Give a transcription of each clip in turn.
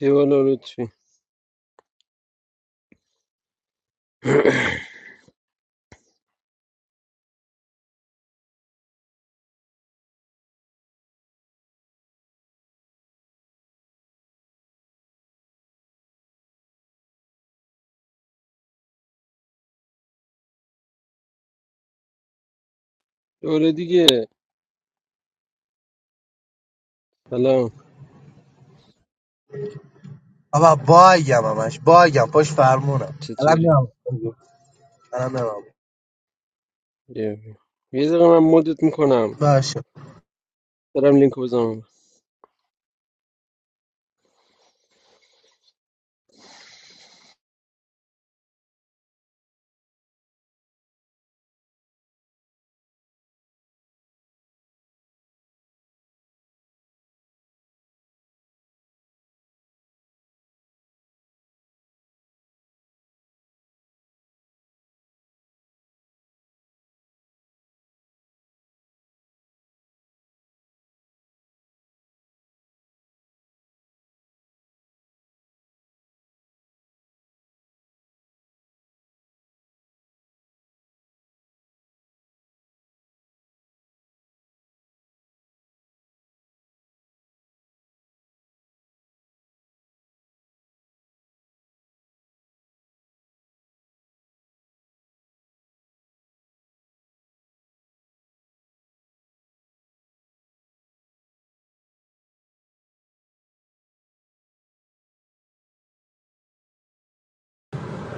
یه بالا لطفی دوره دیگه سلام Ava, bagan, am Iš, bagan, poš fermona. چطوری Ana ne vamo, یه یه دقیقه من مدت میکنم baš. دارم لینک بزنم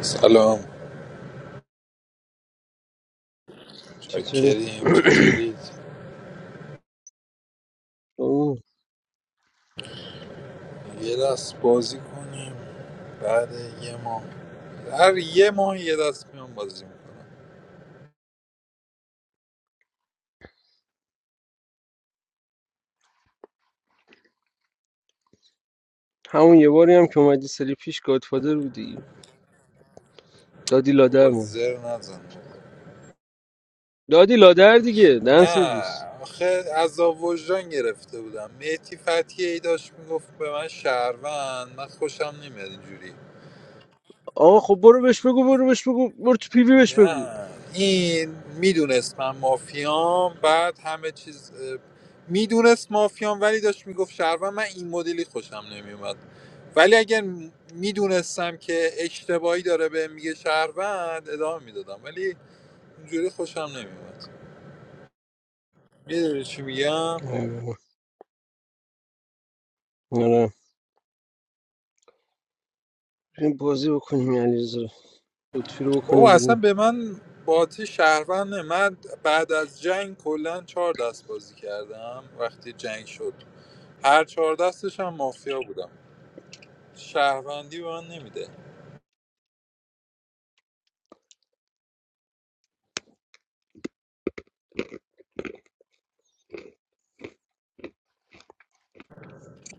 سلام چطوری چاکریم چطورید اوه. یه دست بازی کنیم بعد یه ماه هر یه ماه یه دست میام بازی میکنم همون یه باری هم که اومدی سری پیش گادفادر بودی دادی لادر بابا مون زر نزن بابا. دادی لادر دیگه دن سرویس نه آخه از وجدان گرفته بودم مهتی فتحی ای داشت میگفت به من شهروند من خوشم نمیاد اینجوری آقا خب برو بهش بگو برو بهش بگو برو تو پیوی بهش بگو نه این میدونست من مافیام بعد همه چیز اه، میدونست مافیام ولی داشت میگفت شهروند من این مدلی خوشم نمیومد ولی اگر میدونستم که اشتباهی داره به میگه شهروند ادامه میدادم ولی اینجوری خوشم نمیومد میدونی چی میگم ای بابا. آره بریم بازی بکنیم این علیرضا لطفی رو بابا بکنیم اصلا بیرون به من باتی شهروند نه. من بعد از جنگ کلا چهار دست بازی کردم وقتی جنگ شد هر چهار دستش هم مافیا بودم شهروندی به من نمیده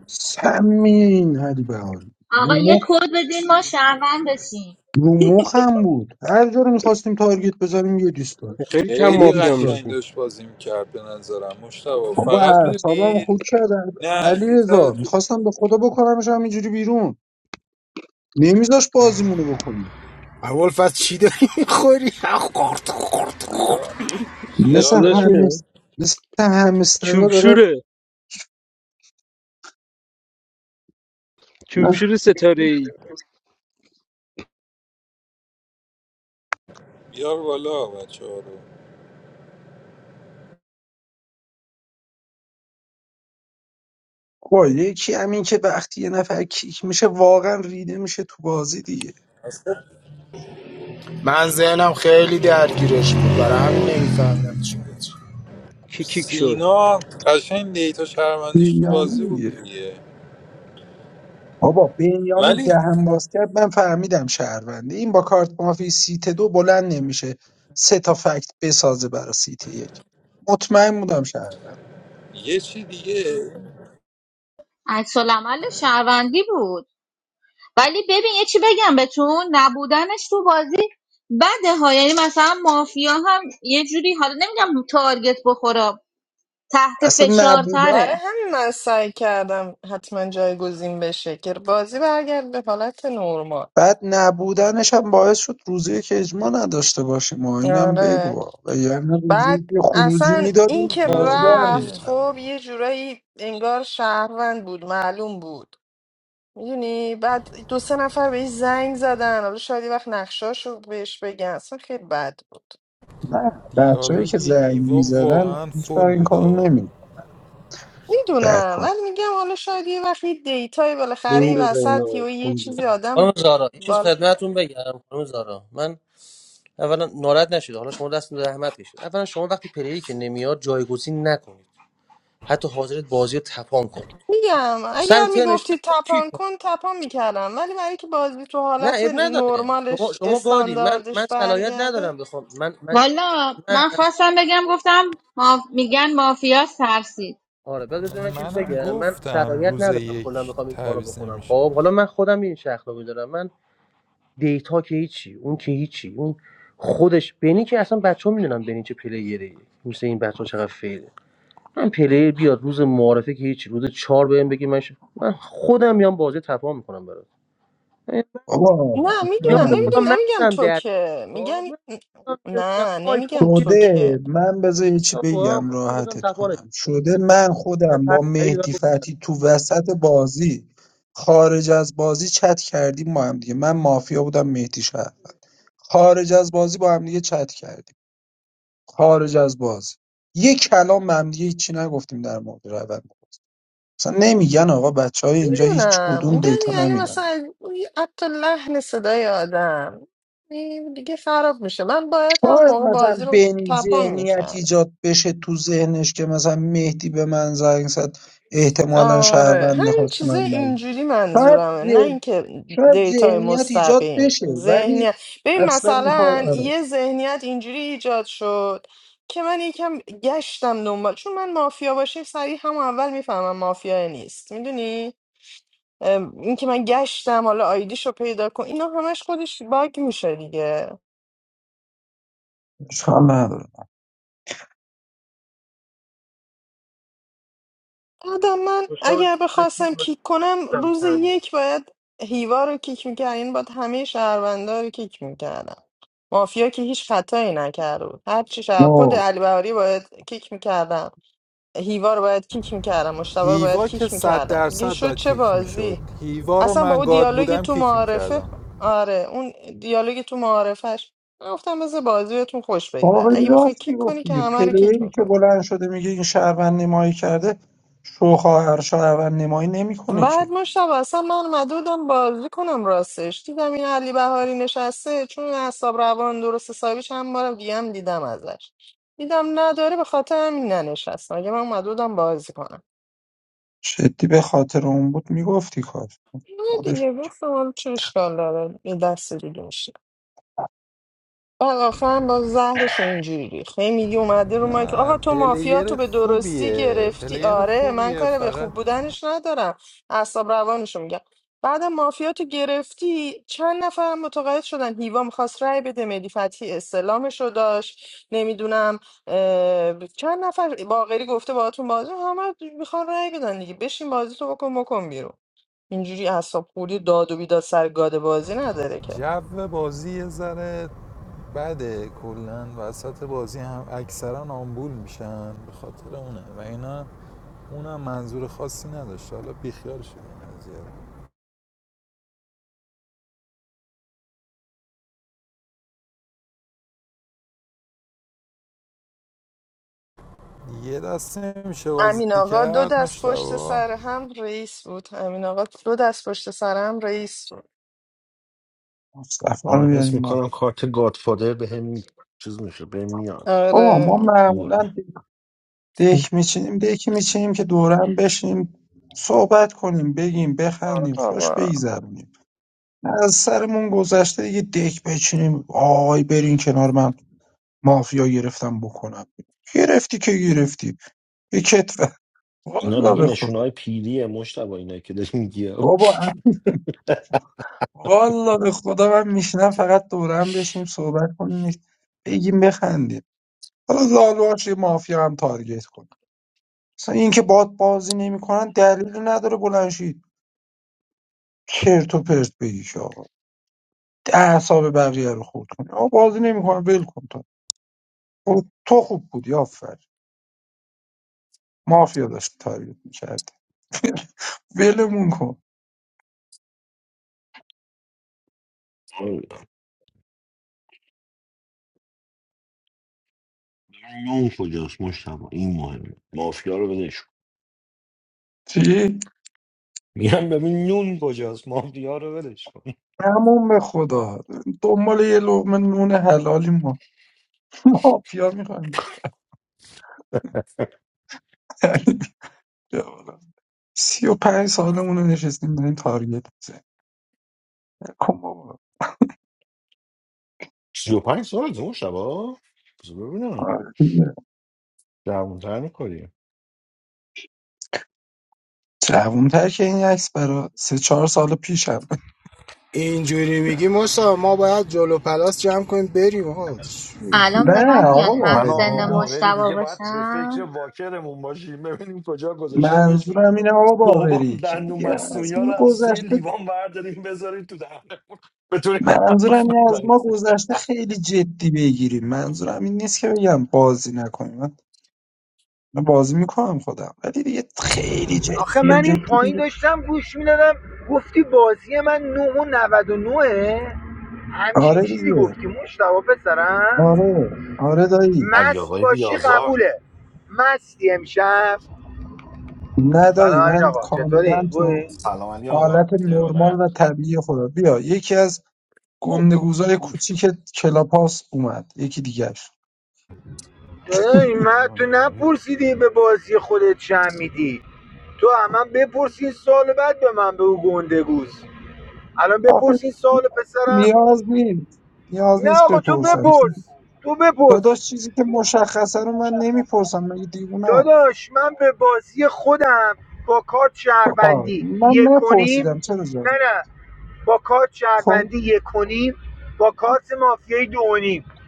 سمین این هریبهاری رو مخ رو مخم بود هر جا رو میخواستیم تارگت بزنیم یه دیسلایک خیلی کم یه خیلی مافیا دیسلایک قشنگ میشیم داشت بازی میکرد به نظرم مشتبه بابا فقط اعصابم میدونی خود شد علی نه یه ذره رضا تو میخواستم به خدا بکنمش همینجوری بیرون نمیذاش بازیمونو بکنیم A wolf has shedded. خیار مثل استعدادش خیاره میاد همس مثل همسترا داره چوبشوره چوبشور ستاره بیار بالا بچه ها رو با یکی همین که وقتی یه نفر کیک میشه واقعا ریده میشه تو بازی دیگه اصلا Manzana, I'm very کیکیک شد سینا قشنگ دیتا شهروندیش تو بازی بود دیوانه دیگه بابا بنیامین ولی دهن باز کرد من فهمیدم شهرونده این با کارت مافی سیت دو بلند نمیشه سه تا فکت بسازه برای سیت یک مطمئن بودم شهرونده یه چی دیگه اصلا نبودن برای همین من سعی کردم حتما جایگزین بشه که بازی برگرد به حالت نرمال بعد نبودنش هم باعث شد روزی که اجماع نداشته باشیم و اینم آره بگو و یعنی روزی بعد که خروجی اصلا این میدادیم که بازی در رفت دیالوگ می‌اومد. خب یه جورایی انگار شهروند بود معلوم بود میدونی بعد دو سه نفر بهش زنگ زدن حالا شاید یه وقت نقشاشو بهش بگن اصلا خیلی بد بود نه بچههایی دیالوگ که زنگ هیوا میزدن واقعا هیچ بر فول این کارو بودا نمی در میدونم کن ولی میگم حالا شاید یه وقت یه دیتای بالاخره این یه بزنین وسط آقا یا یه این چیزی بزنین خانم آدم زارا یه چیز خدمتتون بگم خانم زارا من اولا ناراحت نشید حالا شما دست به زحمت کشید اولا شما وقتی پلیری که نمیاد جایگزین نکنید حتی حاضرت بازی رو تپان کنید میگم سر اگر ترنش میگفتی نیاد، کی تپان کن کن تپان میکردم ولی برای که بازی تو نه حالت اب نداره شما نرمالش شما گادی من من استانداردش صلاحیت برگرده ندارم بخوام من من من آره بذار من چیز منم بگم من گفتم صلاحیت روز ندارم کلا یک بخوام این کارو تعویض بکنم نمیشه خب حالا من خودم این شخص رو میدارم دیتا که هیچی اون که هیچی اون خودش بنی که اصلا بچه ها میدونن بنی چه پلیره مثل این بچه ها چقدر فیله من پلیر بیاد روز معارفه که هیچی روز چهار بهم بگی من, ش- من خودم میام بازی تپام میکنم برات من بابا نه میدونم بیام به خدا نمیدونم نمیگم مغزم تو در که میگم خب، من گفتم که میگم نه آیفون نمیگم که تو که شده من بذار یه چی آقا، من بگم خودم گفتم راحتت تپانش کنم شده من با- من در خودم پر با خرید من مهدی گفتم فتی تو وسط بازی خارج از بازی چت کردیم با هم دیگه من مافیا بودم مهدی شهروند خارج از بازی با هم دیگه چت کردیم خارج از بازی یه کلام به هم دیگه هیچی نگفتیم در مورد روند بازی. اصلا نمیگن آقا بچه های اینجا هیچ میدونم کدوم میگم دیتا یعنی نمیدن مثلا حتی لحن صدای آدم این دیگه خراب میشه من باید هم شاید موقع مثلا بازی رو بنی تپان ذهنیت میکردم ایجاد بشه تو ذهنش که مثلا مهدی به من زنگ زد احتمالا آره شهرونده همین خواست چیزه من بگم اینجوری شاید منظورمه نه ذهن اینکه شاید دیتا ذهنیت ایجاد مستقیم بشه ولی ذهنیت ببین اصلا این مثلا کار آره یه ذهنیت اینجوری ایجاد شد که من یکم گشتم دنبال چون من مافیا باشیم سریع همون اول میفهمم مافیا نیست میدونی اینکه من گشتم حالا آیدیشو پیدا کن اینا همش خودش باگ میشه دیگه اشکال نداره آدم من مشتاق اگر بچین بخواستم کیک کنم بستم روز چند یک باید هیوا رو کیک میکرد این باید همه شهروندا رو کیک میکردم مافیا که هیچ خطایی نکرده بود هر چی شهر خود آه، علی بهاری باید کیک میکردم هیوا رو باید کیک میکردم مشتبه رو باید هیوا که کیک صد میکردم دیگه درصد شد باید چه کیک میشد بازی هیوا رو اصلا با من اون گاد دیالوگ بودم تو کیک معارفه میکردم آره اون دیالوگ تو معارفش من گفتم بذار بازی بهتون خوش بگذر باقری اگه بخوای راست کیک میگفت کنی که دیگه همه رو کیک پلیری که بلند شده میگه این شهروند نمایی کرده شوخواهر شهروند نمایی نمیکنه بعد که مشتبه اصلا من اومده بودم بازی کنم راستش دیدم این علی بهاری نشسته چون اعصاب روان درست حسابی چند بارم دیگه هم دیدم ازش دیدم نداره به خاطر همین ننشستم اگه من اومده بودم بازی کنم شدی به خاطر اون بود میگفتی کار نه مدش دیگه گفتم حالا چه اشکال داره یه دست دیگه میشه. آقا خان با زهرش اینجوری ریخت هی میگه اومده رو مایک نه آقا تو مافیا تو پلیر به درستی خوبیه گرفتی پلیر آره من خوبیه کار به فقط خوب بودنش ندارم اعصاب روانشو میگم بعد مافیا تو گرفتی چند نفر متقاعد شدن هیوا میخواست رای بده مهدی فتحی استلامشو داشت نمیدونم چند نفر باقری گفته باهاتون بازی همه میخوان رای بدن دیگه بشین بازی تو بکن بکن بیرون اینجوری اعصاب خوردی داد و بیداد سر گاد بازی نداره که جو بازی یه ذره بده کلا وسط بازی هم اکثرا آمبول میشن به خاطر اونه و اینا اونم منظور خاصی نداشت حالا بیخیال شدیم از یه. یه دست نمیشه امین بازی آقا دو کرد دست پشت مشتبه سر هم رئیس بود امین آقا دو دست پشت سر هم رئیس بود مصطفی رو آره حس بیاریم ما میکنم کارت گادفادر به هم می... چیز میشه به هم میاد آه ما آره خوبه. معمولا دک میچینیم دکی میچینیم که دورم بشیم صحبت کنیم بگیم آره بخندیم خوش آقا بگذرونیم از سرمون گذشته دیگه دک بچینیم آی برین کنار من مافیا گرفتم بکنم گرفتی که گرفتی یه کتفه اینا والا دیگه به نشونه خدا های پیریه مشتبه اینا که داری میگی بابا والا به خدا من میشنم فقط دورم بشینیم صحبت کنیم بگیم بخندیم حالا لالوهاش یه مافیا هم تارگت کنیم مثلا این که باد بازی نمیکنن دلیل نداره بلنشی چرت و پرت بگیش آقا ده حساب بقیه رو خورد کنی آقا بازی نمیکنه ول کن تو برو تو خوب بودی آفر مافیا داشت تارگت میکرد ولمون کن آره. نون کجاست مشتبه این مهمه مافیا رو ولش کن چی؟ میگم ببین نون کجاست مافیا رو ولش کن همون به خدا دنبال یه لقمه نون حلالی ما مافیا میخوایم سی و پنج سالمون رو نشستیم داریم تارگت میزنیم کن بابا سی و پنج سال مشتبه بذار ببینم آره دیگه. جوانتر میکنی جوون‌تر که این عکس برا سه چهار سال پیشم tired. نه آقا من و آقا واقعی باغری دیگه باید به فکر واکرمون باشیم ببینیم کجا گذاشتیمش منظورم اینه آقا بابام باقری که دندون دیگه مصنوعی از ها رو ما از توی گذشته لیوان برداریم بذاریم تو دهن بتونی حرف منظورم اینه از بزنی ما گذشته خیلی جدی بگیریم منظورم این نیست که بگم بازی نکنیم من من بازی میکنم خودم ولی دیگه خیلی آخه جدیه من این جدی پایین دیگه داشتم گوش میدادم گفتی بازی من 9 و 99 همچین آره چیزی دیگه گفتی مشتبه پسرم آره آره دایی علی مست آقای باشی بیازار قبوله مستی امشب نه دایی سلام امین من آقا چطوری؟ کاملا تو خوبی؟ سلام علی آقا حالت نرمال ارادت و طبیعی خودم بیا یکی از اوه، گندگوزای ایف. کوچیک کلاپاس اومد یکی دیگه داداش من تو نپرسیدی به بازی خودت چم میدی تو همم بپرسین سال بعد به من بگو گنده گوز الان آخه بپرسین سال پسرم نیاز نیست نیاز نه نیست آقا تو بپرسم بپرس تو بپرس داداش چیزی که تو بپرس چیزی مشخصه که رو من مشخصه رو نمیپرسم مگه دیوونم داداش من به بازی خودم با کارت آه، شهروندی من یک نپرسیدم کنیم چرا نه جان نه با کارت خب شهروندی یک کنیم با کارت مافیایی دو و نیم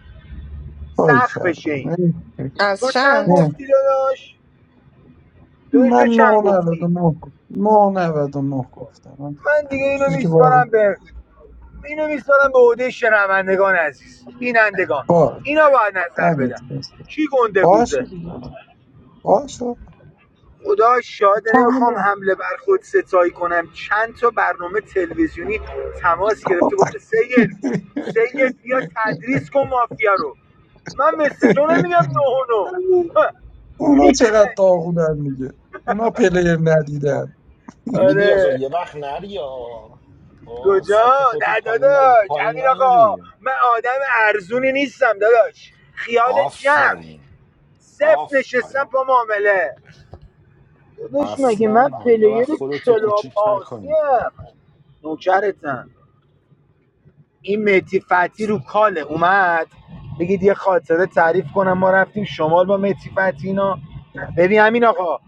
کاری سخت بشه کردم این نه از تو چند چند نه. گفتی داداش داداش تو من چند گفتی 999 و نه نه نود و نه گفتم من من دیگه اینو چیزی که واقعا میسپارم به اینو میسپارم به عده شنوندگان عزیز بینندگان باز اینا باید نظر دمت بدن گرم. کی گنده گوزه باشه دیگه باشه خدا شاده تو نمیخوام همین حمله بر خود ستایی کنم چند تا برنامه تلویزیونی تماس خب. گرفته گفته سید سید بیا تدریس کن مافیا رو من مثل تو نمیگم نه و همین. اونا چقدر داغونن میگه اونا پلیر ندیدن علی بیازار آره یه وقت نری آ. با کجا سبت خودتو نه پایین نی... داداش پایین امین آقا نیاری من آدم ارزونی نیستم داداش خیال جمع آفرین صفر نشستم آفرین با معامله داداش مگه اصلا من ها یه وقت پلیر خودتو کلاب کوچیک آسیم نکنی نوکرتم این مهدی فتی رو کاله اومد بگید یه خاطره تعریف کنم ما رفتیم شمال با مهدی فتی اینا ببین همین آقا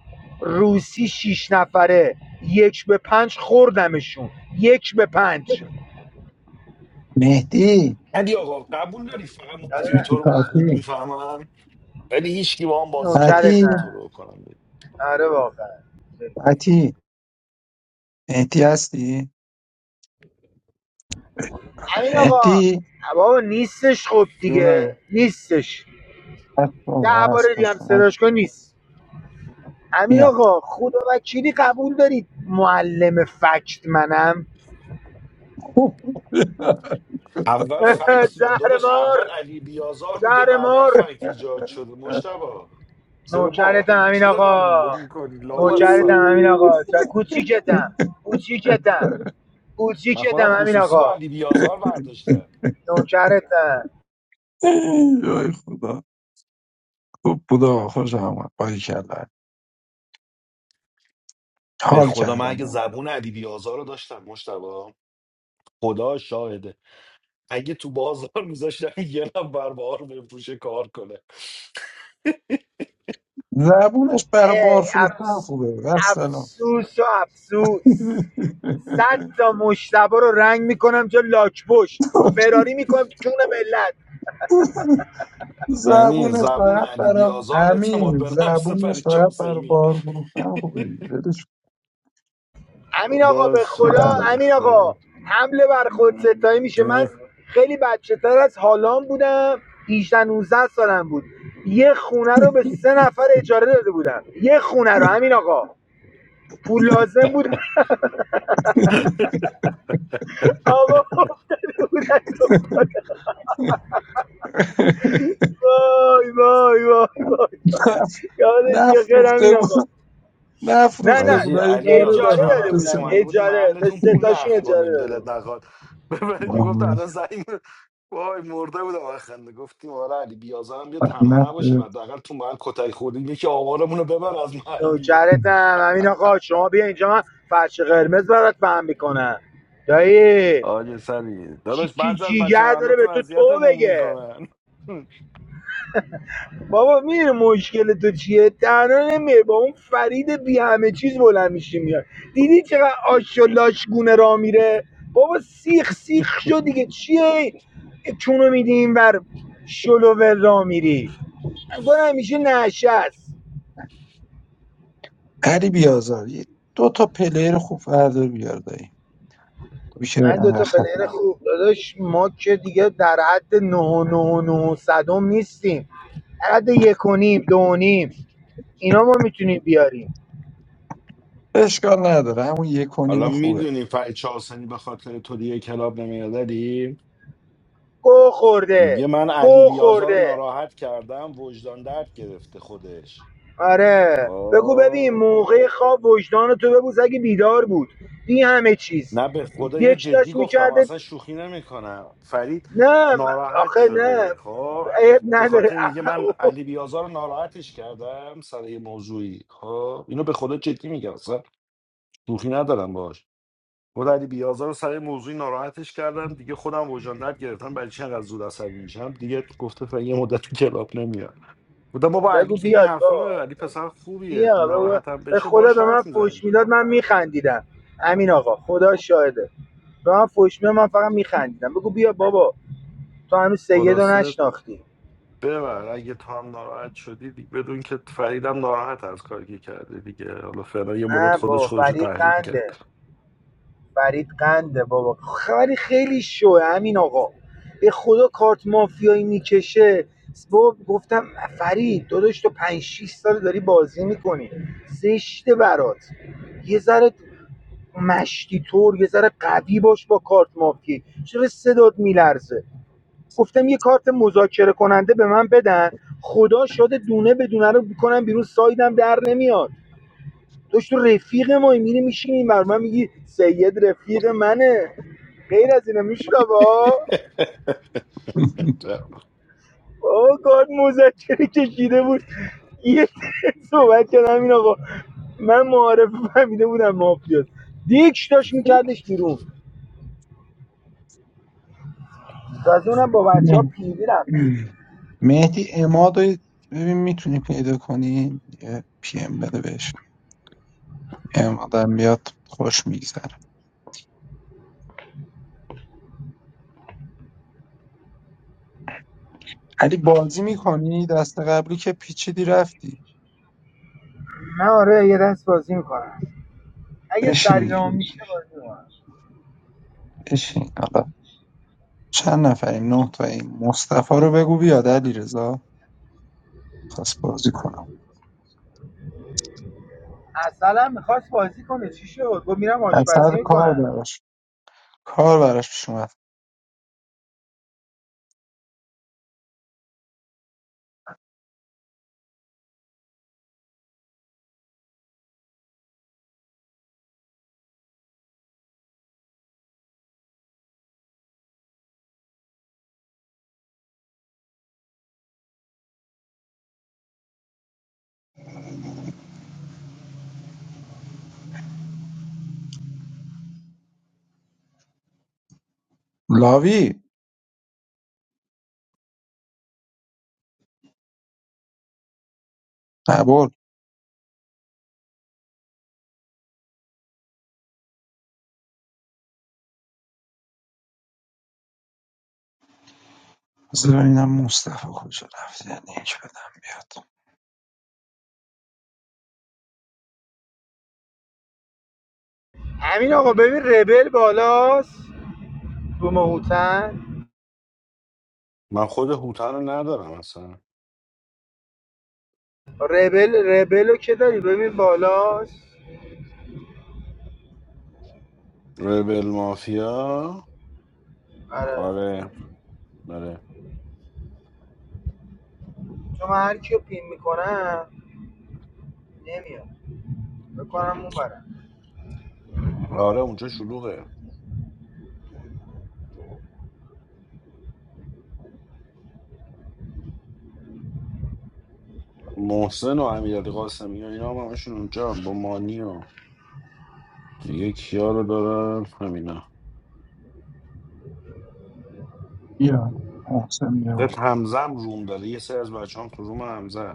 روسی شیش نفره یک به پنج خوردمشون یک به پنج مهدی علی آقا قبول داری فقط مافیای تو رو من خوب مهدی میفهمم ولی هیچکی با هم بازی فتی نمیکنه نوکرتن تو رو کنم آره واقعا فتی احتی هستی؟ همین آقا احتی بابا نیستش خب دیگه نیستش هست ده بابا هست باره دیگه هم پشت ما صداش کن نیست همین میاد آقا خدا وکیلی قبول دارید معلم فکت منم اول فکت زهر داداش اول مار علی بیازار بوده زهر بعدا مار فکت ایجاد شده مشتبا چرا باور نوکرتم امین چرا آقا قبول نمی کنی نوکرتم لامصب امین آقا چ- کوچیکتم کوچیکتم من خودم کوچیکتم امین خصوصی با آقا علی بیازار برداشتم نوکرتم ای خدا خب بودا آقا، خوش آمد باری کردن به حال خدا من کردم اگه موقع زبون علی بیازار رو داشتم مشتبا خدا شاهده اگه تو بازار میذاشتم یه نفر بار بفروشه کار کنه زبونش برای بار ای فروختن افس خوبه و سلام افسوس و افسوس صد تا مشتبه رو رنگ میکنم چه لاک پشت فراری میکنم تو کون ملت یعنی زبونش زبون باید علی برای بیازار اعتماد همین به نفس زبونش فرید باید برای حسینی بار فروختن خوبه دیگه ولش امین آقا خدا به خدا شاهده به امین آقا خدا حمله بر خود ستایی میشه من خیلی بچه تر از حالان بودم 18 19 سالم بود یه خونه رو به سه نفر اجاره داده بودم یه خونه رو امین آقا پول لازم بود آقا افتاده بودن کن. وای وای وای وای نف- یادش یه خیر نفروخته امین آقا بود نه نفروخته نه بود حاجی علی اجاره بیازاد اجاره داده چند بود داده به وقت پیش بودم سنا اومده بودی اجاره به محلتون سه پول تاشون نقد اجاره کنیم داده دلت بودم نخواد بهت میگفت وای. الان زنگ می- وای مرده بودم از خنده گفتیم آره علی بیازا هم بیا نف تنها نباشیم حداقل تو محل کتک خوردیم یکی آوارمون رو ببر از محل بیرون نوکرتم همین آقا شما بیا اینجا من فرش قرمز برات پهن میکنم دایی آج سری داداش چیکی بعضی از بچه جیگر داره به محلاتون تو تو اذیتمون بگه میکنن بابا میره مشکل تو چیه تنها نمیره با اون فرید بی همه چیز بلند میشی میاد دیدی چقدر آش و لاش گونه را میره بابا سیخ سیخ شد دیگه چیه چونو میدی این بر شلوول را میری انگار همیشه نشست علی بیازار یه- دو تا پلیر خوب فردا بیار دایی میشه من دو تا انقدر پلیر خوب داداش ما که دیگه در حد نه و نه و 9 صدم نیستیم در حد یک و نیم دو و نیم اینا ما میتونیم بیاریم اشکال نداره همون یک و حالا نیم خوبه میدونی فرید چهارسنی به خاطر تو دیگه کلاب نمیاد علی؟ گو خورده میگه من علی گو بیازار رو خورده ناراحت کردم وجدان درد گرفته خودش آره بگو ببین آه. موقع خواب وجدان تو ببوس اگه بیدار بود دی همه چیز نه به خدا اینو یک جدی داشت گفتم میکرده اصلا شوخی نمیکنم فرید نه م- ناراحت آخه نه شده خب عیب به نداره خاطر میگه من علی بیازار رو ناراحتش کردم سر یه موضوعی خب اینو به خدا جدی میگم اصلا شوخی ندارم باش خود علی بیازار رو سر یه موضوعی ناراحتش کردم دیگه خودم وجدان درد گرفتم برای چی انقدر زود عصبی میشم دیگه گفته فعلا یه مدت تو کلاب نمیاد بودم بابا علی بگو که این بیاد حرفا با رو علی پسر خوبیه بیا به ناراحتم بشه خدا باش به من حرف فوش میزنیم میداد من میخندیدم امین آقا خدا شاهده به من فوش میداد من فقط میخندیدم بگو بیا بابا تو هنوز سید رو خلاصه نشناختی ببر اگه تو هم ناراحت شدی دی- بدون که فریدم ناراحت از کاری که کرده دیگه حالا فعلا یه مدت نه خودش بابا خودش رو فرید تحلیل کرد قنده فرید قنده بابا خبری خیلی شوه امین آقا به خدا کارت مافیایی میکشه بابا گفتم فرید داداش تو پنج 6 سال داری بازی میکنی زشته برات یه ذره مشتی طور یه ذره قوی باش با کارت مافیایی چرا صدات میلرزه گفتم یه کارت مذاکره کننده به من بدن خدا شده دونه به دونه رو بکنم بیرون سایدم در نمیاد داشت تو رفیق ما میری میشینی این من میگی سید رفیق منه غیر از اینه میشه با آه کارت مذاکره کشیده بود یه صحبت کردم این آقا من معارف فهمیده بودم مافیاست دیکش داشت میکردش بیرون تازه اونم با بچه ها مه- پیوی رفته بود مهدی اماد رو ببین میتونی پیدا کنی یه پی ام بده بهش امادم بیاد خوش میگذره علی بازی میکنی دست قبلی که پیچیدی رفتی من آره یه دست بازی میکنم اگه بشین سریرمون میشه بازی میکنم بشین چند نفریم نه تاییم مصطفی رو بگو بیاد علیرضا خواست بازی کنم اصلا میخواست بازی کنه چی شد گفت میرم از آشپزی سر کار میکنم براش کار براش پیش اومد لاوی نبول بذار ببینم مصطفی کجا رفت یه لینک بدم بیاد همین آقا ببین ربل بالاست رو مهوتن من خود هوتا رو ندارم اصلا ربل ربلو که داری ببین بالاست ریبل مافیا آره آره آره چون من هر کیو پین میکنم نمیاد بکنم اون برم آره اونجا شلوغه محسن و امیرعلی قاسمی و اینا هم همشون اونجا با مانی و دیگه کیا رو دارم همینا بیا محسن بیا با فقط من. همزم روم داره یه سری از بچه هم تو روم همزه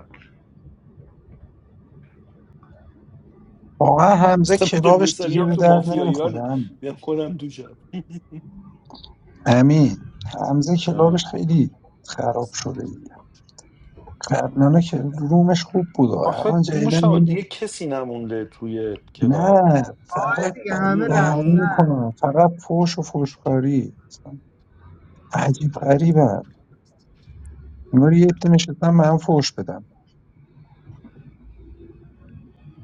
واقعا حمزه میدم یه کلابش سری دیگه هم به تو درد مافیا نمیخوره ایران امین میام کنم تو شب امین. حمزه کلابش آه. خیلی خراب شده دیگه قبلا که رومش خوب بود و آخه الان مشتاق جدیدن دیگه کسی نمونده توی کلاب نه آره فقط دیگه بد همه دهنی میدونی رفتن میکنن فقط فوش و فوشکاری اصلا عجیب غریبه اینا رو یه عده نشستن به هم فوش بدن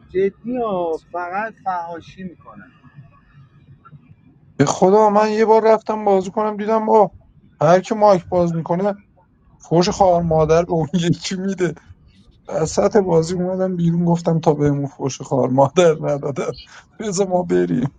جدی ها فقط فهاشی میکنن به خدا من یه بار رفتم بازی کنم دیدم با هر کی مایک باز میکنه فوش خوار مادر به اون یکی میده وسط بازی اومدم بیرون گفتم تا بهمون فوش خوار مادر ندادن بذار ما بریم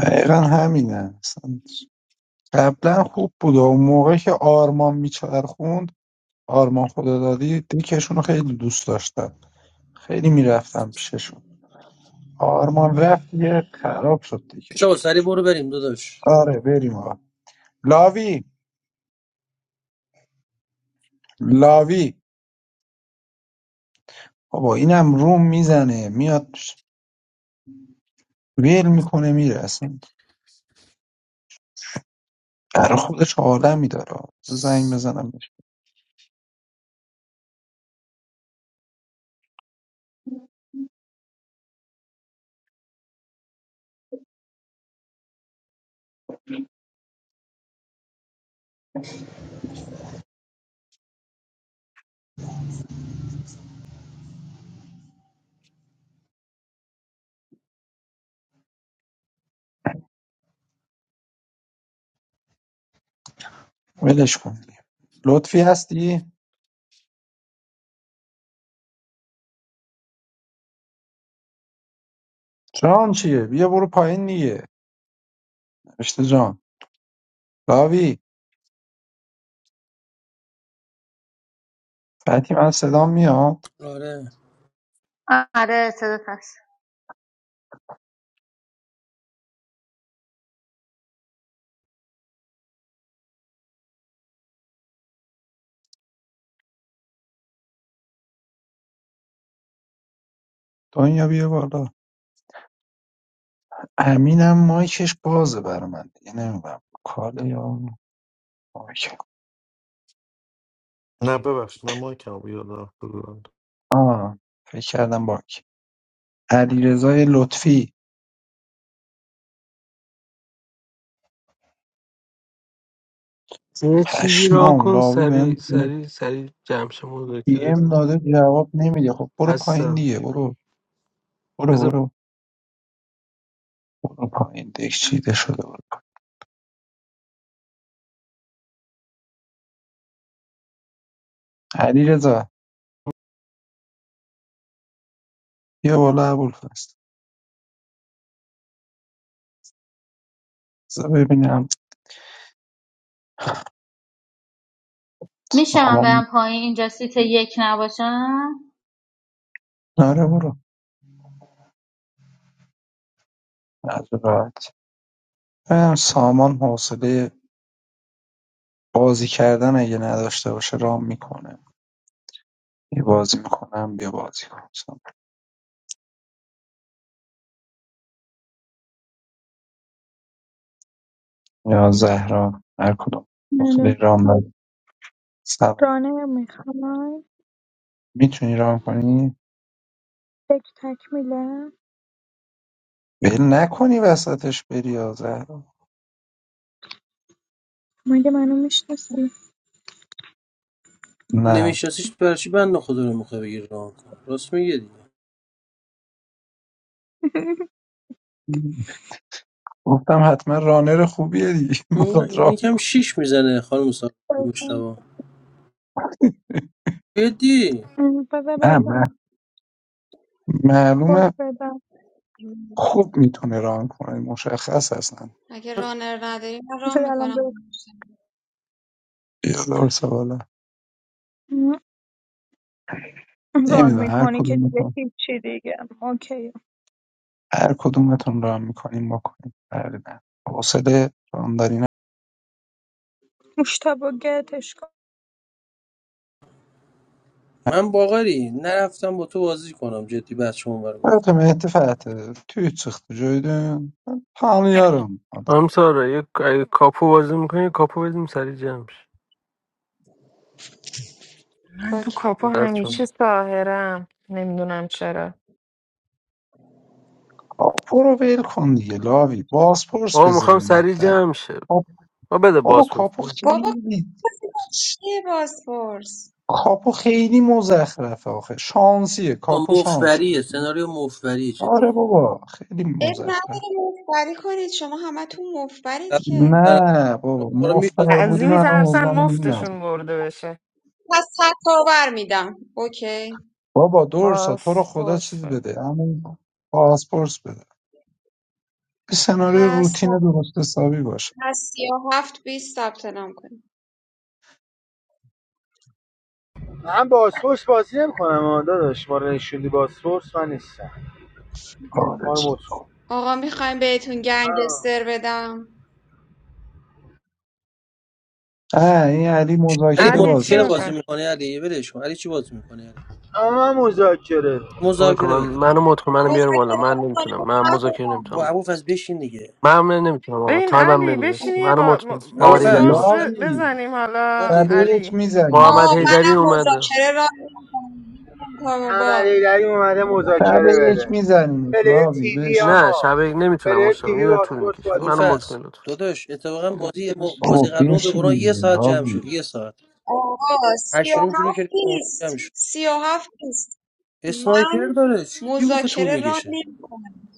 دقیقا همینه اصلا قبلا خوب بود اون موقع که آرمان میچرخوند آرمان خدادادی دکشون رو خیلی دوست داشتن خیلی میرفتم پیششون آرمان رفت یه خراب شد دکشون شما سری برو بریم داداش آره بریم آقا لاوی لاوی بابا اینم روم میزنه میاد ویل میکنه میره اصلا در خودش آدمی داره زنگ بزنم بهش ولش کن دیگه. لطفی هستی؟ جان چیه؟ بیا برو پایین دیگه نوشته جان لاوی فتی من صدام میاد آره دنیا بیا بالا امینم مایکش بازه برا من دیگه نمیدونم کاله یا مایک نه ببخشید من مایکم بیاد رفته بودم آه فکر کردم باک علیرضای لطفی یه چیزی ران پشمام کن لاوی بهم سری سری سری جمشه پی مذاکره ام داده جواب نمیده خب برو پایین هستم دیگه برو برو بذار برو برو پایین دیگه چیده شده برو پایین. علیرضا بیا بالا ابوالفضل بذار ببینم سامان نره برو از راحت ببینم سامان حوصله بازی کردن اگه نداشته باشه رام میکنه یه بازی میکنم بیا بازی کن یا زهرا هر کدوم گفته رام بده. سلام رانه میخوای میتونی رام کنی فکر تکمیله ول نکنی وسطش بری یا زهرا مگه منو میشناسی نه نمیشناسیش برای چی بند خدا رو میخوای بگیر راه کن راست میگه دیگه. گفتم حتما رانر خوبیه دیگه اون- میخواد این رام یکم شیش میزنه خانم مصطفی مشتبه جدی بذار نه بهتون من کد معلومه بدم خوب میتونه ران کنه مشخص هستن اگه رانر نداری من ران بذار الان به میکنم بیادار سواله ران نمیدونم هر میکنی که دیگه کدومتون هیچی دیگه اوکی هر کدومتون ران میکنیم بکنیم فرقی نداره. حوصله ران داری نه مشتبه گتش کن من باقری نرفتم با تو بازی کنم جدی بعد شما برای من گفتم مهدی فتح Tüy çıxdı göydən. Tanıyarım adamı. هم سارا یه اگه کاپو بازی میکنی یه کاپو بزنیم سری جمش من تو اوکی. کاپا دست چون همیشه ساهرم نمیدونم چرا خب برو ول کن دیگه لاوی بازپرس آقا میخوام بزنیم سری حداقل جمشه آب ما بده بابا باز بود کاپو بابا خیلی چیه بازپرس کاپو خیلی مزخرفه آخه شانسیه با کاپو شانسه مفبریه سناریو مفبریه جدی آره بابا خیلی اب مزخرف نداره مفبری کنید شما همه تو مفبرید دست که در- نه شما بابا رو می‌شست. مفتر از بودی این من میترسن اوضاعمون این مفتشون نبود برده بشه پس تکاور میدم اوکی بابا درسا باز تو رو خدا پرس چیز بده همین بازپرس بده یه سناریو پس روتین درست حسابی باشه پس یا هفت بیست ثبت نام کنید من باسپورس بازی نمیکنم آه داداش ما رو نشوندی باسپورس من نیستم آره ما رو مت چی. کن آقا میخوایم بهتون آه. گنگستر بدم اه این علی علی مذاکره علی بازی چی مذاکره بازی میخوای میکنه میکنه علی ولش کن علی چی بازی میکنه علی اما من مذاکره آقا که مذاکره من بده منو مت کن منو بیار مذاکره. بالا مذاکره من نمیتونم بکنیم من شهر مذاکره بابا نمیتونم ابوالفضل بشین دیگه من نمیتونم آقا ببین تایمم علی بشین نمیرسه یه منو مت با... کن ما آماده من- ابوالفضل داری بازپرس شب ب- لاوی بزنیم حالا ساعت شب یه کاری یک علی میزنیم محمد آه حیدری منم اومده مذاکره را میکنم با عملی دری اومده نه به مذاکره یک بده میزنیم پلیر لاوی تیوی نه بشین آقا شبکه نمیتونم پلیر مشتاق تیوی میدونم طول باسپورس میکشه بازی منو مت نمیکنه کن ابوالفضل لطفا داداش اتفاقا بازی بابا بازی قبل ما به بشین قرآن یه دیگه ساعت جمع لاوی شد یه ساعت آقا سی هشت و و نیم شروع هفت کردیم نه و نیم جمع نیست شد. سی و هفت نیست من اسنایپر داره چی کی گفت طول مذاکره را میکشه نمی کنم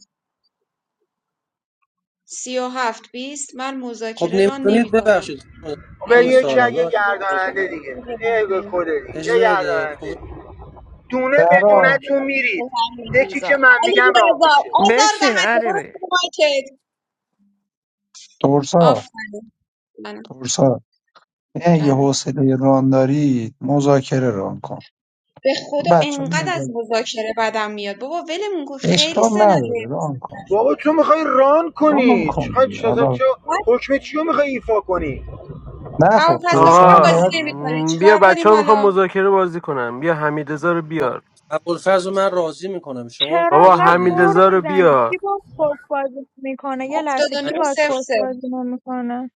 سی و هفت بیست من خب مذاکره را نمی نمیتونید کنم ببخشید خانم اگه به خانم میخوایم یکی سارا اگه ببخشید. گرداننده دیگه یه کده دیگه یه اجازه بده گرداننده خب دیگه. دونه به دونه برا تو میرید یکی که آزار من میگم علی ران بیازار آزار میشه آزار بشین دهنده برو علی تو مارکت ترسا آفرین جانم ترسا نه یه جانم حوصله ران داری مذاکره ران کن خدا بچه ها انقدر از مذاکره مذاکره بدم میاد بابا ولمون کن خیلی اشکال نداره سناریو ران کن بابا تو میخوای ران ران کنی چه کن دیگه. چه حالا چه- بعد حکم چی رو میخوای ایفا کنی نه خب ابوالفضلاوی ترسا هم هم آقا بازی باید نمیکنه م، بیا چیکار بچه کنیم ها میخوام حالا مذاکره بازی کنم بیا حمید رو آه. بیار ابوالفضل من راضی میکنم شما چرا بابا کدو انقدر حمید بده قور رو میزنی بیار کی باز پست بازی میکنه یه لحظه کی 79 باز صفر پست صفر بازی نمیکنه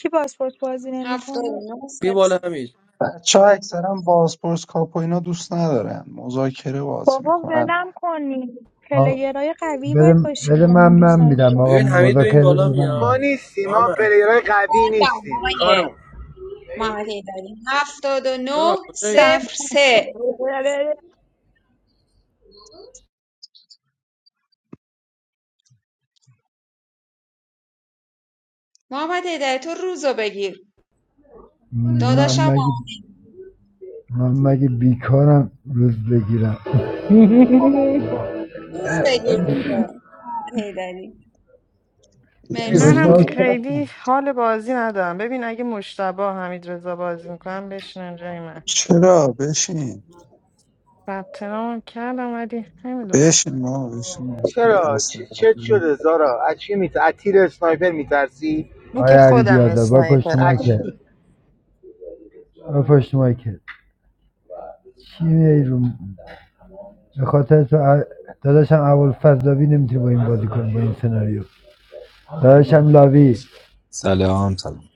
کی باز پست بازی نمیکنه 79 بی صفر بالا صفر حمید بچه ها اکثرا بازپرس کاپ و اینا دوست ندارن مذاکره بازی بابا میکنن ولم کنی آ، پلیرای قوی بده, باید باشید بده که من من دوست من میدم داشتم. آقا ببین حمید به این مذاکره بده بالا من ما میاد میدم. نیستیم ما محمد پلیرهای قوی بازم نیستیم آقای خانم محمد ایدری 79 چرا کجایی time. صفر سه محمد ایدری تو روزو بگیر من داداشم مگه محمد من مگه بیکارم روز بگیرم حیدری. روز بگیر دیگه محمد ایدری ای مرسی منم روزو به مشتاق طرف خیلی حال بازی ندارم ببین اگه مشتبه حمید رضا بازی میکنم بشینن جای من چرا بشین ثبت نام کردم ولی نمیدونم بشین ما بشین ما بشین. چرا دست درد چه شده زارا از چی میت... از تیر اسنایپر میترسی این که آیا علی خودم بیادر بار پشت اسنایپرم مایی از که بار پشت مایی که چی میای رو به خاطر تو داداشم اول فضلاوی نمیتونی با این بازی کنی با این سناریو داداشم لاوی سلام سلام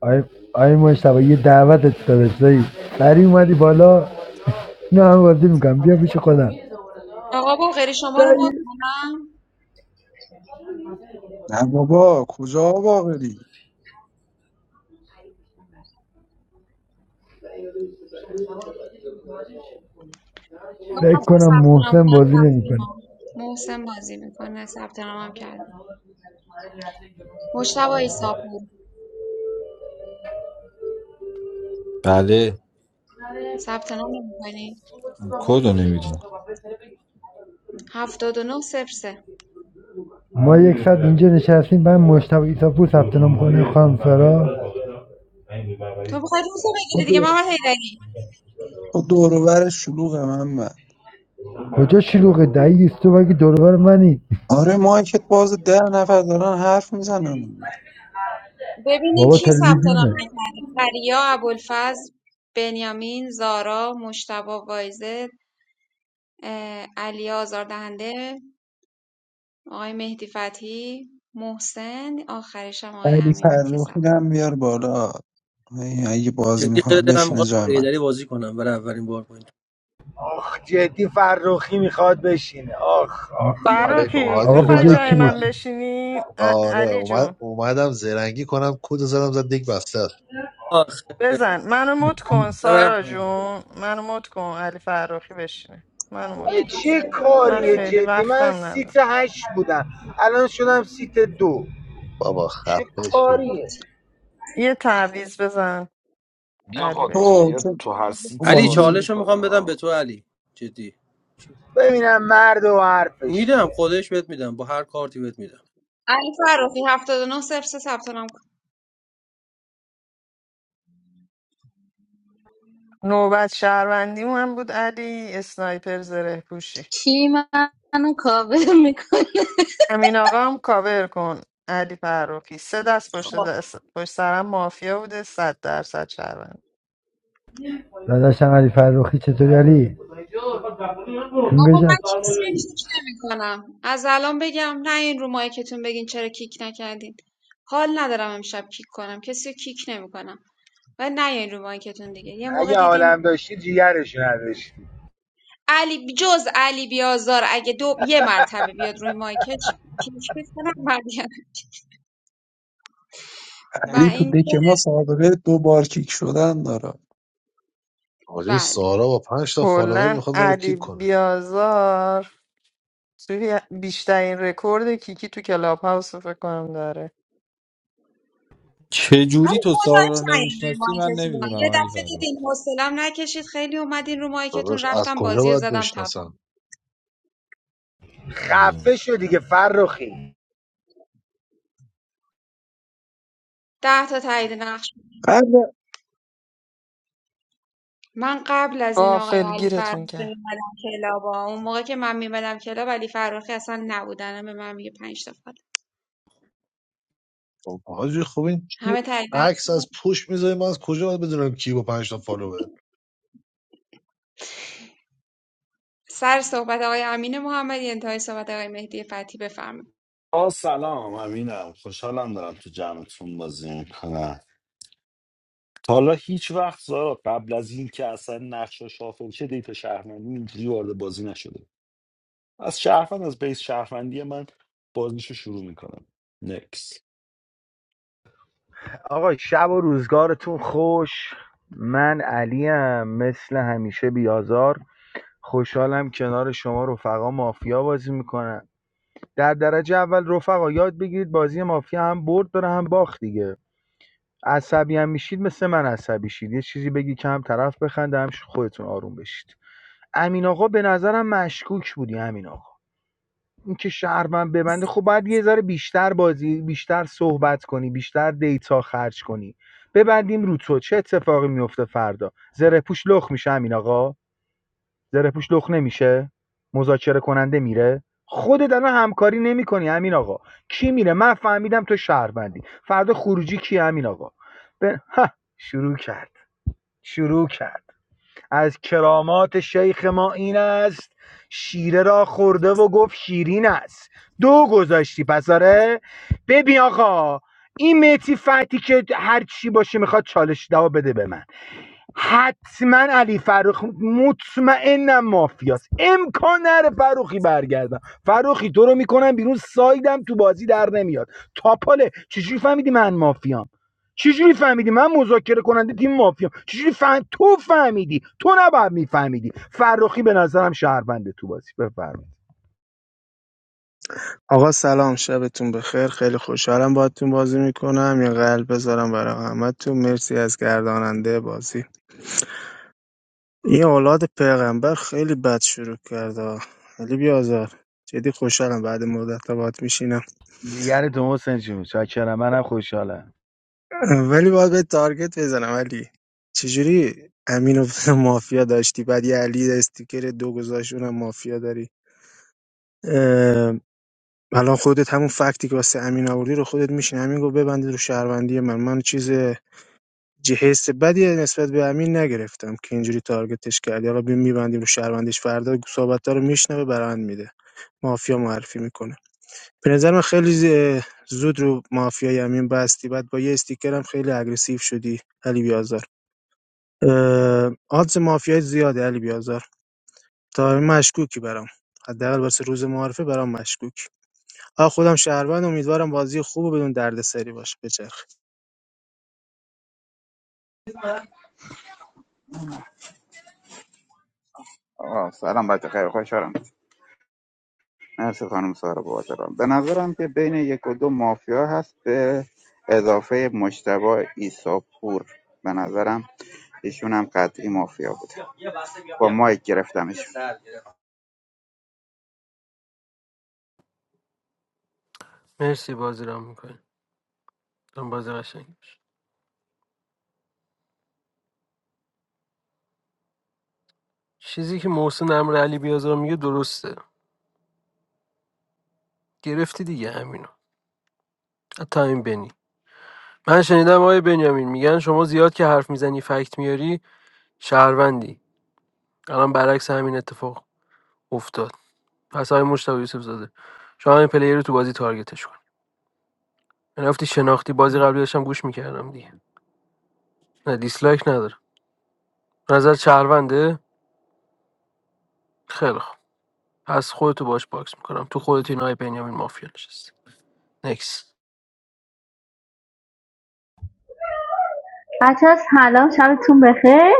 آی آی مشتاق یه دعوتت داداش دایی بری اومدی بالا نه هم بازی میکنم بیا پیش خودم آقا باقری شما رو مد کنم نه بابا کجا باغری دو فکر نفر کنم ثبت نام محسن بازی کردن، رفتیم نمیکنه محسن بازی میکنه ثبت نام هم کرده مشتبه ایساپور بله ثبت نام نمی‌کنی کد رو نمیدونم 79 صفر سه ما یک ساعت اینجا نشستیم بعد مشتبه ایساپور ثبت نام کنه خانم سارا تو بخوای روزو با بگیری دیگه دو- محمد حیدری با دور و بر شلوغ من بر. کجا شلوغه دایی است تو مگه دوربر منی آره مایکت باز ده نفر دارن حرف میزنن ببینین بابا کی ثبت نام تلویزیونه نکرده پریا ابوالفضل بنیامین زارا مشتبه، وایزه اه، علی آزاردهنده آقای مهدی فتحی محسن آخرش هم آقای علی امین بود که فرخی ثبت هم نام بیار بالا ای- اگه بازی جدی میکنه خیلی دلم بشینه میخواد با جای من ایدری بازی کنم برای اولین بار پایین آخ جدی فرخی میخواد بشینه آخ آخ علیکم فروخی حاجی آقا به میخوای جای اومدم جای کی من اومد بشی بشینی ا- آره علی جون اومد اومدم زرنگی کنم کد زدم زد دیگه بسته است آخ بزن منو مت کن برم سارا پایین جون منو مت کن علی فروخی بشینه منو کرد. مت بیا ای کن چه حسن. من کاریه خیلی جدی من وقتم سیت ندارم هشت بودم الان شدم سیت دو بابا چه خفه شو کاریه یه تعویض بزن بیا علی آقا بشین تو پلیر تو- تو هر سیتی بابا علی بازی نه. چالش رو میکنه میخوام بدم به ها تو علی جدی ببینم مرد و حرفش میدم دیگه خودش بهت میدم با هر کارتی بهت میدم علی فروخی 79 صفر سه ثبت نام کرد. نوبت شهروندی من بود علی اسنایپر زره پوشی امین آقا هم کاور کن علی فرخی سه دست پشت, خب دست پشت سرم مافیا بوده صد درصد شهروند داداشم علی فرخی چطوری علی؟ جون آقا من گشت کسی رو کیک نمی کنم؟ از الان بگم نه این رو مایکتون بگین چرا کیک نکردین حال ندارم امشب کیک کنم کسی رو کیک نمی کنم؟ و نیاین رو مایکتون دیگه یه موقع اگه دیدین عالم داشتی جیگرشو نداشتی علی جز علی بیازار اگه دو یه مرتبه بیاد روی مایکش کیش کنم برگرد و علی تو این دک ما سابقه دو بار کیک شدن داره حاجی بله سارا با پنج تا فالوور کلا میخواد ما رو علی کیک کنه بیازار توی بیشترین رکورد کیکی تو کلاب هاوس رو فکر کنم داره چه جوری ولی تو سارا خدایش رو نیاین روی نمیشناسی من مایکتون نمیدونم یه علی دفعه فرخ دیدین حوصلم نکشید خیلی اومدین رو مایکتون داداش از رفتم کجا بازی رو باید زدم بشناسم تپم خیلی هم. خفه شو دیگه فرخی ده تا تایید نقش قبل من قبل از این آقای قافل علی فرخی گیرتون کرد میمدم کلابا اون موقع که من میمدم کلاب علی فرخی اصلا نبودن به من میگه پنج تا فقط. خب، حاجی خوب این کی؟ همه تایید عکس نقش از پوش میذاری من از کجا باید بدونم کی با پنج تا فالوور سر صحبت آقای امین محمدی انتهای صحبت آقای مهدی فتحی بفرمایید آه سلام امینم خوشحالم دارم تو جمعتون بازی میکنم تا حالا هیچ وقت زارا قبل از این که اصلا نقشه شافل شه دیتا شهروندی اینجوری وارد بازی نشده از شهروند از بیس شهروندی من بازیشو شروع میکنم نکس آقا شب و روزگارتون خوش من علیم مثل همیشه بیازار خوشحالم کنار شما رفقا مافیا بازی میکنن در درجه اول رفقا یاد بگیرید بازی مافیا هم برد داره هم باخت دیگه عصبی هم میشید مثل من عصبی شید یه چیزی بگی که هم طرف بخنده هم خودتون آروم بشید امین آقا به نظرم مشکوک بودی امین آقا اینکه شهر من ببنده خب باید یه ذره بیشتر بازی بیشتر صحبت کنی بیشتر دیتا خرج کنی ببندیم رو تو چه اتفاقی میفته فردا زره پوش لخ میشه همین آقا زره پوش لخ نمیشه مذاکره کننده میره خودت الان همکاری نمیکنی همین آقا کی میره من فهمیدم تو شهروندی فردا خروجی کی همین آقا به... ها، شروع کرد شروع کرد از کرامات شیخ ما این است شیره را خورده و گفت شیرین است دو گذاشتی پس آره ببین آقا این متی فتی که هر چی باشه میخواد چالش دوا بده به من حتما علی فروخی مطمئنم مافیاست امکان نره فروخی برگردم فروخی تو رو میکنم بیرون سایدم تو بازی در نمیاد تاپاله چجوری فهمیدی من مافیام چجوری فهمیدی من مذاکره کننده تیم مافیام چجوری فهم... تو فهمیدی تو نباید میفهمیدی فروخی به نظرم شهرونده تو بازی بفرمایید آقا سلام شبتون بخیر خیلی خوشحالم باهاتون بازی میکنم یه قلب بذارم برای همتون مرسی از گرداننده بازی این اولاد پیغمبر خیلی بد شروع کرد آقا. خیلی بیازار جدی خوشحالم بعد مدت ها باهات میشینم دیگر تو حسین جون چاکرم منم خوشحالم ولی باید به تارگت بزنم علی چجوری امین و مافیا داشتی بعد یه علی استیکر دو گذاشت اونم مافیا داری اه، الان خودت همون فکتی که واسه امین آوردی رو خودت میشین امین گفت ببندید رو شهروندی من من چیز ج- حس بدی نسبت به امین نگرفتم که اینجوری تارگتش کردی آقا بیم میبندیم رو شهروندش فردا صحبت‌ها رو میشنوه برند میده مافیا معرفی میکنه به نظر من خیلی ز- زود رو مافیای امین بستی بعد با یه استیکر هم خیلی اگریسیو شدی علی بیازار اه، آدز مافیای زیاده علی بیازار تا این مشکوکی برام حداقل واسه روز معارفه برام مشکوک آ خودم شهروند امیدوارم بازی خوب و بدون دردسری باشه بچرخ آه سلام بچه خیلی خوشحالم مرسی خانم سارا بابت رام به نظرم که بین یک و دو مافیا هست به اضافه مشتبه ایساپور به نظرم ایشون هم قطعی مافیا بود با مایک گرفتمش مرسی بازی را میکنی دم بازی قشنگ باشه. چیزی که محسن امر علی بیازار میگه درسته گرفتی دیگه همینو حتی همین بنی من شنیدم آقای بنیامین میگن شما زیاد که حرف میزنی فکت میاری شهروندی الان برعکس همین اتفاق افتاد پس های مشتبه یوسف زاده شما این پلیر رو تو بازی تارگتش کن من رفتی شناختی بازی قبلی داشتم گوش میکردم دیگه نه دیسلایک نداره نظر شهرونده خیلی خوب پس خودتو باش باکس میکنم تو خودت این های بنیامین مافیا نشست نکس بچه ها سلام شبتون بخیر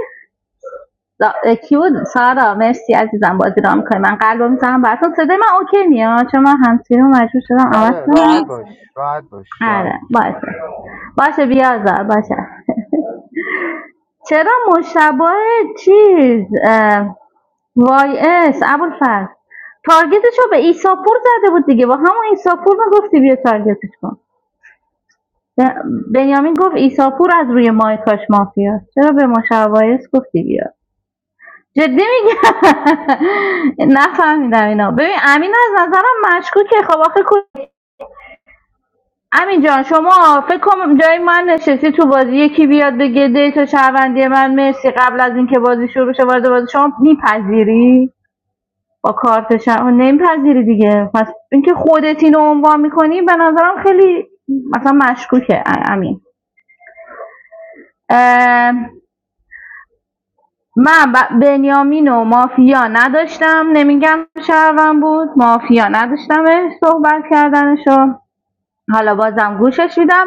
دا- کی بود سارا مرسی عزیزم بازی رام میکنی من قلب رو میزنم براتون صدای من اوکی میاد چون من همسیری رو مجبور شدم عوض آره راحت کنم باش راحت باش راحت آره باشه باشه بیازار باشه چرا مشابه چیز اه، وای اس ابوالفضل تارگتش رو به ایساپور زده بود دیگه با همون ایساپور میگفتی بیا تارگتش کن ب- بنیامین گفت ایساپور از روی مایکاش مافیا چرا به مشابه اس گفتی بیا جدی میگم نفهمیدم اینا ببین امین از نظرم مشکوکه خب آخه کو- امین جان شما فکر کنم جای من نشستی تو بازی یکی بیاد بگه دیتا شهروندی من مرسی قبل از اینکه بازی شروع شه وارد بازی شما میپذیری با کارت شما نمیپذیری دیگه پس اینکه خودت اینو عنوان میکنی به نظرم خیلی مثلا مشکوکه ا- امین من ب- بنیامین و مافیا نداشتم نمیگم شهروند بود مافیا نداشتمش صحبت کردنشو حالا بازم گوشش میدم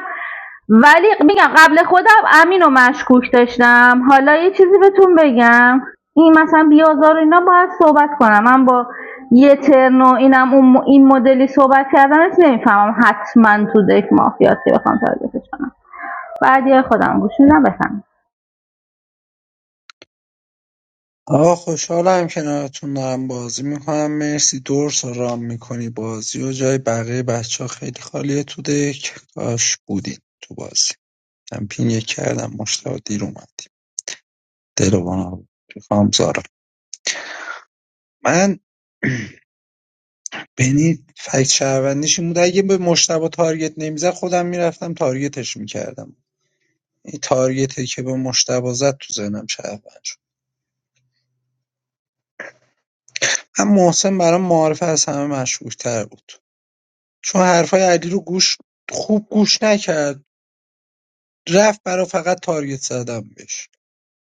ولی میگم قبل خودم امین و مشکوک داشتم حالا یه چیزی بهتون بگم این مثلا بیازار و اینا باید صحبت کنم من با یه ترن و اینم اون این مدلی صحبت کردنش نمیفهمم حتما تو دک مافیاسی بخوام تارگتش کنم بعد یه خودم گوش میدم بفهم آقا خوشحالم کنارتون دارم بازی میکنم مرسی دورس رام میکنی بازی و جای بقیه بچه ها خیلی خالیه تو دک کاش بودین تو بازی کمپینگ کردم مشتاق دیر اومدیم دل و خانم زارا من بنی فکت شهروندیش این بود اگه به مشتبه تارگت نمیزد خودم میرفتم تارگتش میکردم این تارگتی که به مشتبه زد تو ذهنم شهروند شد هم محسن برام معارفه از همه مشهورتر بود چون حرفای علی رو گوش خوب گوش نکرد رفت برا فقط تارگت زدم بهش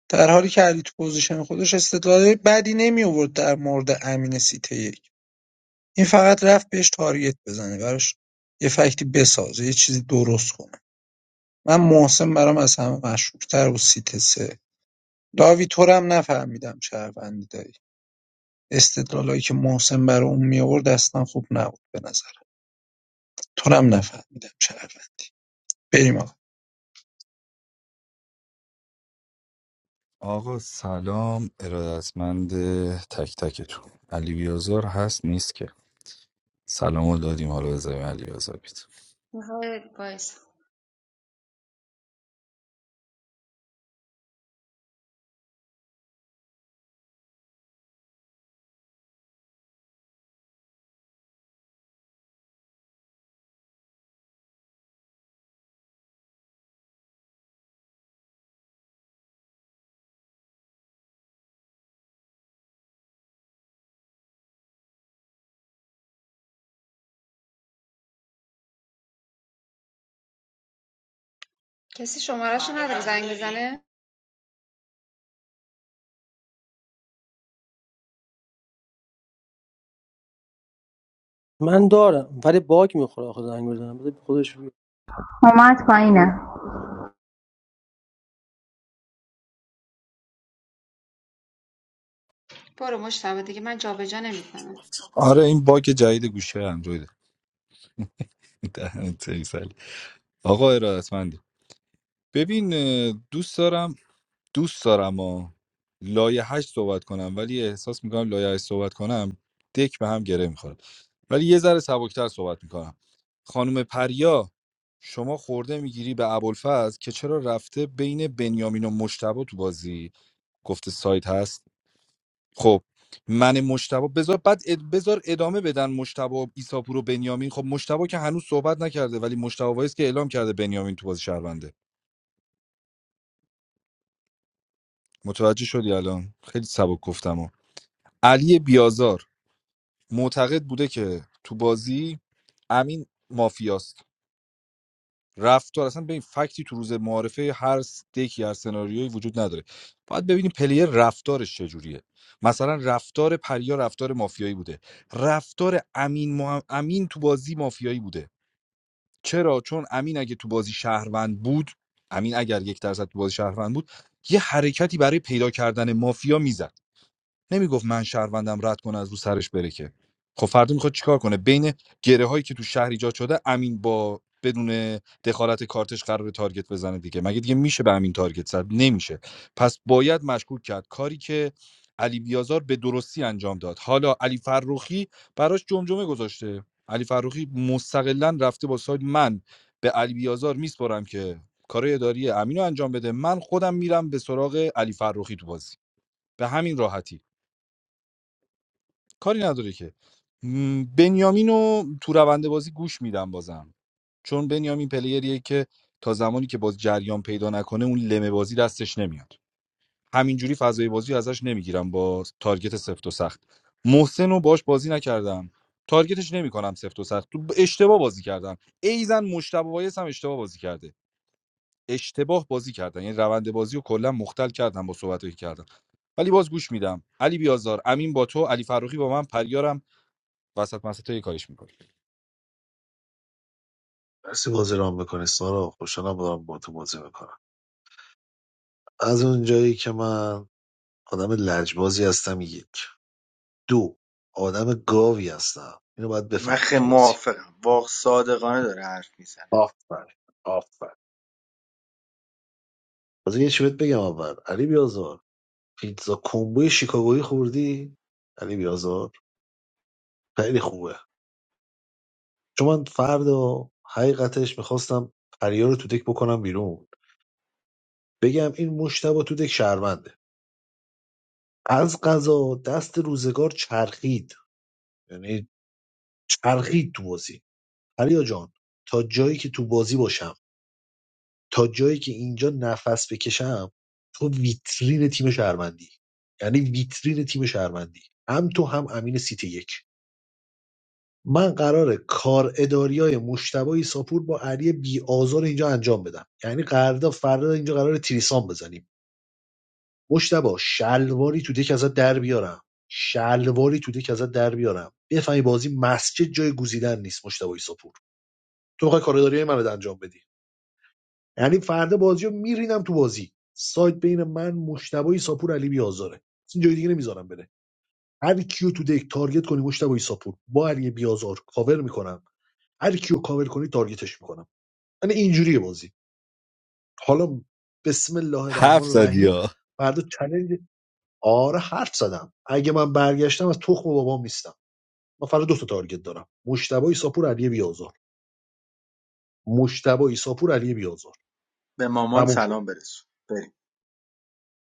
در حالی که علی تو پوزیشن خودش استدلال بدی نمی آورد در مورد امین سیته یک این فقط رفت بهش تارگت بزنه براش یه فکتی بسازه یه چیزی درست کنه من محسن برام از همه مشهورتر و سیت سه لاوی تو رو هم نفهمیدم شهروندی داری استدلالایی که محسن برای اون می آورد اصلا خوب نبود به نظر تو رو هم نفهمیدم شهروند بریم آقا آقا سلام ارادتمند تک تکتون علی بیازار هست نیست که سلامو دادیم حالا بذاریم علی بیازار بیاد آقای وایس کسی شمارهشو نداره زنگ بزنه من دارم ولی باگ میخوره آخه زنگ بزنم بذار خودش بیاد. اومد پایینه برو مشتبه دیگه من جابجا نمیکنم آره این باگ جدید گوشه اندروید دهنت سرویس علی. آقا ارادتمندی ببین اه، دوست دارم دوست دارم و لایه هشت صحبت کنم ولی احساس میکنم لایه هشت صحبت کنم دک به هم گره میخوره ولی یه ذره سبکتر صحبت میکنم خانم پریا شما خورده میگیری به ابوالفضل که چرا رفته بین بنیامین و مشتبه تو بازی گفته سایت هست خب من مشتبه بذار بعد اد... بذار ادامه بدن مشتبه و ایساپور و بنیامین خب مشتبه که هنوز صحبت نکرده ولی مشتبه وایس که اعلام کرده بنیامین تو بازی شهرونده متوجه شدی الان خیلی سبک گفتم علی بیازار معتقد بوده که تو بازی امین مافیاست رفتار اصلا به فکتی تو روز معارفه هر دکی هر سناریویی وجود نداره باید ببینیم پلیر رفتارش چجوریه مثلا رفتار پریا رفتار مافیایی بوده رفتار امین مح- امین تو بازی مافیایی بوده چرا چون امین اگه تو بازی شهروند بود امین اگر یک درصد تو بازی شهروند بود یه حرکتی برای پیدا کردن مافیا میزد نمیگفت من شهروندم رد کنه از رو سرش بره که خب فردا میخواد چیکار کنه بین گره هایی که تو شهر ایجاد شده امین با بدون دخالت کارتش قرار تارگت بزنه دیگه مگه دیگه میشه به امین تارگت زد نمیشه پس باید مشکوک کرد کاری که علی بیازار به درستی انجام داد حالا علی فروخی براش جمجمه گذاشته علی فروخی مستقلا رفته با سایت من به علی بیازار میسپرم که کارهای اداری امینو انجام بده من خودم میرم به سراغ علی فروخی تو بازی به همین راحتی کاری نداره که م، بنیامین رو تو روند بازی گوش میدم بازم چون بنیامین پلیریه که تا زمانی که باز جریان پیدا نکنه اون لمه بازی دستش نمیاد همینجوری فضای بازی ازش نمیگیرم با تارگت سفت و سخت محسن رو باش بازی نکردم تارگتش نمیکنم سفت و سخت تو اشتباه بازی کردن ایزن مشتبه وایس هم اشتباه بازی کرده اشتباه بازی کردن یعنی روند بازی رو کلا مختل کردم با صحبتایی که کردم ولی باز گوش میدم علی بیازار امین با تو علی فروخی با من پریارم وسط مسط تو یه کاریش میکنی مرسی بازی رام میکنی سارا خوشحالم دارم با تو بازی میکنم از اون جایی که من آدم لجبازی هستم یک دو آدم گاوی هستم اینو باید من بفهمید خیلی تو بازی موافقم واقع صادقانه داره حرف میزنه آفر آفر بازی یه چی بهت بگم اول علی بیازار پیتزا کومبوی شیکاگویی خوردی علی بیازار خیلی خوبه چون من فردا حقیقتش میخواستم پریا رو تو دک بکنم بیرون بگم این مشتبه تو دک شهرونده از قضا دست روزگار چرخید یعنی چرخید تو بازی پریا جان تا جایی که تو بازی باشم تا جایی که اینجا نفس بکشم تو ویترین تیم شهروندی یعنی ویترین تیم شهروندی هم تو هم امین سیت یک من قراره کار اداریای های مشتبه ساپور با علی بی آزار اینجا انجام بدم یعنی قرارداد فردا اینجا قراره تریسان بزنیم مشتبه شلواری تو دک ازت در بیارم شلواری تو دک ازت در بیارم بفهمی بازی مسجد جای گزیدن نیست مشتبه ساپور تو میخوای کار اداری های منو انجام بدی یعنی فردا بازیو رو میرینم تو بازی سایت بین من مشتبه ایساپور علی بیازاره اصلا جای دیگه نمیذارم بره هر کیو تو دک تارگت کنی مشتبه ایساپور با علی بیازار کاور میکنم هر کیو کاور کنی تارگتش میکنم یعنی اینجوریه بازی حالا بسم الله الرحمن حرف زدی الرحیم ها فردا چالش آره حرف زدم اگه من برگشتم از تخم بابام نیستم من فردا دو تا تارگت دارم مشتبه ایساپور علی بیازار مشتبه ایساپور علی بیازار به مامان تموم شد. سلام برسون بریم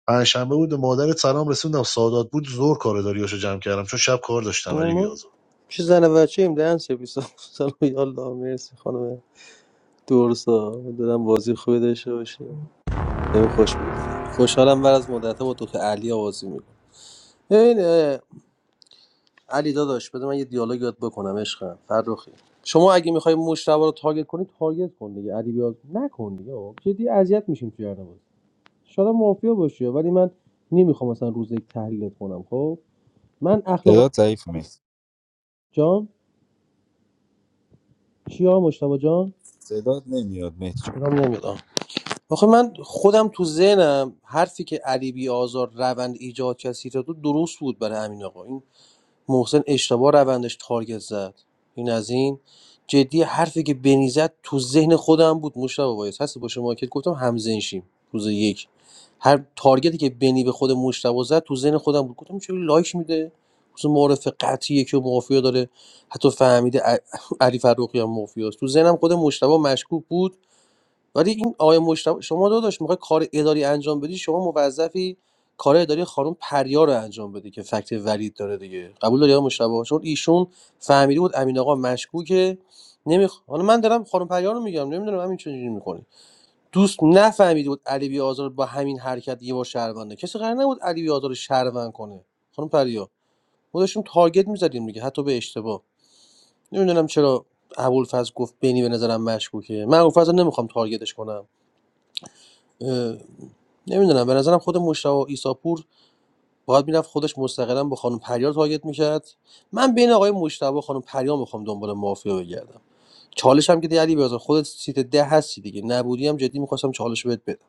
پنجشنبه بود به مادرت سلام رسوندم سادات بود زور کار اداریاشو جمع کردم چون شب کار داشتم علی ما بیازار چه زن و بچه ایم دهن سرویس ها. سلام یا الله مرسی خانم دورسا دلم بازی خوبی داشته باشی بهم خوش بگذره خوشحالم بر از مدت با تو که علی بازی میکنم این علی داداش بذار من یه دیالوگ یاد بکنم عشقم فرخی شما اگه میخوای مشتبه رو تارگت کنی تارگت کن دیگه علی بیاد نکن دیگه آقا. جدی اذیت میشیم تو هر بازی شاید مافیا باشی ولی من نمیخوام مثلا روز یک تحلیلت کنم خب من اخلاق صدات ضعیف مهدی جان چی آقا مشتبه جان صدات نمیاد مهدی جون. یادم نمیاد آه. آخه من خودم تو ذهنم حرفی که علی بی آزار روند ایجاد کسی را تو درست بود برای همین آقا این محسن اشتباه روندش تارگت زد این از این جدی حرفی که بنی زد تو ذهن خودم بود مشتبه وایس هستی با شما که گفتم همزنشیم روز یک هر تارگتی که بنی به خود مشتبه زد تو ذهن خودم بود گفتم چرا لایک میده خصوص معرف قطعیه که مافیا داره حتی فهمیده ع- علی فروخی هم مافیاست تو ذهنم خود مشتبه مشکوک بود ولی این آقای مشتبه شما داداش میخوای کار اداری انجام بدی شما موظفی کار اداری خانم پریا رو انجام بدی که فکت ولید داره دیگه قبول داری آقای مشتبه چون ایشون فهمیده بود امین آقا مشکوکه نمیخ... حالا من دارم خانم پریا رو میگم نمیدونم همین چه جوری میکنه دوست نفهمیده بود علی بی آزار با همین حرکت یه بار شهرونده کسی قرار نبود علی بی آزار رو شهروند کنه خانم پریا ما داشتیم تارگت میزدیم دیگه حتی به اشتباه نمیدونم چرا ابوالفضل گفت بینی به نظرم مشکوکه من ابوالفضل رو نمیخوام تارگتش کنم نمیدونم به نظرم خود مشتاق و ایساپور باید میرفت خودش مستقلا با خانم پریا تارگت میکرد من بین آقای مشتاق و خانم پریا میخوام دنبال مافیا بگردم چالش هم که دیگه علی بیازار خودت سیت ده هستی دیگه نبودی هم جدی میخواستم چالش رو بهت بدم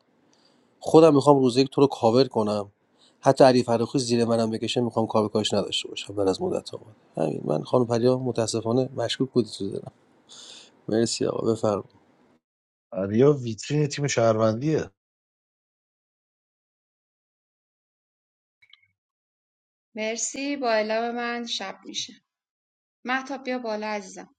خودم میخوام روز یک تو رو کاور کنم حتی علی فرخی زیر منم بکشه میخوام کاور کاش نداشته باشم بعد از مدت ها بود همین من خانم پریا متاسفانه مشکوک بودی تو دارم مرسی آقا بفرمایید. علیا ویترین تیم شهروندیه مرسی با اعلام من شب میشه مهتاب بیا بالا عزیزم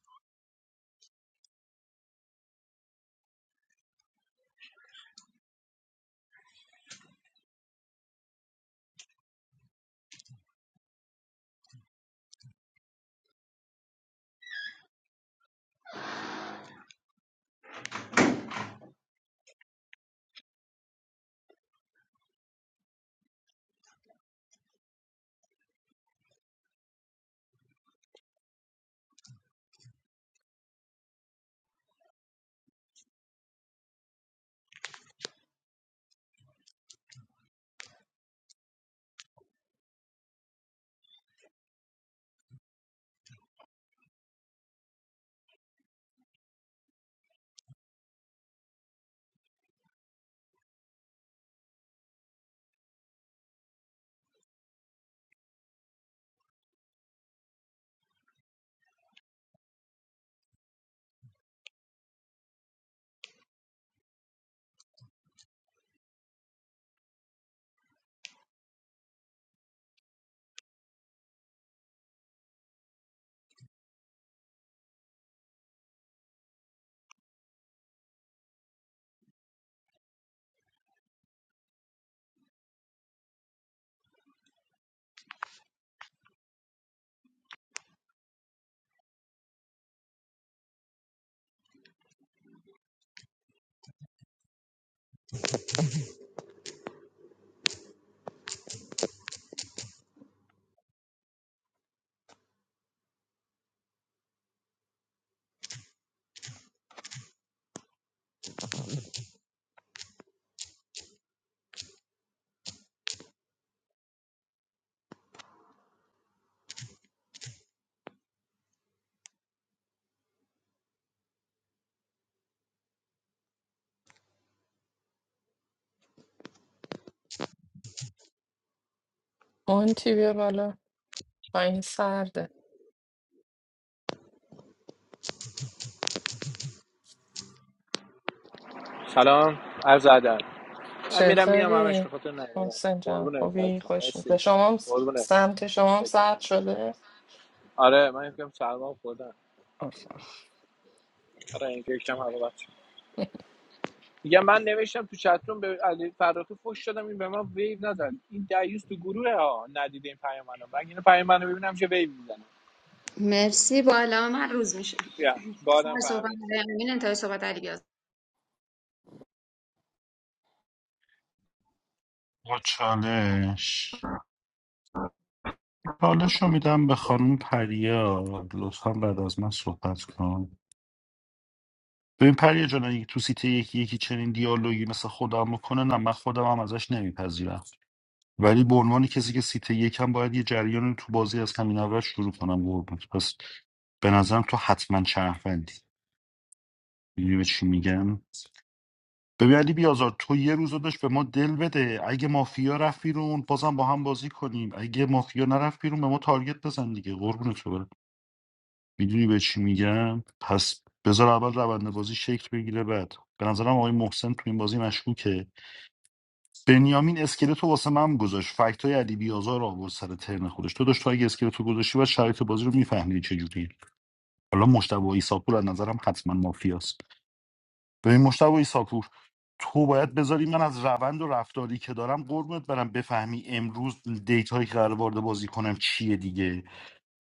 اون تی بیا بالا پایین سرده سلام عرض ادب من میرم میام همش چطوری به خاطر نیومدم محسن جان قربونه خوبی بفرستم خوش میده مرسی شما هم س- قربونه سمت شما هم شکر سرد شده آره من یکم سلمان خوردم آخ آخ. آره این که یکم هوا بچه میگم من نوشتم تو چتروم به علی فراخی فوش شدم این به من ویو نزد این دیوس تو گروه ها ندیده این پیام من اینو پیام منو ببینم چه ویو میزنه مرسی با اعلام من روز میشه بیا بادم سر صحبت فهمید آقای امین انتهای صحبت علی گاز با چالش چالش رو میدم به خانم پریا لطفا بعد از من صحبت کن ببین پریا جان اگه تو سیته یکی یکی چنین دیالوگی مثل خودم بکنه نه من خودم هم ازش نمیپذیرم ولی به عنوان کسی که سیته یکم باید یه جریان رو تو بازی از همین اول شروع کنم قربونت پس به نظرم تو حتما شهروندی میدونی به چی میگم ببین علی بیازار تو یه روز رو داشت به ما دل بده اگه مافیا رفت بیرون بازم با هم بازی کنیم اگه مافیا نرفت بیرون به ما تارگت بزن دیگه قربونت برم میدونی به چی میگم پس بذار اول روند بازی شکل بگیره بعد به نظرم آقای محسن تو این بازی مشکوکه بنیامین اسکلتو واسه من گذاشت فکت های علی بیازار رو آورد سر ترن خودش تو داشت تو اگه اسکلتو گذاشتی و شرایط بازی رو میفهمیدی چجوریه حالا مشتبه و عیسی از نظرم حتما مافیاست به این مشتبه ایساپور تو باید بذاری من از روند و رفتاری که دارم قربونت برم بفهمی امروز دیتایی که قرار وارد بازی کنم چیه دیگه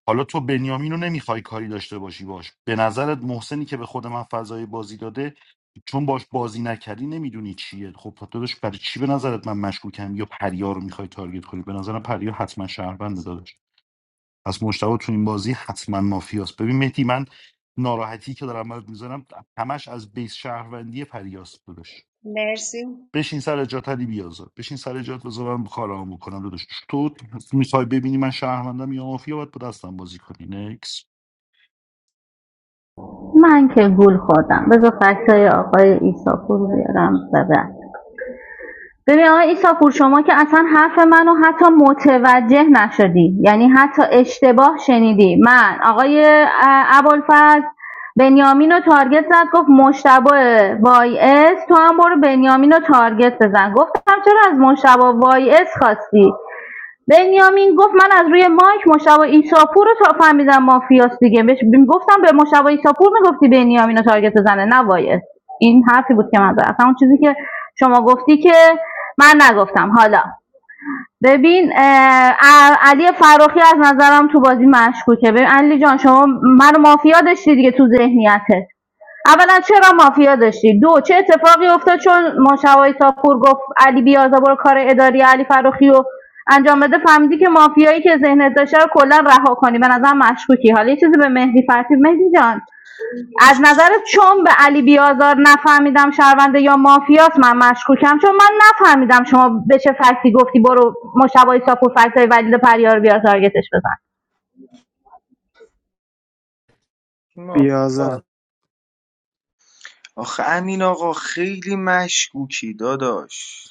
حالا تو بنیامین رو نمیخوای کاری داشته باشی باش به نظرت محسنی که به خود من فضای بازی داده چون باش بازی نکردی نمیدونی چیه خب داداش برای چی به نظرت من مشکوکم یا پریا رو میخوای تارگت کنی به نظرم پریا حتما شهروند داداش پس مشتبه تو این بازی حتما مافیاست ببین مهدی من ناراحتی که دارم برات میزنم همش از بیس شهروندی پریاس داداش مرسی بشین سر جات علی بیازار بشین سر جات بذار من کارامو بکنم داداش تو میخوای ببینی من شهروندم یا مافیا باید با دستم بازی کنی نکس من که گول خوردم بذار فکسای آقای ایساپور رو بیارم و بعد ببین آقای ایساپور شما که اصلا حرف منو حتی متوجه نشدی یعنی حتی اشتباه شنیدی من آقای اه، ابوالفضل بنیامین رو تارگت زد گفت مشتبه وای اس تو هم برو بنیامین رو تارگت بزن گفتم چرا از مشتبه وای اس خواستی بنیامین گفت من از روی مایک مشابه ایساپور رو تا فهمیدم مافیاس دیگه بهش گفتم به مشابه ایساپور میگفتی بنیامین رو تارگت بزنه نه وایس این حرفی بود که من زدم اصلا اون چیزی که شما گفتی که من نگفتم حالا ببین اه، ا- علی فراخی از نظرم تو بازی مشکوکه ببین علی جان شما منو مافیا داشتی دیگه تو ذهنیتت اولا چرا مافیا داشتی دو چه اتفاقی افتاد چون مشوای تاپور گفت علی بیازار برو کار اداری علی فروخی رو انجام بده فهمیدی که مافیایی که ذهنت داشته رو کلا رها کنی به نظر مشکوکی حالا یه چیزی به مهدی فتحی مهدی جان از نظر چون به علی بیازار نفهمیدم شهرونده یا مافیاست من مشکوکم چون من نفهمیدم شما به چه فکتی گفتی برو مشوای تاپور فکتای ولید پریار بیا تارگتش بزن آخه امین آقا خیلی مشکوکی داداش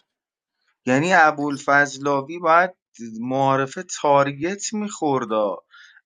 یعنی ابوالفضلاوی باید معارفه تارگت میخوردا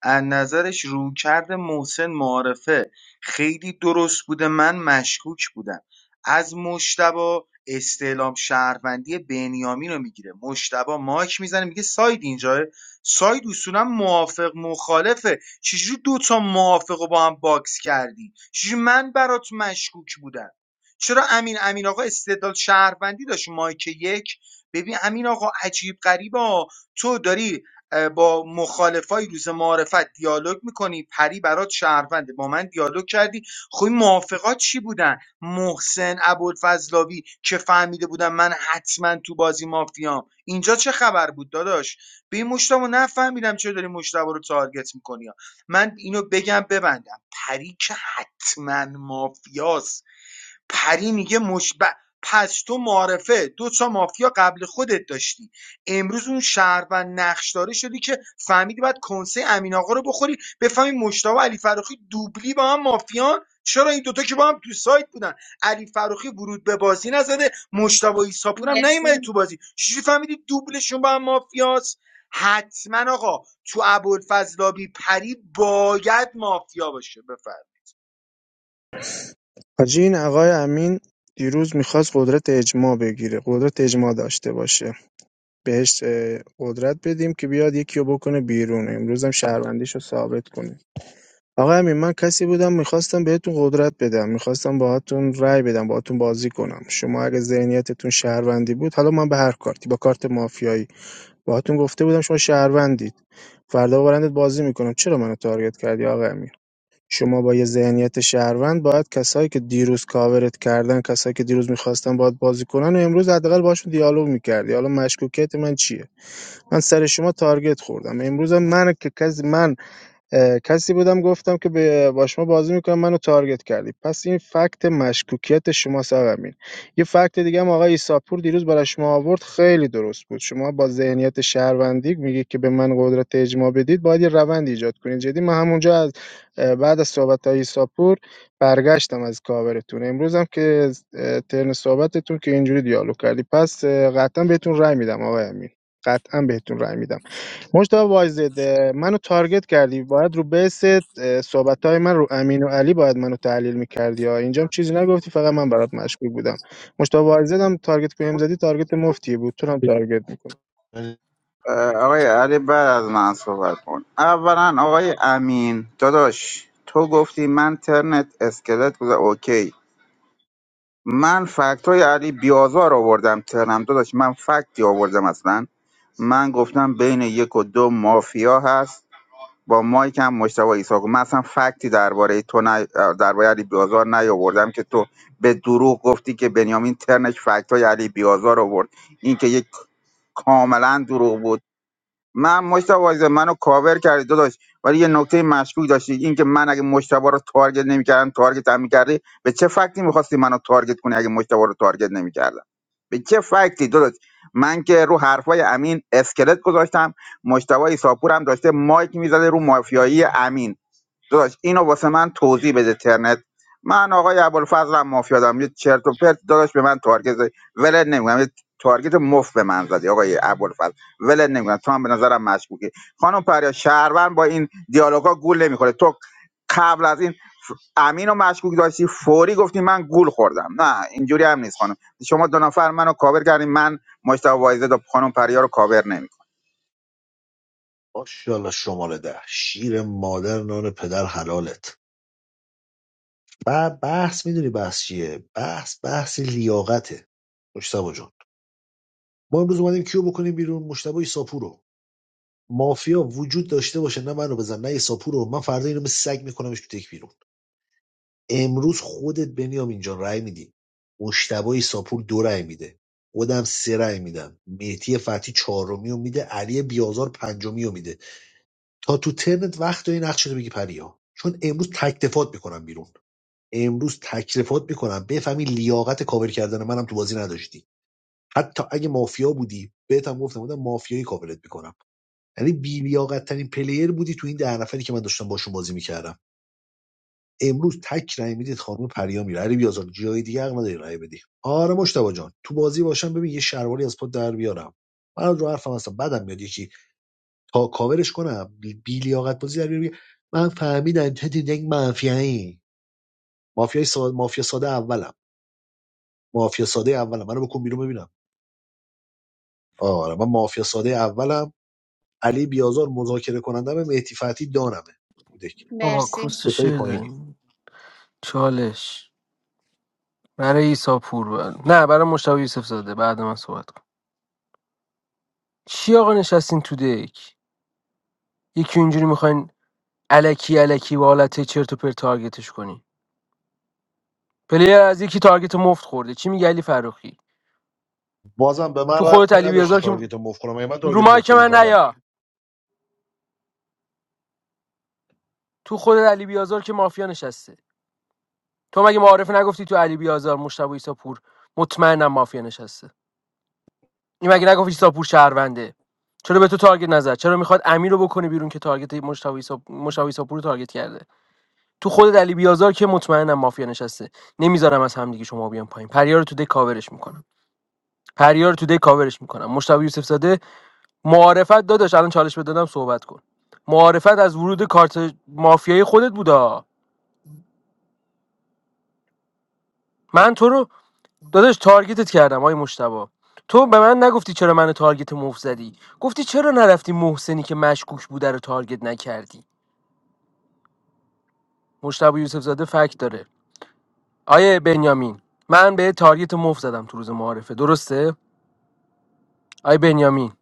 از نظرش روکرد محسن معارفه خیلی درست بوده من مشکوک بودم از مشتبا استعلام شهروندی بنیامین رو میگیره مشتبا مایک میزنه میگه ساید اینجاه ساید اصولا موافق مخالفه چجوری دوتا موافق رو با هم باکس کردی چجوری من برات مشکوک بودم چرا امین امین آقا استدلال شهروندی داشت مایک یک ببین امین آقا عجیب غریبا تو داری با مخالفای روز معارفت دیالوگ میکنی پری برات شهرونده با من دیالوگ کردی خب این موافقات چی بودن محسن ابوالفضلاوی که فهمیده بودن من حتما تو بازی مافیام اینجا چه خبر بود داداش به این مشتبه نفهمیدم چه داری مشتبه رو تارگت میکنی من اینو بگم ببندم پری که حتما مافیاست پری میگه مش... ب- پس تو معارفه دو تا مافیا قبل خودت داشتی امروز اون شهر و نقش شدی که فهمیدی باید کنسه امین آقا رو بخوری بفهمی مشتاق و علی فروخی دوبلی با هم مافیان چرا این دوتا که با هم تو سایت بودن علی فروخی ورود به بازی نزده مشتاق و عیسی پور هم مرسی نیومده تو بازی چجوری فهمیدی دوبلشون با هم مافیاست حتما آقا تو ابوالفضلابی پری باید مافیا باشه بفر حاجی این آقای امین دیروز میخواست قدرت اجماع بگیره قدرت اجماع داشته باشه بهش اه، قدرت بدیم که بیاد یکی رو بکنه بیرون امروز هم شهروندیش رو ثابت کنه آقا امین من کسی بودم میخواستم بهتون قدرت بدم میخواستم باهاتون رأی بدم باهاتون بازی کنم شما اگه ذهنیتتون شهروندی بود حالا من به هر کارتی با کارت مافیایی باهاتون گفته بودم شما شهروندید فردا با برندت بازی میکنم چرا منو تارگت کردی آقا امین؟ شما با یه ذهنیت شهروند باید کسایی که دیروز کاورت کردن، کسایی که دیروز میخواستن باهات بازی کنن و امروز حداقل باشون دیالوگ میکردی. حالا مشکوکیت من چیه؟ من سر شما تارگت خوردم. امروز هم من که کسی من اه، کسی بودم گفتم که به با شما بازی میکنم منو تارگت کردی پس این فکت مشکوکیت شماست آقا امین یه فکت دیگه هم آقای ایساپور دیروز برای شما آورد خیلی درست بود شما با ذهنیت شهروندی میگه که به من قدرت اجماع بدید باید یه روند ایجاد کنید جدی من همونجا از اه، بعد از صحبت های ایساپور برگشتم از کاورتون امروز هم که اه، ترن صحبتتون که اینجوری دیالوگ کردی پس اه، قطعا بهتون رأی میدم آقای امین قطعا بهتون رأی میدم مجتبی وایزده منو تارگت کردی باید رو بیس صحبت های من رو امین و علی باید منو تحلیل میکردی ها اینجام چیزی نگفتی فقط من برات مشکوک بودم مجتبی وایزد هم تارگت بهم زدی تارگت مفتی بود تو رو هم تارگت میکنه یعنی اه، آقای علی بعد از من صحبت کن اولا آقای امین داداش تو گفتی من ترنت اسکلت بوده اوکی من فکت های علی بیازار آوردم ترنم داداش من فکتی آوردم اصلا من گفتم بین یک و دو مافیا هست با مایک هم مشتاق ایساقو من اصلا فکتی درباره تو نه درباره علی بیازار نیاوردم که تو به دروغ گفتی که بنیامین ترنش فکت های علی بیازار آورد این که یک کاملا دروغ بود من مشتاق وایزه منو کاور کردی داداش ولی یه نکته مشکوک داشتی اینکه من اگه مشتبا رو تارگت نمیکردم تارگت هم میکردی به چه فکتی میخواستی منو تارگت کنی اگه مشتبا رو تارگت نمیکردم به چه فکتی داداش من که رو حرفای امین اسکلت گذاشتم مشتبا ایساپور هم داشته مایک میزده رو مافیایی امین داداش اینو واسه من توضیح بده ترنت من آقای ابوالفضلم مافیادم دارم یه چرت و پرت داداش به من تارگت زدی ولت نمیگم یه تارگت مفت به من زدی آقای ابوالفضل ولت نمیگم تو هم به نظرم مشکوکی خانم پریا شهروند با این دیالوگا گول نمیخوره تو قبل از این ف- امین و مشکوک داشتی فوری گفتی من گول خوردم نه اینجوری هم نیست خانم شما دو نفر منو کاور کردین من مشتاق وایزد و خانم پریا رو کاور نمیکنم ماشاءالله شماره ده شیر مادر نان پدر حلالت و بحث میدونی بحث چیه بحث بحث لیاقته مشتبه جان ما امروز اومدیم کیو بکنیم بیرون مشتبه ایساپور مافیا وجود داشته باشه نه منو بزن نه ایساپور من فردا اینو به سگ میکنمش تو تک بیرون امروز خودت بنیامین جان رأی میدی مشتبه ایساپور دو رأی میده خودم سه رأی میدم مهدی فتحی چهارمی رو میده علی بیازار پنجمی رو میده تا تو ترنت وقت داری نقش رو بگی پریا چون امروز تکتفات میکنم بیرون امروز تکتفات میکنم بفهمی لیاقت کاور کردن منم تو بازی نداشتی حتی اگه مافیا بودی بهتم گفتم بودم مافیایی کاورت میکنم یعنی بی لیاقت ترین پلیر بودی تو این ده نفری که من داشتم باشون بازی میکردم امروز تک رأی میدید خانم پریا میره علی بیازار جای دیگه حق نداری رأی بدی آره مشتبه جان تو بازی باشم ببین یه شرواری از پات در بیارم من رو حرفم هستم بعدم میاد یکی تا کاورش کنم بی لیاقت بازی در بیاره من فهمیدم تو تو یک مافیایی مافیای ساده مافیا ساده اولم مافیا ساده اولم منو بکن بیرون ببینم آره من مافیا ساده اولم علی بیازار مذاکره کنندم مهدی فتی دانمه دک بابا مرسی کوس ستای شده پایینی چالش برای ایسا پور بر- نه برای مشتبه یوسف زاده بعد من صحبت کن چی آقا نشستین تو دک یکی اینجوری میخواین الکی الکی با حالت چرت و پرت تارگتش کنی پلیر از یکی تارگت مفت خورده چی میگه علی فروخی بازم به من تو خودت ربطی علی نداشته بیازار که تارگت مفت کنم مگه من رو تارگت مایک مفت من زدم نیا تو خودت علی بیازار که مافیا نشسته تو مگه معارف نگفتی تو علی بیازار مشتبه ایساپور مطمئنم مافیا نشسته این مگه نگفتی ایساپور شهرونده چرا به تو تارگت نزد چرا میخواد امیر رو بکنه بیرون که تارگت مشتاق ایسا- مشتاق ایساپور رو تارگت کرده تو خودت علی بیازار که مطمئنم مافیا نشسته نمیذارم از همدیگه شما بیان پایین پریار رو تو دک کاورش میکنم پریار رو تو دک کاورش میکنم مشتاق یوسف زاده معارفت داداش الان چالش بدادم صحبت کن معارفت از ورود کارت مافیایی خودت بودا من تو رو داداش تارگتت کردم آی مشتبا تو به من نگفتی چرا من تارگت موف زدی گفتی چرا نرفتی محسنی که مشکوک بوده رو تارگت نکردی مشتبا یوسف زاده فکت داره آیه بنیامین من به تارگت موف زدم تو روز معارفه درسته آیه بنیامین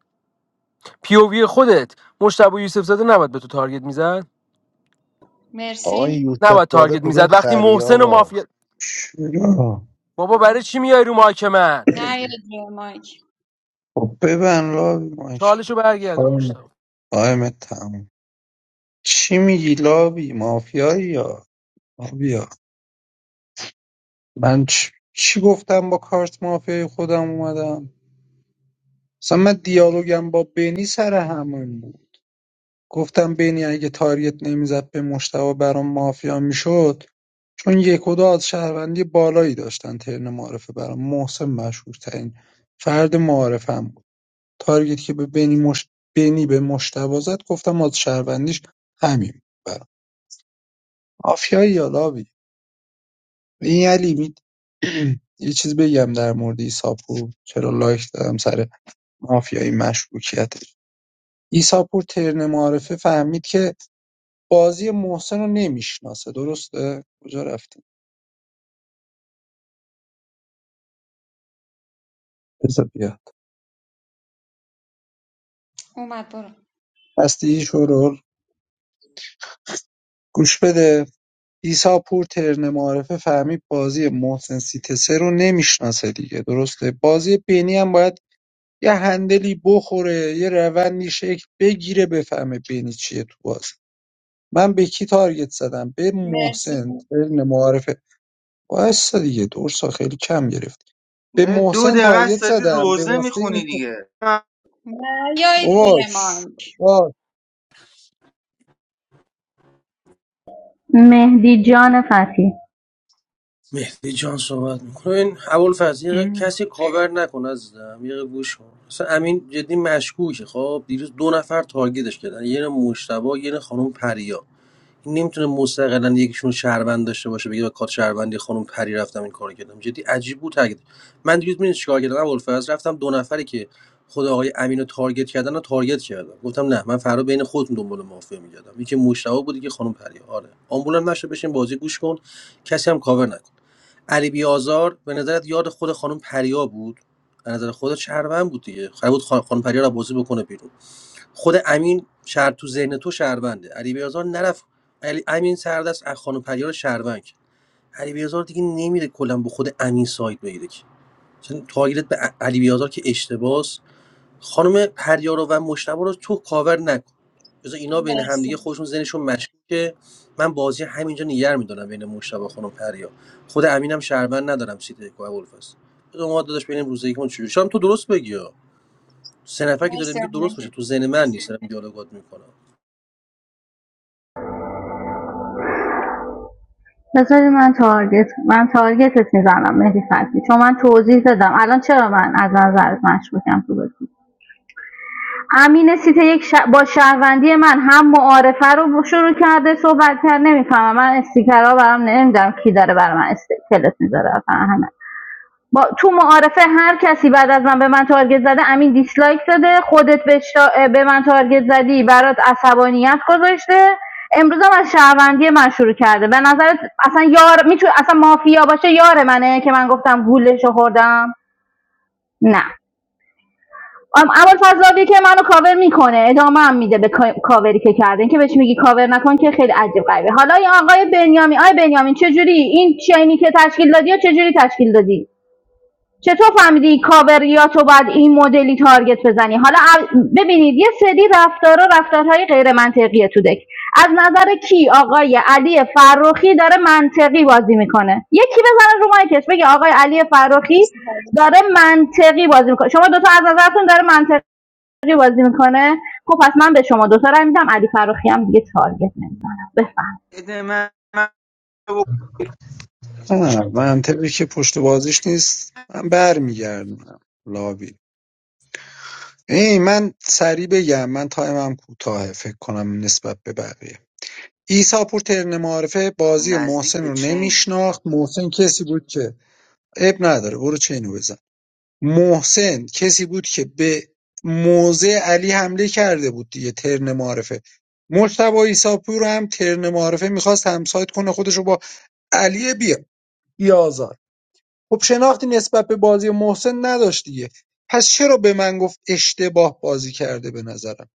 پیووی خودت مشتبا یوسف زاده نباید به تو تارگت میزد آقا مرسی این یوسف نباید داده تارگت کدوم میزد وقتی خری محسن و آقا مافیا چرا بابا برای چی میای رو مایک من؟ نه یه مایک خب ببن لاوی مایک تو چالشو برگردون مشتاق تایم تموم چی میگی لابی؟ مافیایی یا مافیا من چ- چی گفتم با کارت مافیای خودم اومدم اصلا دیالوگم با بینی سر همون بود گفتم بینی اگه تارگت نمیزد به مشتبه برام مافیا میشد چون یک و دو از شهروندی بالایی داشتن ترن معارفه برام محسن مشهور ترین فرد معارفم بود تارگت که به بینی مش... بینی به مشتبه زد گفتم از شهروندیش همین بود برام مافیایی یا این علی می... یه چیز بگم در مورد ایساپور چرا لایک دادم سر مافیایی مشکوکیت عیساپور ترم معارفه فهمید که بازی محسن رو نمیشناسه درسته کجا رفتیم بذار بیا اومد برو هستی شورول گوش بده عیساپور ترن معارفه فهمید بازی محسن سیتسه رو نمیشناسه دیگه درسته بازی بینی هم باید یه هندلی بخوره یه روندی شکل بگیره بفهمه بینی چیه تو بازی من به کی تارگت زدم به مرسی محسن ترن معارفه وایسا دیگه دورسا خیلی کم گرفت به نه دو محسن دقیقه تارگت است زدم به روزه واسطه میخونی اینکه دیگه نه یه بابا چ- مایک بابا مهدی جان فتحی مهدی جان صحبت میکنه این ابوالفضل یه دقیقه کسی کاور نکن عزیزم یه دقیقه گوش کن اصلا امین جدی مشکوکه خب دیروز دو نفر تارگتش کردن یه نه مشتبه یه نه خانم پریا این نمیتونه مستقلا یکیشون شهروند داشته باشه بگه با کارت شهروندی خانم پری رفتم این کارو کردم جدی عجیب بود تاکید من دیروز میدونی چیکار کردم ابوالفضل رفتم دو نفری که خود آقای امین رو تارگت کردن رو تارگت کردم گفتم نه من فردا بین خودتون دنبال مافیا میگردم یکی مشتبه بود که خانم پریا آره آمبولم نشه بشین بازی گوش کن کسی هم کاور نکن علی بیازار به نظرت یاد خود خانم پریا بود به نظر خودت شهروند بود دیگه قرار بود خان- خانم پریا رو بازی بکنه بیرون خود امین شهر تو ذهن تو شهرونده علی بیازار نرفت علی امین سردست از خانم پریا رو شهروند کرد. علی بیازار دیگه نمیره کلا به خود امین سایت بگیره که چون تارگت به ع- علی بیازار که اشتباس خانم پریارا و مشتبه رو تو کاور نکن بذار اینا بین همدیگه مرسی خودشون ذهنشون مشکوکه من بازی همینجا نیگر میدونم بین مشتبه و خانم پریا خود امینم شهروند ندارم سیده کو ابوالفضل بذار ما داداش ببینیم روزه یکمون چجوری شام تو درست بگی ها. سه نفر که داره مرسی میگه آقا درست باشه مهدی تو ذهن من نیست دارم دیالوگات میکنم بذاری من تارگت من تارگتت میزنم مهدی فتحی چون من توضیح دادم الان چرا من از نظرت مشکوکم تو بازی امین سیت یک ش- با شهروندی من هم معارفه رو شروع کرده صحبت کرد نمیفهمم من استیکرها برام نمیدم کی داره برای من استیکلت میذاره فقط همین با تو معارفه هر کسی بعد از من به من تارگت زده امین دیسلایک داده خودت به, شا- به من تارگت زدی برات عصبانیت گذاشته امروز هم از شهروندی من شروع کرده به نظرت اصلا یار میتونه اصلا مافیا باشه یار منه که من گفتم گولش رو خوردم نه ام- اول فضلاوی که منو کاور میکنه ادامه هم میده به کاوری که کرده این که بهش میگی کاور نکن که خیلی عجیب غریبه حالا این آقای بنیامین آقای بنیامین چجوری این چینی که تشکیل دادی یا چجوری تشکیل دادی چطور فهمیدی کاوریاتو باید این مدلی تارگت بزنی حالا ببینید یه سری رفتارا رفتارهای غیر منطقیه تو دک از نظر کی آقای علی فروخی داره منطقی بازی میکنه یکی بزنه رو مایکش بگه آقای علی فروخی مرسی پرین. داره منطقی بازی میکنه شما دوتا از نظرتون داره منطقی بازی میکنه خب پس من به شما دوتا رای میدم علی فروخی هم دیگه تارگت نمیزنم بفهم بده من من نه منطقی که پشت بازیش نیست من برمیگردم لابی این من سریع بگم من تایمم کوتاهه فکر کنم نسبت به بقیه عیسی پور ترن معارفه آخه بازی نزدیک محسن به رو چینی نمیشناخت محسن کسی بود که اب نداره برو چینو بزن محسن کسی بود که به موزه علی حمله کرده بود دیگه ترن معارفه مجتبی ایساپور هم ترن معارفه میخواست همسایت کنه خودش رو با علی بیا بیازار. خب شناختی نسبت به بازی محسن نداشت دیگه پس چرا به من گفت اشتباه بازی کرده به نظرم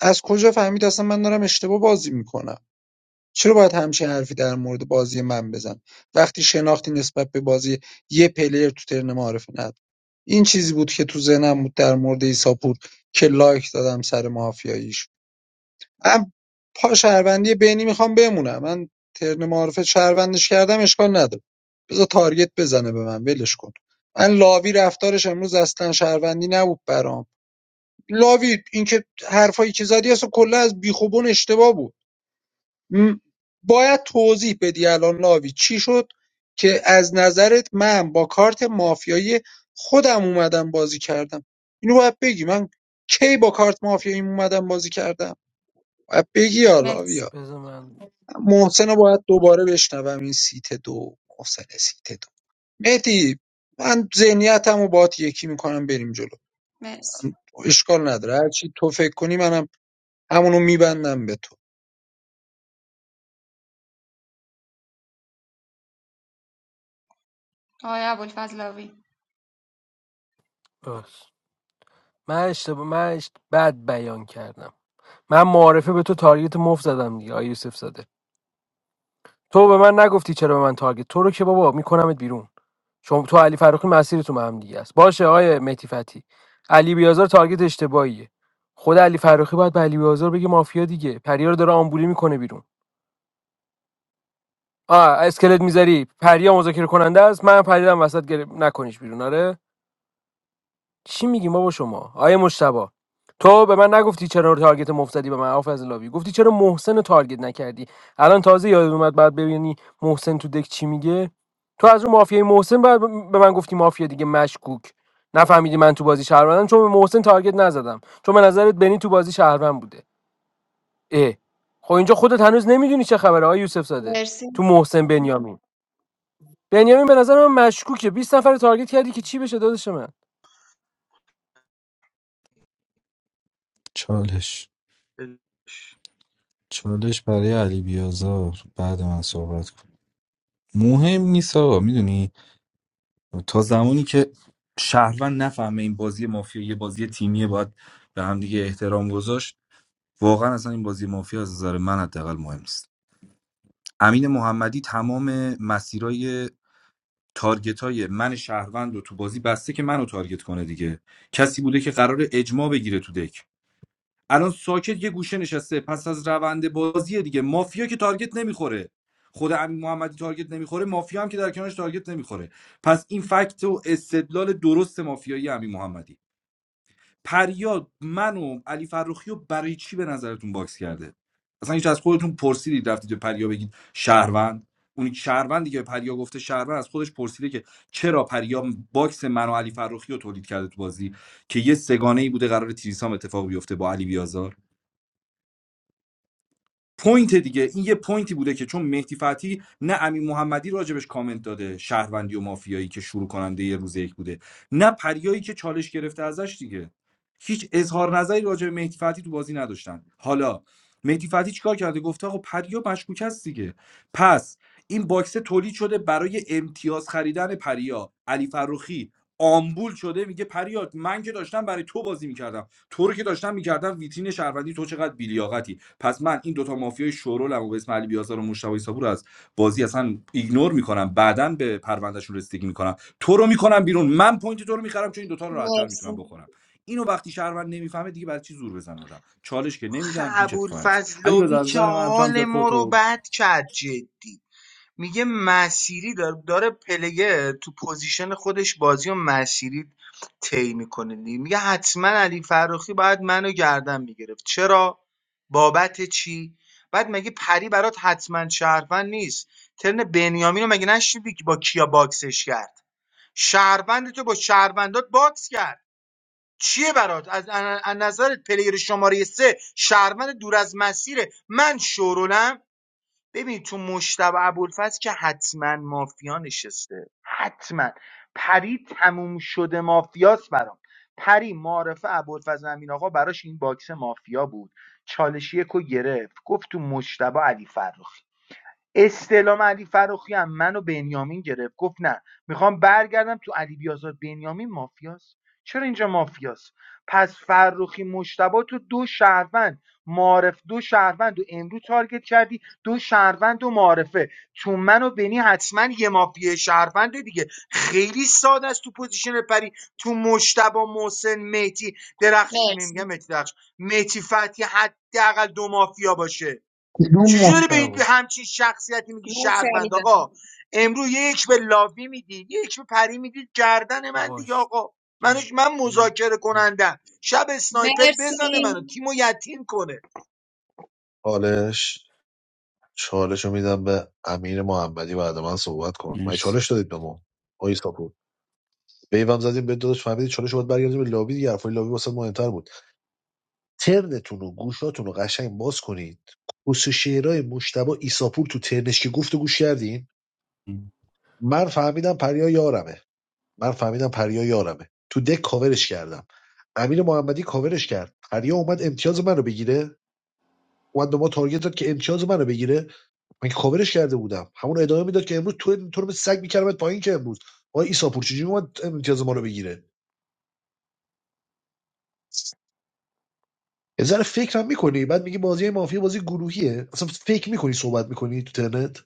از کجا فهمید اصلا من دارم اشتباه بازی میکنم چرا باید همچین حرفی در مورد بازی من بزن وقتی شناختی نسبت به بازی یه پلیر تو ترن معارف نداره این چیزی بود که تو ذهنم بود در مورد ایساپور که لایک دادم سر مافیاییش من پا شهروندی بینی میخوام بمونم من ترن معارفه شهروندش کردم اشکال نداره بذار تارگت بزنه به من ولش کن من لاوی رفتارش امروز اصلا شهروندی نبود برام لاوی اینکه حرفایی که زدی اصلا کلا از بیخوبون اشتباه بود م، باید توضیح بدی الان لاوی چی شد که از نظرت من با کارت مافیایی خودم اومدم بازی کردم اینو باید بگی من کی با کارت مافیایی اومدم بازی کردم باید بگی یا لاوی مرسی بذار من محسن رو باید دوباره بشنوم این سیت دو محسن سیت دو مهدی من ذهنیتم رو باید یکی میکنم بریم جلو مرسی من اشکال نداره هرچی تو فکر کنی منم همونو میبندم به تو آقای ابوالفضلاوی بس. من اشتباه من اشت... بد بیان کردم من معارفه به تو تارگت مفت زدم دیگه آی یوسف زاده تو به من نگفتی چرا به من تارگت تو رو که بابا میکنمت بیرون چون تو علی فرخی مسیرتون به هم دیگه است باشه آقای مهدی فتی علی بیازار تارگت اشتباهیه خود علی فرخی باید به علی بیازار بگه مافیا دیگه پریا رو داره آمبولی میکنه بیرون آ اسکلت میذاری پریا مذاکره کننده است من پریدم وسط گره... نکنیش بیرون آره چی میگی بابا شما آیه مشتبا تو به من نگفتی چرا تارگت مفت زدی به من آف از لابی گفتی چرا محسن رو تارگت نکردی الان تازه یاد اومد بعد ببینی محسن تو دک چی میگه تو از اون مافیای محسن بعد به من گفتی مافیا دیگه مشکوک نفهمیدی من تو بازی شهروندم چون به محسن تارگت نزدم چون به نظرت بنی تو بازی شهروند بوده اه خب اینجا خودت هنوز نمیدونی چه خبره آ یوسف زاده مرسی تو محسن بنیامین بنیامین به نظر من مشکوکه 20 نفر رو تارگت کردی که چی بشه دادش من چالش چالش برای علی بیازار بعد من صحبت کن مهم نیست آقا میدونی تا زمانی که شهروند نفهمه این بازی مافیا یه بازی تیمیه باید به هم دیگه احترام گذاشت واقعا اصلا این بازی مافیا از نظر من حداقل مهم نیست امین محمدی تمام مسیرای تارگت های من شهروند رو تو بازی بسته که منو تارگت کنه دیگه کسی بوده که قرار اجماع بگیره تو دک الان ساکت یه گوشه نشسته پس از روند بازی دیگه مافیا که تارگت نمیخوره خود امین محمدی تارگت نمیخوره مافیا هم که در کنارش تارگت نمیخوره پس این فکت و استدلال درست مافیایی امین محمدی پریاد من و علی فرخی رو برای چی به نظرتون باکس کرده اصلا هیچ از خودتون پرسیدید رفتید به پریا بگید شهروند اون شهروندی که به پریا گفته شهروند از خودش پرسیده که چرا پریا باکس من و علی فرخی رو تولید کرده تو بازی که یه سگانه ای بوده قرار تریسام اتفاق بیفته با علی بیازار پوینت دیگه این یه پوینتی بوده که چون مهدی فتحی نه امین محمدی راجبش کامنت داده شهروندی و مافیایی که شروع کننده یه روز یک بوده نه پریایی که چالش گرفته ازش دیگه هیچ اظهار نظری راجع به مهدی فتحی تو بازی نداشتن حالا مهدی فتحی چیکار کرده گفته آقا پریا مشکوک است دیگه پس این باکسه تولید شده برای امتیاز خریدن پریا علی فروخی آمبول شده میگه پریا من که داشتم برای تو بازی میکردم تو رو که داشتم میکردم ویترین شهروندی تو چقدر بیلیاقتی پس من این دوتا مافیای شورولم و به اسم علی بیازار و مشتبه صابور از بازی اصلا ایگنور میکنم بعدا به پروندهشون رسیدگی میکنم تو رو میکنم بیرون من پوینت تو رو میخرم چون این دوتا رو راحتتر مرسی میتونم بخورم اینو وقتی شهروند نمیفهمه دیگه برای چی زور بزن آدم چالش که خب نمیدن هیچ اتفاقی نمیفته علی بیازار ابوالفضلاوی از که نظر من تو هم حال زیاد ما رو خودتو بد کرد جدی میگه مسیری داره داره پلگه تو پوزیشن خودش بازی و مسیری طی میکنه میگه حتما علی فراخی باید منو گردن میگرفت چرا بابت چی بعد مگه پری برات حتما شهروند نیست ترن بنیامین رو مگه نشنیدی که با کیا باکسش کرد شهروند تو با شهروندات باکس کرد چیه برات از از نظرت پلیر شماره سه شهروند دور از مسیره من شورولم ببین تو مشتبه ابوالفضل که حتما مافیا نشسته حتما پری تموم شده مافیاست برام پری معرفه ابوالفضل امین آقا براش این باکس مافیا بود چالش یک رو گرفت گفت تو مشتبه علی فرخی استعلام علی فروخی هم منو بنیامین گرفت گفت نه میخوام برگردم تو علی بیازار بنیامین مافیاست چرا اینجا مافیاست پس فروخی مشتبه تو دو شهروند معارف دو شهروند و امروز تارگت کردی دو شهروند و معارفه تو منو و بنی حتما یه مافیه شهرونده دیگه خیلی ساده است تو پوزیشن پری تو مشتبه محسن میتی درخش نمیگم مرسی مهدی درخش میتی فتی حداقل دو مافیا باشه کدوم چجوری به این به مشتبه همچین شخصیتی میگی مرسی علی شهروند جان. آقا امروز یک به لاوی میدید یک به پری میدید گردن من دیگه باش آقا منش من مذاکره کنندم شب اسنایپر مرسی بزنه منو تیمو یتیم کنه چالش چالش رو میدم به امیر محمدی بعد من صحبت کن من مرسی چالش دادید به ما آقای ساپور بیوم زدیم به داداش فهمیدید چالش رو باید برگردیم به لابی دیگه حرفای لابی واسه مهمتر بود ترنتون و گوشاتون رو قشنگ باز کنید خصوص شعرهای مشتبه ایساپور تو ترنش که گفت و گوش کردین من فهمیدم پریا یارمه من فهمیدم پریا یارمه تو دک کاورش کردم امیر محمدی کاورش کرد پریا اومد امتیاز من رو بگیره اومد به ما تارگت داد که امتیاز منو بگیره من که کاورش کرده بودم همون ادامه میداد که امروز تو تو رو مثل سگ میکردمت پایین که امروز آقا عیسی پور چجوری اومد امتیاز ما رو بگیره یه ذره فکرم میکنی بعد میگی بازی مافیا بازی گروهیه اصلا فکر میکنی صحبت میکنی تو ترنت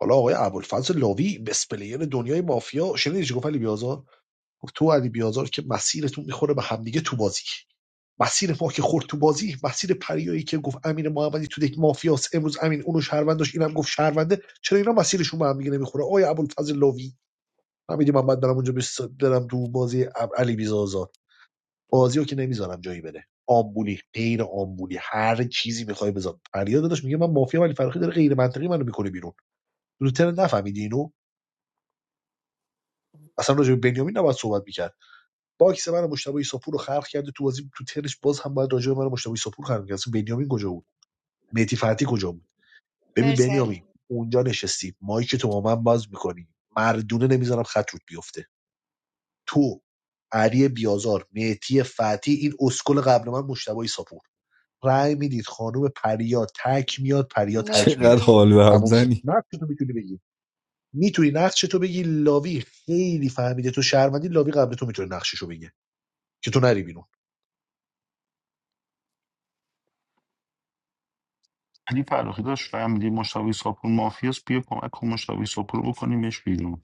حالا آقای ابوالفضل لاوی بس پلیر دنیای مافیا شنیدی چی گفت علی بیازار گفت تو و علی بیازار که مسیرتون میخوره به همدیگه تو بازی مسیر ما که خورد تو بازی مسیر پریایی که گفت امین محمدی تو یک مافیاس امروز امین اونو شهروند داشت اینم گفت شهرونده چرا اینا مسیرشون به هم دیگه نمیخوره آیا ابوالفضل لاوی حمید محمد برم اونجا بس- برم تو بازی علی بیزازاد بازی رو که نمیذارم جایی بره آمبولی غیر آمبولی هر چیزی میخوای بذار فریاد داداش میگه من مافیا ولی فرخی داره غیر منطقی منو میکنه بیرون لوتر نفهمیدی اینو اصلا راجع به بنیامین نباید صحبت میکرد باکس من مشتبه ایساپور رو خلق کرده تو بازی تو ترش باز هم باید راجع به من مشتبه ایساپور خلق کرد بنیامین کجا مهدی فتحی کجا بود ببین مرسی علی بنیامین اونجا نشستیم مایی که تو با من باز میکنی مردونه نمیذارم خط رود بیفته تو علی بیازار مهدی فتحی این اسکل قبل من مشتبه ساپور رأی میدید خانم پریا تک میاد پریا تک چقدر میره مرسی حال به هم تموم شد زنی نقش تو میتونی بگی میتونی نقش تو بگی لاوی خیلی فهمیده تو شهروندی لاوی قبل تو میتونه نقششو بگه که تو نری بیرون علی فراخی داشت فهمیدی مشتبه ساپور مافیاست بیا کمک کن مشتبه ساپور رو بکنیمش بیرون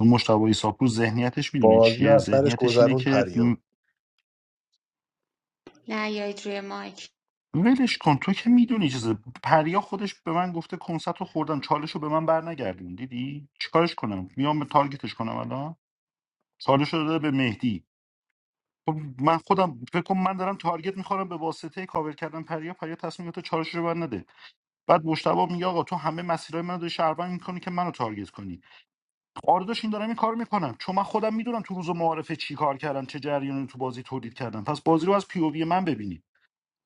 اون مشتبه ساپور ذهنیتش میدونه بازی رو چیه از سرش ذهنیتش اینه گذرون که پریا نیایید روی مایک ولش کن تو که میدونی چیزه پریا خودش به من گفته کنسرت رو خوردم چالش رو به من برنگردون دیدی چیکارش کنم میام به تارگتش کنم الان چالش رو داده به مهدی خب من خودم فکر کن من دارم تارگت میخورم به واسطه کاور کردن پریا پریا تصمیم گرفته چالش رو بر نده بعد مشتبه میگه آقا تو همه مسیرهای منو داری شهروند میکنی که منو تارگت کنی آرداش این دارم این کار میکنم چون من خودم میدونم تو روز معارفه چی کار کردم چه جریانی تو بازی تولید کردم پس بازی رو از پی من ببینی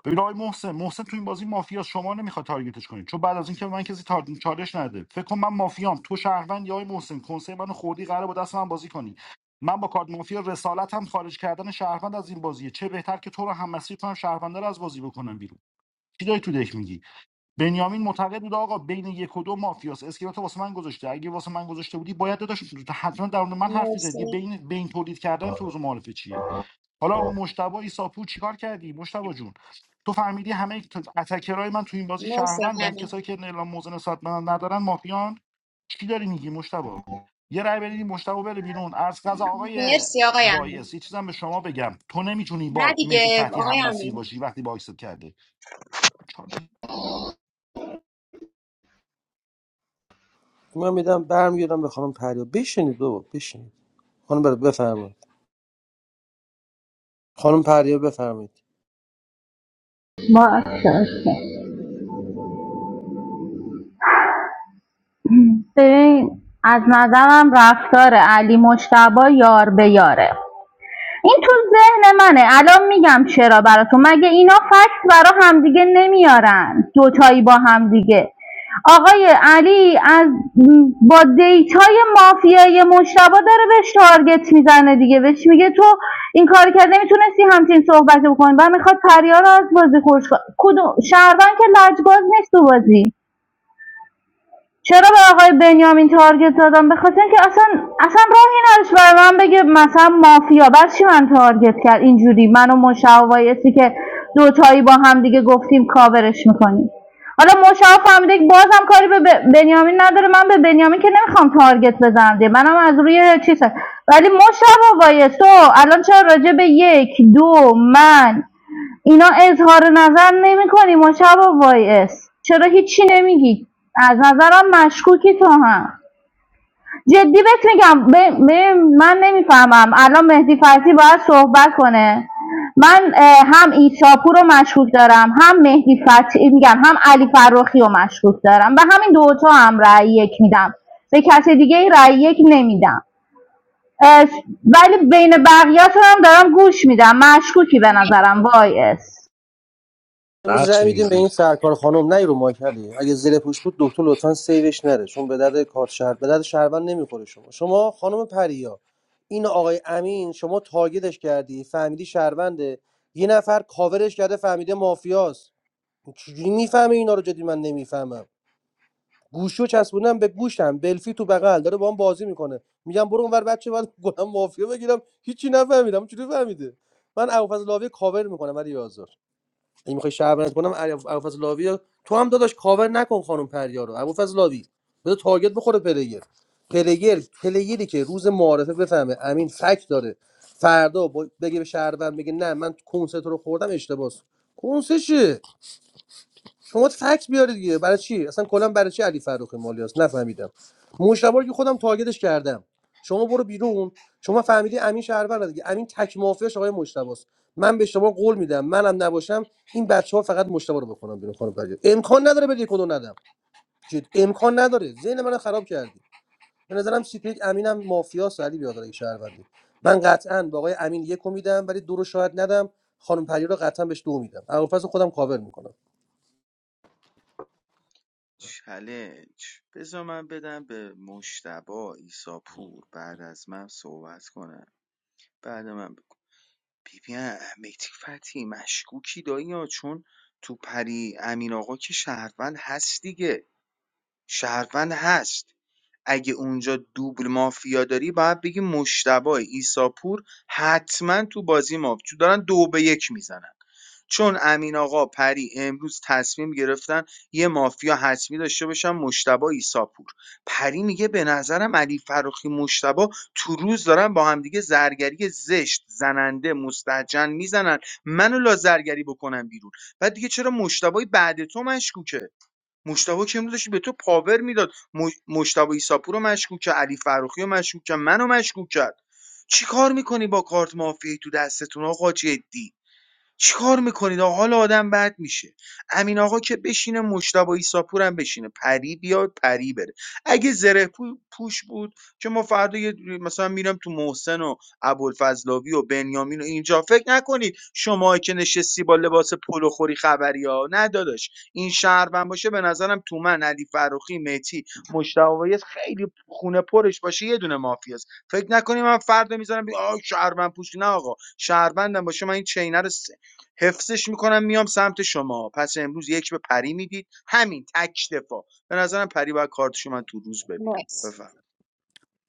ببین آقای محسن محسن تو این بازی مافیا شما نمیخواد تارگتش کنید چون بعد از اینکه به من کسی تار... چالش نده فکر کن من مافیام تو شهروند یا آقای محسن کنسه منو خوردی قراره با دست من بازی کنی من با کارت مافیا رسالتم خارج کردن شهروند از این بازیه چه بهتر که تو رو هم مسیر کنم شهرونده رو از بازی بکنم بیرون چی داری تو دک میگی بنیامین معتقد بود آقا بین یک و دو مافیاس اسکلاتو واسه من گذاشته اگه واسه من گذاشته بودی باید داداش حتما در مورد من حرف می‌زدی مرسی بین بین تولید کردن تو روز معارفه چیه حالا اون مشتبه ایساپور چیکار کردی مشتبه جون تو فهمیدی همه اتکرای من تو این بازی مرسی آقای شهروندن کسایی امین که اعلام موزه نسبت به من ندارن مافیان چی داری میگی مشتبه یه رأی بدید این مشتبه بره بیرون از غذا آقای مرسی آقای وای امین اس یه چیزم به شما بگم تو نمیتونی نه با مهدی دیگه فتحی آقای هم مسیر امین باشی وقتی با آیسِد کرده چالش من میدم برمیگردم به خانم پریا بشینید بابا بشینید خانم بر بفرمایید خانم پریا بفرمایید ماشاءالله. ببین از نظرم رفتار علی مشتبا یار به یاره این تو ذهن منه الان میگم چرا براتون مگه اینا فکت برا همدیگه نمیارن دوتایی با همدیگه آقای علی از با دیتای مافیای مشتبا داره بهش تارگت میزنه دیگه بهش میگه تو این کار کرد نمیتونستی همچین صحبت بکنی بعد میخواد پریا رو از بازی خورش کنه کدوم شهروند که لجباز نیست تو بازی چرا به آقای بنیامین تارگت دادم؟ به خاطر اینکه اصلا اصلا راهی نداشت برای من بگه مثلا مافیا بر چی من تارگت کرد اینجوری من و مشا و وایسی که دوتایی با هم دیگه گفتیم کاورش میکنیم حالا مشا فهمیده که بازم کاری به بنیامین نداره من به بنیامین که نمیخوام تارگت بزنم دیگه منم از روی چیز هست. ولی مشا و وایس تو الان چرا راجع به یک دو من اینا اظهار نظر نمی کنی مشابه وایس چرا هیچی نمیگی از نظرم مشکوکی تو هم جدی بهت میگم ب- ب- من نمیفهمم الان مهدی فتحی باید صحبت کنه من هم ایساپور رو مشکوک دارم هم مهدی فتحی میگم هم علی فروخی رو مشکوک دارم به همین دوتا هم رأی یک میدم به کسی دیگه ای رأی یک نمیدم اه، ولی بین بقیه هم دارم گوش میدم مشکوکی به نظرم وایس امروز نقش رأی میدیم به این اگزییت سرکار خانم نه رو مایک علی اگه زیر پوش بود دکتر لطفا سیوش نره چون به درد کارت شهر به درد شهروند نمیخوره شما شما خانم پریا این آقای امین شما تاگیدش کردی فهمیدی شهرونده یه نفر کاورش کرده فهمیده مافیاست چجوری میفهمه اینا رو جدی من نمیفهمم گوشو چسبونم به گوشم بلفی تو بغل داره با هم بازی میکنه میگم برو اونور بچه من گلم مافیا بگیرم هیچی نفهمیدم چجوری فهمیده من ابوالفضل لاوی کاور میکنم ولی آزار اگه میخوای شهروند کنم علی- ابوالفضل لاوی رو- تو هم داداش کاور نکن خانم پریا رو ابوالفضل لاوی بذار تارگت بخوره پلیر پلیر پلیری که روز معارفه بفهمه امین فک داره فردا با- بگه به شهروند بگه نه من کنسرت رو خوردم اشتباس کنسشه شما فکت بیارید دیگه برای چی اصلا کلا برای چی علی فروخی مالیاس نفهمیدم مشتبه رو که خودم تارگتش کردم شما برو بیرون شما فهمیدی امین شهرور دیگه امین تک مافیاش آقای مشتبه است من به شما قول میدم منم نباشم این بچه فقط مشتبه رو بکنم بیرون خانم پرگیر امکان نداره بدی کدو ندم جد امکان نداره ذهن منو خراب کردی به نظرم سیپیک امینم مافیاس علی بیادر این شهروندی من قطعا با آقای امین یک میدم ولی دو رو شاید ندم خانم پریر رو قطعا بهش دو میدم اول خودم کاور میکنم با ایسا پور بعد از من صحبت کنم بعد من بکن ببین مهدی فتی مشکوکی دایی ها چون تو پری امین آقا که شهروند هست دیگه شهروند هست اگه اونجا دوبل مافیا داری باید بگی مشتبه ایساپور حتما تو بازی مافیا دارن دو به یک میزنن چون امین آقا پری امروز تصمیم گرفتن یه مافیا حتمی داشته باشن مشتبه ایساپور پری میگه به نظرم علی فروخی مشتبه تو روز دارن با همدیگه زرگری زشت زننده مستجن میزنن منو لازرگری بکنم بیرون بعد دیگه چرا مشتبه بعد تو مشکوکه مشتبه که امروز داشت به تو پاور میداد مش- مشتبه ایساپور رو مشکوک کرد علی فروخی رو مشکوک کرد منو مشکوک کرد چی کار میکنی با کارت مافیایی تو دستتون آقا جدی چیکار میکنید آقا حال آدم بد میشه امین آقا که بشینه مجتبی ایساپور هم بشینه پری بیاد پری بره اگه زره پو- پوش بود که ما فردا یه مثلا میرم تو محسن و ابوالفضلاوی و بنیامین و اینجا فکر نکنید شما که نشستی با لباس پلو خوری خبری ها نه داداش این شهروند باشه به نظرم تو من علی فروخی میتی مجتبی خیلی خونه پرش باشه یه دونه مافیاست فکر نکنی من فردا میذارم بگی آه شهروند پوش نه آقا شهروندم باشه من این چینه رو س- حفظش میکنم میام سمت شما پس امروز یک به پری میدید همین تک دفاع به نظرم پری باید کارتشو من تو روز ببینم مرسی بفهم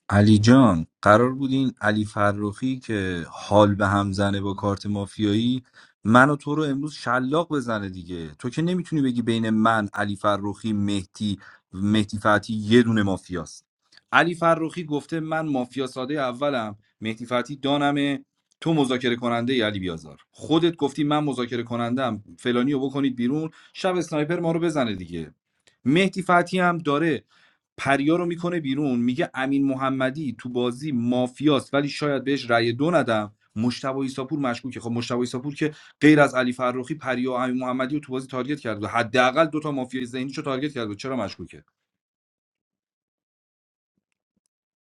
علی جان قرار بود این علی فرخی که حال به هم زنه با کارت مافیایی من و تو رو امروز شلاق بزنه دیگه تو که نمیتونی بگی بین من علی فرخی مهدی مهدی فتی یه دونه مافیاست علی فرخی گفته من مافیا ساده اولم مهدی فتی دانمه تو مذاکره کننده ای علی بیازار خودت گفتی من مذاکره کنندم فلانی رو بکنید بیرون شب اسنایپر ما رو بزنه دیگه مهدی فتی هم داره پریا رو میکنه بیرون میگه امین محمدی تو بازی مافیاست ولی شاید بهش رأی دو ندم مشتبه ایساپور مشکوکه خب مشتبه ایساپور که غیر از علی فرخی پریا و امین محمدی رو تو بازی تارگت کرده حداقل دوتا تا مافیا ذهنیشو تارگت کرده چرا مشکوکه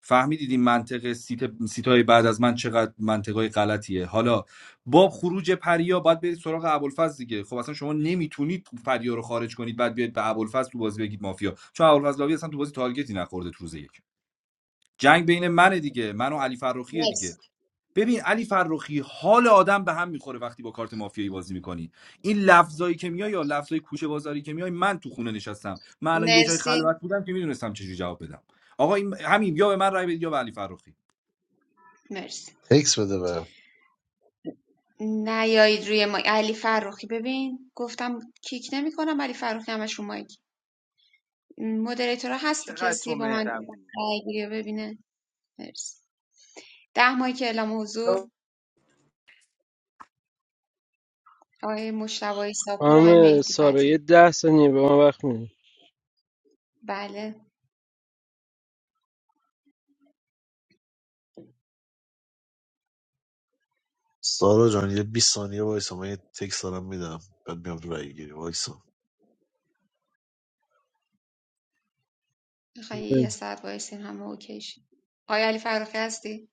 فهمیدید این منطقه سیت سیتای بعد از من چقدر منطقای غلطیه حالا با خروج پریا باید برید سراغ ابوالفضل دیگه خب اصلا شما نمیتونید پریا رو خارج کنید بعد بیاید به ابوالفضل تو بازی بگید مافیا چون ابوالفضل لاوی اصلا تو بازی تارگتی نخورده تو روز یک جنگ بین منه دیگه من و علی فرخیه مرسی دیگه ببین علی فرخی حال آدم به هم میخوره وقتی با کارت مافیایی بازی میکنی این لفظایی که میای یا لفظای کوچه بازاری که میای من تو خونه نشستم من الان یه جای مرسی خلوت بودم که میدونستم چجوری جواب بدم آقا این همین یا به من رای بدید یا به علی فرخی مرسی تکس بده بهم نیایید روی مایک علی فروخی ببین گفتم کیک نمیکنم علی فروخی همش رو مایکه. مدریتورا هستی چقدر کسی تو با من مهربونی رأی‌گیری رو ببینه مرسی ده ماهی که اعلام حضور آقای مشتبه ساپور آقای خانم مهدی سارا یه فتی ده ثانیه به من وقت میدی بله سارا جان یه 20 ثانیه وایسا من یه تکست دارم میدم بعد میام تو رای گیری وایسا میخوای یه ساعت وایسیم همه اوکیش آقای علی فرخی هستی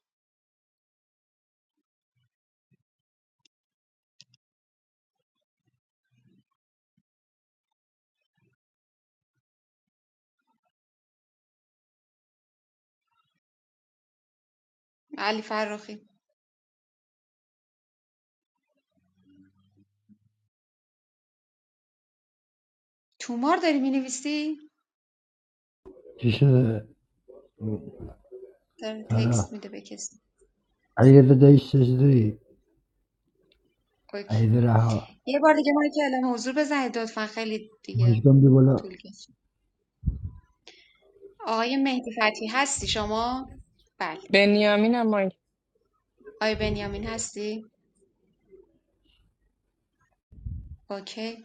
علی فرخی تومار داری مینویسی چی شده؟ داره تارا تکست میده به کسی علی رضا دایش چطوری؟ اوکی علی رها یه بار دیگه ماهی که اعلام حضور بزنید لطفا خیلی دیگه مشکم بی بالا طول کشید آقای مهدی فتی هستی شما بله بنیامین هم آقای بنیامین هستی اوکی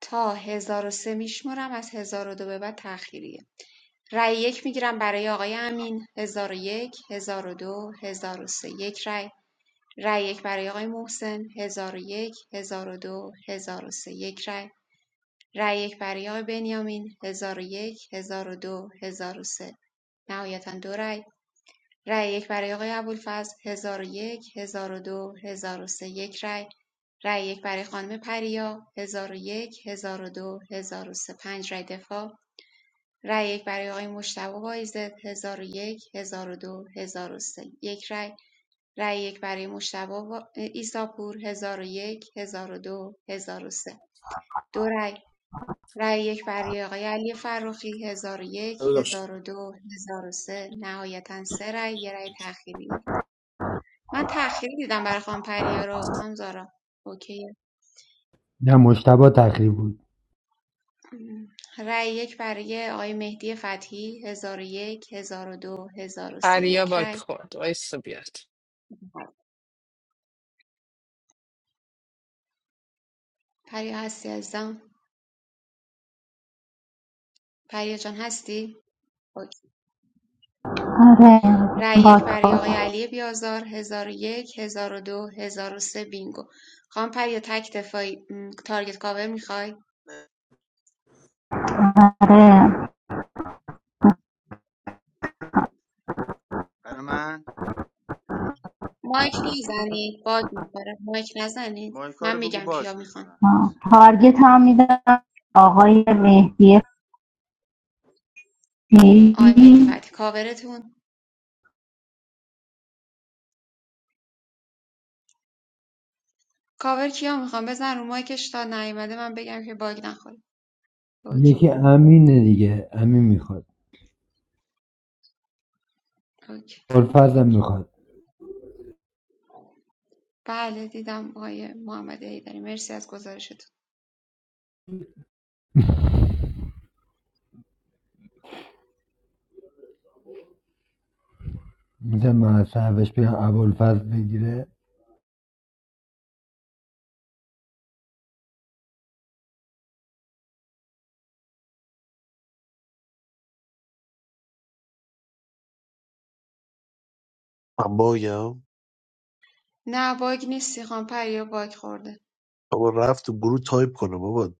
تا هزار و سه میشمرم از هزار و دو به بعد تأخیریه رأی یک میگیرم برای آقای امین هزار و یک هزار و دو هزار و سه یک رأی رأی یک برای آقای محسن هزار و یک هزار و دو هزار و سه یک رأی رأی یک برای آقای بنیامین هزار و یک هزار و دو هزار و سه نهایتا دو رأی رای یک برای آقای ابوالفضل ۱۰۰۱ ۱۰۰۲ ۱۰۰۳ یک رای، رای یک برای خانم پریا ۱۰۰۱ ۱۰۰۲ ۱۰۰۳ پنج رای دفاع، رای یک برای آقای مجتبی وایزد ۱۰۰۱ ۱۰۰۲ ۱۰۰۳ یک رای، رای یک برای مجتبی وا- عیساپور ۱۰۰۱ ۱۰۰۲ ۱۰۰۳ دو هزار و سه، دو رای، رای یک برای آقای علی فرخی ۱۰۰۱ ۱۰۰۲ ۱۰۰۳ نهایتا سه رای، یه رای تأخیری من تأخیری دیدم برای خانم پریا رو خانم زارا اوکیه نه مشتبا تخریب بود رأی یک برای آقای مهدی فتحی هزار و یک هزار و دو هزار و سه پریا یک باک رأی خورد وایسا بیاد پریا هستی عزیزم پریا جان هستی اوکی. آره رأی یک برای آقای باکات علی بیازار هزار و یک هزار و دو هزار و سه بینگو خانم پریا تک دفاعی م، تارگت کاور میخوای آره مایک نزنید باد میخوره مایک نزنید من میگم کیا میخوان تارگت هم میدم آقای مهدی آقای مهدی فتی فتحی کاورتون کاور کیا میخوام بزن رو مایکش تا نیومده من بگم که باگ نخوره اوکی یکی امینه دیگه امین میخواد اوکی ابوالفضل هم میخواد بله دیدم آقای محمد داری مرسی از گزارشتون میتونم معصبش بگم ابوالفضل بگیره من باگم نه باگ نیستی خانم پریا باگ خورده بابا رفت تو گروه تایپ کنه بابا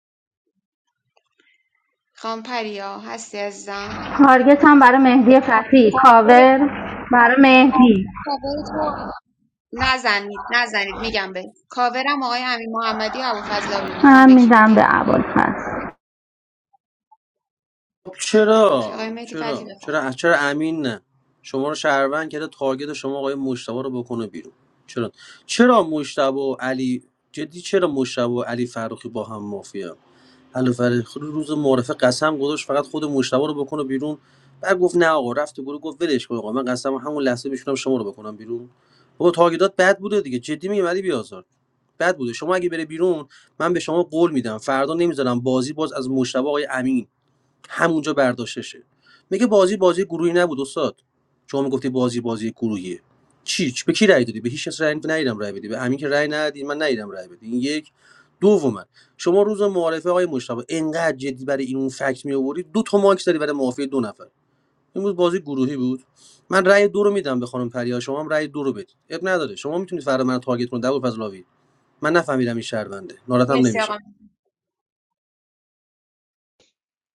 خانم پریا هستی عزیزم تارگت هم برای مهدی فتی کاور برای مهدی کاور تو نزنید نزنید میگم به کاورم آقای امین محمدی و ابوالفضل آبی میخوام هم به کی میدم به میدی عبال خب اوکی چرا آقای مهدی فتی چرا بخوام چرا چرا امین نه شما رو شهروند کرده تارگت شما آقای مشتبه رو بکنه بیرون چرا چرا مشتبه و علی جدی چرا مشتبه و علی فروخی با هم مافیا علی فروخی رو روز معرفه قسم گذاشت فقط خود مشتبه رو بکنه بیرون بعد گفت نه آقا رفت و گروه گفت ولش کن آقا من قسم همون لحظه میشونم شما رو بکنم بیرون بابا تارگتات بد بوده دیگه جدی میگم علی بیازار بد بوده شما اگه بره بیرون من به شما قول میدم فردا نمیذارم بازی باز از مشتبه آقای امین همونجا برداشتشه میگه بازی بازی گروهی نبود استاد شما میگفتی بازی بازی گروهیه چی چی- به کی رأی دادی به هیچ کس رأی ندیدم رأی بدی به همین که رأی ندادی من ندیدم رأی بدی این یک دوما شما روز معارفه آقای مشتاق انقدر جدی برای این اون فکت می آوردی دو تا ماکس داری برای معافی دو نفر امروز بازی گروهی بود من رأی دو رو میدم به خانم پریا شما هم رأی دو رو بدید اب نداره شما میتونید فردا من تارگت کنید دبور فضلاوی من نفهمیدم این شهرونده ناراحتم مرسی نمیشه آقا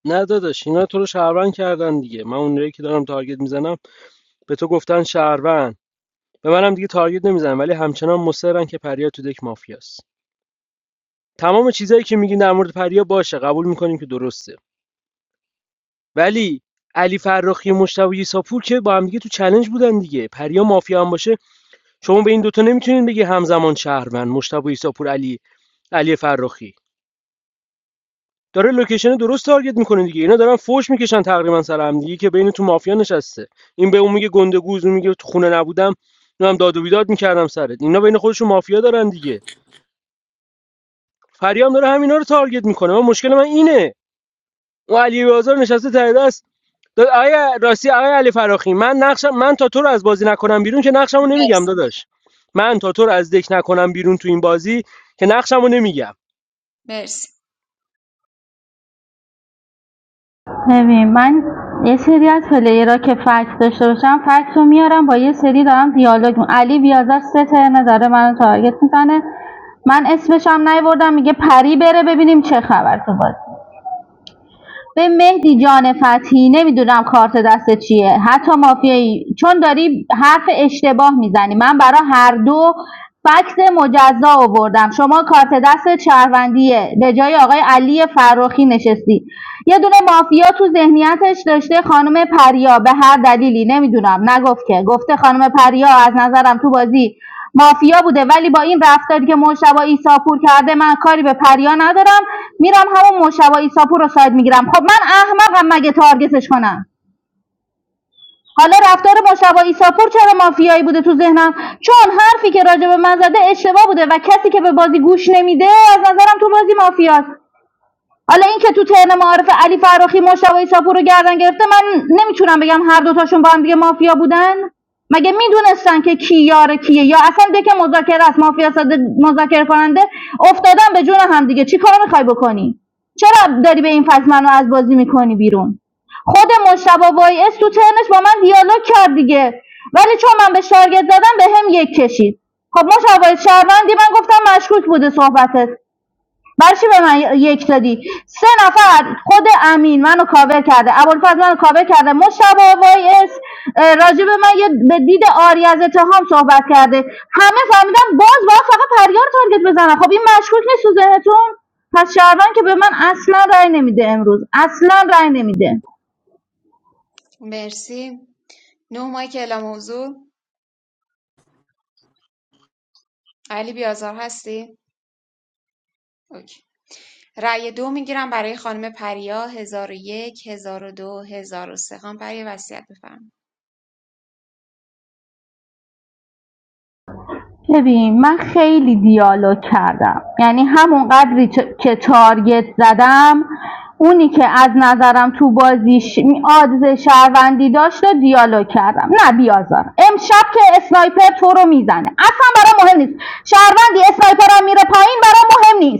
نه داداش اینا تو رو شهروند کردن دیگه من اونایی که دارم تارگت میزنم به تو گفتن شهروند به منم دیگه تارگت نمیزنم ولی همچنان مصرن که پریا تو دک مافیاست تمام چیزایی که میگین در مورد پریا باشه قبول میکنیم که درسته ولی علی فرخی و مشتاق یساپور که با هم دیگه تو چلنج بودن دیگه پریا مافیا هم باشه شما به این دوتا نمیتونین بگی همزمان شهروند مشتاق یساپور علی علی فرخی داره لوکیشن درست تارگت میکنه دیگه اینا دارن فوش میکشن تقریبا سر هم دیگه که بین تو مافیا نشسته این به اون میگه گنده گوز اون میگه تو خونه نبودم هم داد و بیداد میکردم سرت اینا بین خودشون مافیا دارن دیگه فریام داره همینا رو تارگت میکنه من مشکل من اینه اون علی بازار نشسته ته دست داد آیا راستی آیا علی فراخی من نقشم من تا تو رو از بازی نکنم بیرون که نقشمو نمیگم مرسی داداش من تا تو رو از دک نکنم بیرون تو این بازی که نقشمو نمیگم مرسی ببین من یه سری از پلیرها که فکت داشته باشم فکت رو میارم با یه سری دارم دیالوگ می- علی بیازر سه ترنه داره منو تارگت میزنه من اسمش هم نیاوردم میگه پری بره ببینیم چه خبر تو بازی به مهدی جان فتحی نمیدونم کارت دست چیه حتی مافیایی چون داری حرف اشتباه میزنی من برای هر دو فکت مجزا آوردم شما کارت دست شهروندیه به جای آقای علی فراخی نشستی یه دونه مافیا تو ذهنیتش داشته خانم پریا به هر دلیلی نمیدونم نگفت که گفته خانم پریا از نظرم تو بازی مافیا بوده ولی با این رفتاری که مجتبی عیساپور کرده من کاری به پریا ندارم میرم همون مجتبی عیساپور رو ساید میگیرم خب من احمقم مگه تارگتش کنم حالا رفتار مجتبی عیساپور چرا مافیایی بوده تو ذهنم چون حرفی که راجع به من زده اشتباه بوده و کسی که به بازی گوش نمیده از نظرم تو بازی مافیاست حالا اینکه تو ترن معارف علی فراخی مشتبه ایساپور رو گردن گرفته من نمیتونم بگم هر دوتاشون با هم دیگه مافیا بودن مگه میدونستن که کی یار کیه یا اصلا دک مذاکره است مافیا ساده مذاکره کننده افتادن به جون هم دیگه چی کار میخوای بکنی چرا داری به این فصل منو از بازی میکنی بیرون خود مشتبه وایس تو ترنش با من دیالوگ کرد دیگه ولی چون من به شارگت زدم به هم یک کشید خب مشتبه وایس شهروندی من گفتم مشکوک بوده صحبتت برای چی به من یک دادی سه نفر خود امین منو کاور کرده ابوالفضل منو کاور کرده مشتبه وای اس اه، راجع به من یه به دید آری از اتهام صحبت کرده همه فهمیدن باز باید فقط پریار تارگت بزنن خب این مشکوک نیست تو ذهنتون پس شهروند که به من اصلا رأی نمیده امروز اصلا رأی نمیده مرسی نه مایک اعلام حضور علی بیازار هستی اوکی رای دو میگیرم برای خانم پریا 1001 1002 1003 خانم پریا وصیت بفرمایید ببین من خیلی دیالوگ کردم یعنی همون قدری که تارگت زدم اونی که از نظرم تو بازیش آدز شهروندی داشت و دیالوگ کردم نه بیازار امشب که اسنایپر تو رو میزنه اصلا برام مهم نیست شهروندی اسنایپر هم میره پایین برام مهم نیست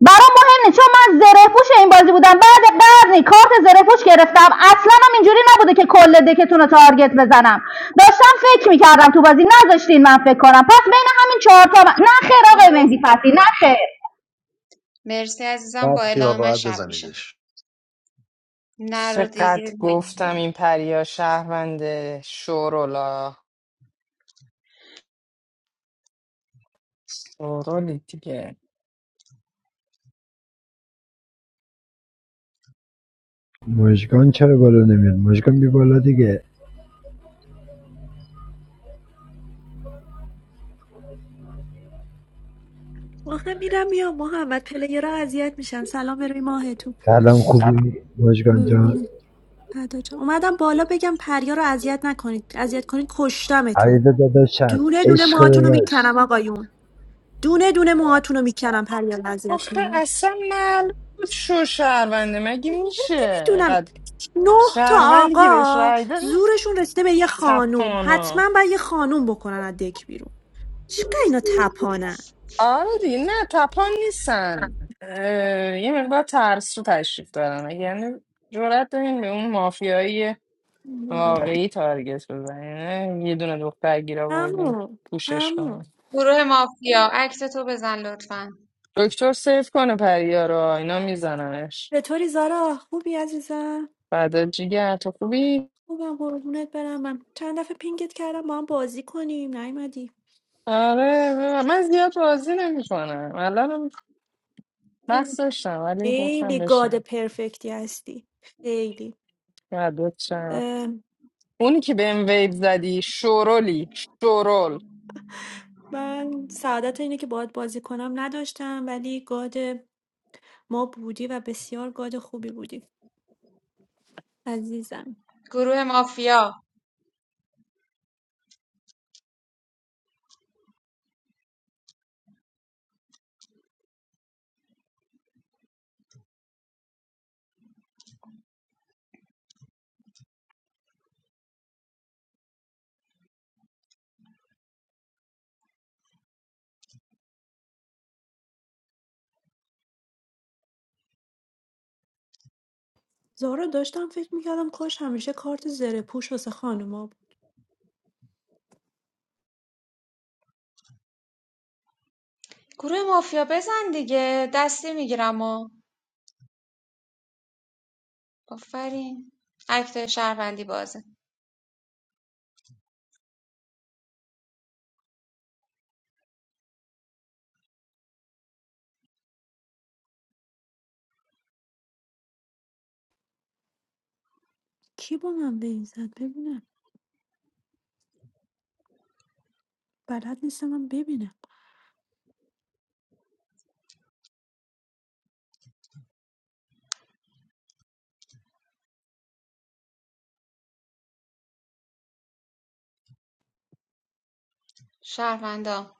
برام مهم نیست چون من زره پوش این بازی بودم بعد بعد کارت زره پوش گرفتم اصلا هم اینجوری نبوده که کل دکتون رو تارگت بزنم داشتم فکر میکردم تو بازی نذاشتین من فکر کنم پس بین همین چهار تا من- نه خیر آقای مرسی مهدی فتی نه خانم. خیر مرسی عزیزم با رفت یا اعلام من راحت شب میشه بزنیدش نرو چقدر دیگه نگیری گفتم من این پریا شهروند شورولا شورولی دیگه مشکان چرا بالا نمیاد مشکان بی بالا دیگه آخه میرم میام محمد پلیرها اذیت میشن سلام به روی ماهتون سلام سلام خوبی مشکان جان قربونه ادا جان اومدم بالا بگم پریا رو اذیت نکنید اذیت کنید علی کشتمتون داداشم دونه دونه عشق موهاتون رو داداش میکنم آقایون دونه دونه موهاتون رو میکنم پریا رو اذیت آخه کنید اصلا معلوم بود شو شهرونده مگه میشه نمیدونم نه تا شهروندی که بهش آقا رای داد زورشون رسیده به یه خانوم حتما تپانا باید یه خانوم بکنن از دک بیرون چقدر اینا تپانن آره دیگه نه تپان نیستن اه، یه مقدار ترس رو تشریف دارن یعنی جرأت داریم به اون مافیایی واقعی تارگت بزنیم یه دونه دختر گیر آوردیم همون پوشش همون کنیم گروه مافیا عکس تو بزن لطفا دکتر سیف کنه پریا رو اینا میزننش چطوری زارا خوبی عزیزم بعد جیگر تو خوبی؟ خوبم قربونت برم من چند دفعه پینگت کردم با هم بازی کنیم نیومدی آره من زیاد بازی نمیکنم الان مغز خیلی داشتم ولی گفتم خیلی گاد بشنم پرفکتی هستی خیلی بعد اه، اونی که بهم ویب زدی شورولی شورول من سعادت اینه که باید بازی کنم نداشتم ولی گاد ما بودی و بسیار گاد خوبی بودی عزیزم گروه مافیا زارا داشتم فکر میکردم کاش همیشه کارت زره پوش واسه خانوما بود گروه مافیا بزن دیگه دستی میگیرم و آفرین اکت شهروندی بازه کی با من به این زد ببینم بلد نیستم من ببینم شهروندا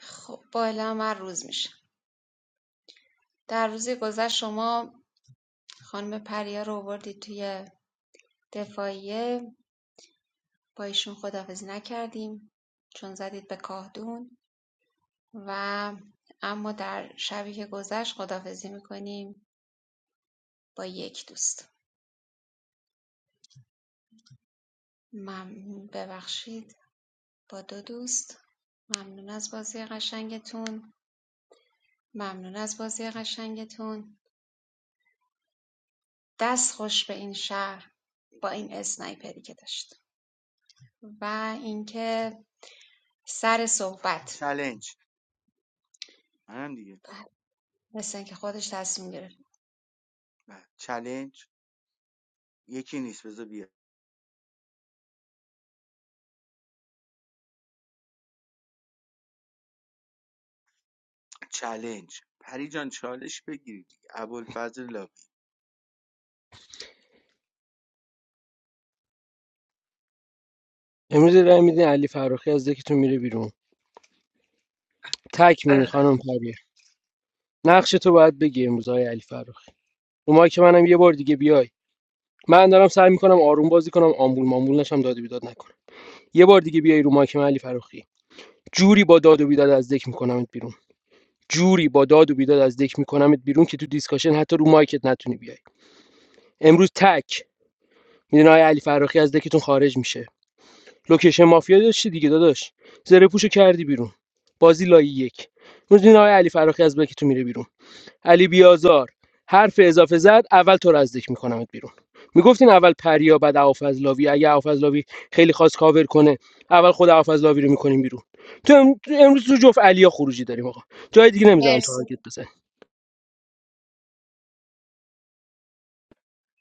خب با اعلام من روز میشه در روزی گذشت شما خانم پریا رو آوردید توی دفاعیه با ایشون خداحافظی نکردیم چون زدید به کاهدون و اما در شبی که گذشت خداحافظی میکنیم با یک دوست ممنون ببخشید با دو دوست ممنون از بازی قشنگتون ممنون از بازی قشنگتون دست خوش به این شهر با این اسنایپری که داشت و اینکه سر صحبت چلنج منم دیگه مثل اینکه خودش تصمیم گرفت بله. یکی نیست بذار بیا چلنج پری جان چالش بگیرید ابوالفضل لاوی امروز رای میدین علی فراخی از دکتون میره بیرون تک میدین خانم پری نقش تو باید بگی امروز آقای علی فرخی اومای که منم یه بار دیگه بیای من دارم سعی میکنم آروم بازی کنم آمبول مامبول نشم داد و بیداد نکنم یه بار دیگه بیای رو مایک من علی فرخی جوری با داد و بیداد از دک میکنمت بیرون جوری با داد و بیداد از دک میکنمت بیرون که تو دیسکاشن حتی رو مایکت نتونی بیای امروز تک میدون آقای علی فرخی از دکتون خارج میشه لوکیشن مافیا داشتی دیگه داداش زره پوشو کردی بیرون بازی لایی یک میدون آقای علی فرخی از دکتون میره بیرون علی بیازار حرف اضافه زد اول تو رزدک میکنمت بیرون میگفتین اول پریا بعد آفزلاوی اگه آفزلاوی خیلی خواست کاور کنه اول خود آفزلاوی رو میکنیم بیرون تو ام- تو امروز تو جفت علیا خروجی داریم آقا جای دیگه نمیذارم مرسی تارگت بزن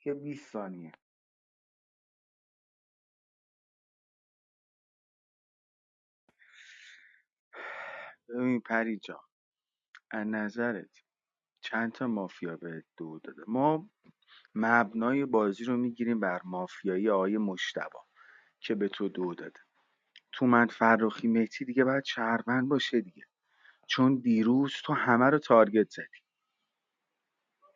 یه 20 ثانیه ببین پری جان از نظرت چند تا مافیا به دو داده ما مبنای بازی رو میگیریم بر مافیایی آقای مشتبا که به تو دو داده تومن فرخی مهدی دیگه باید شهروند باشه دیگه چون دیروز تو همه رو تارگت زدی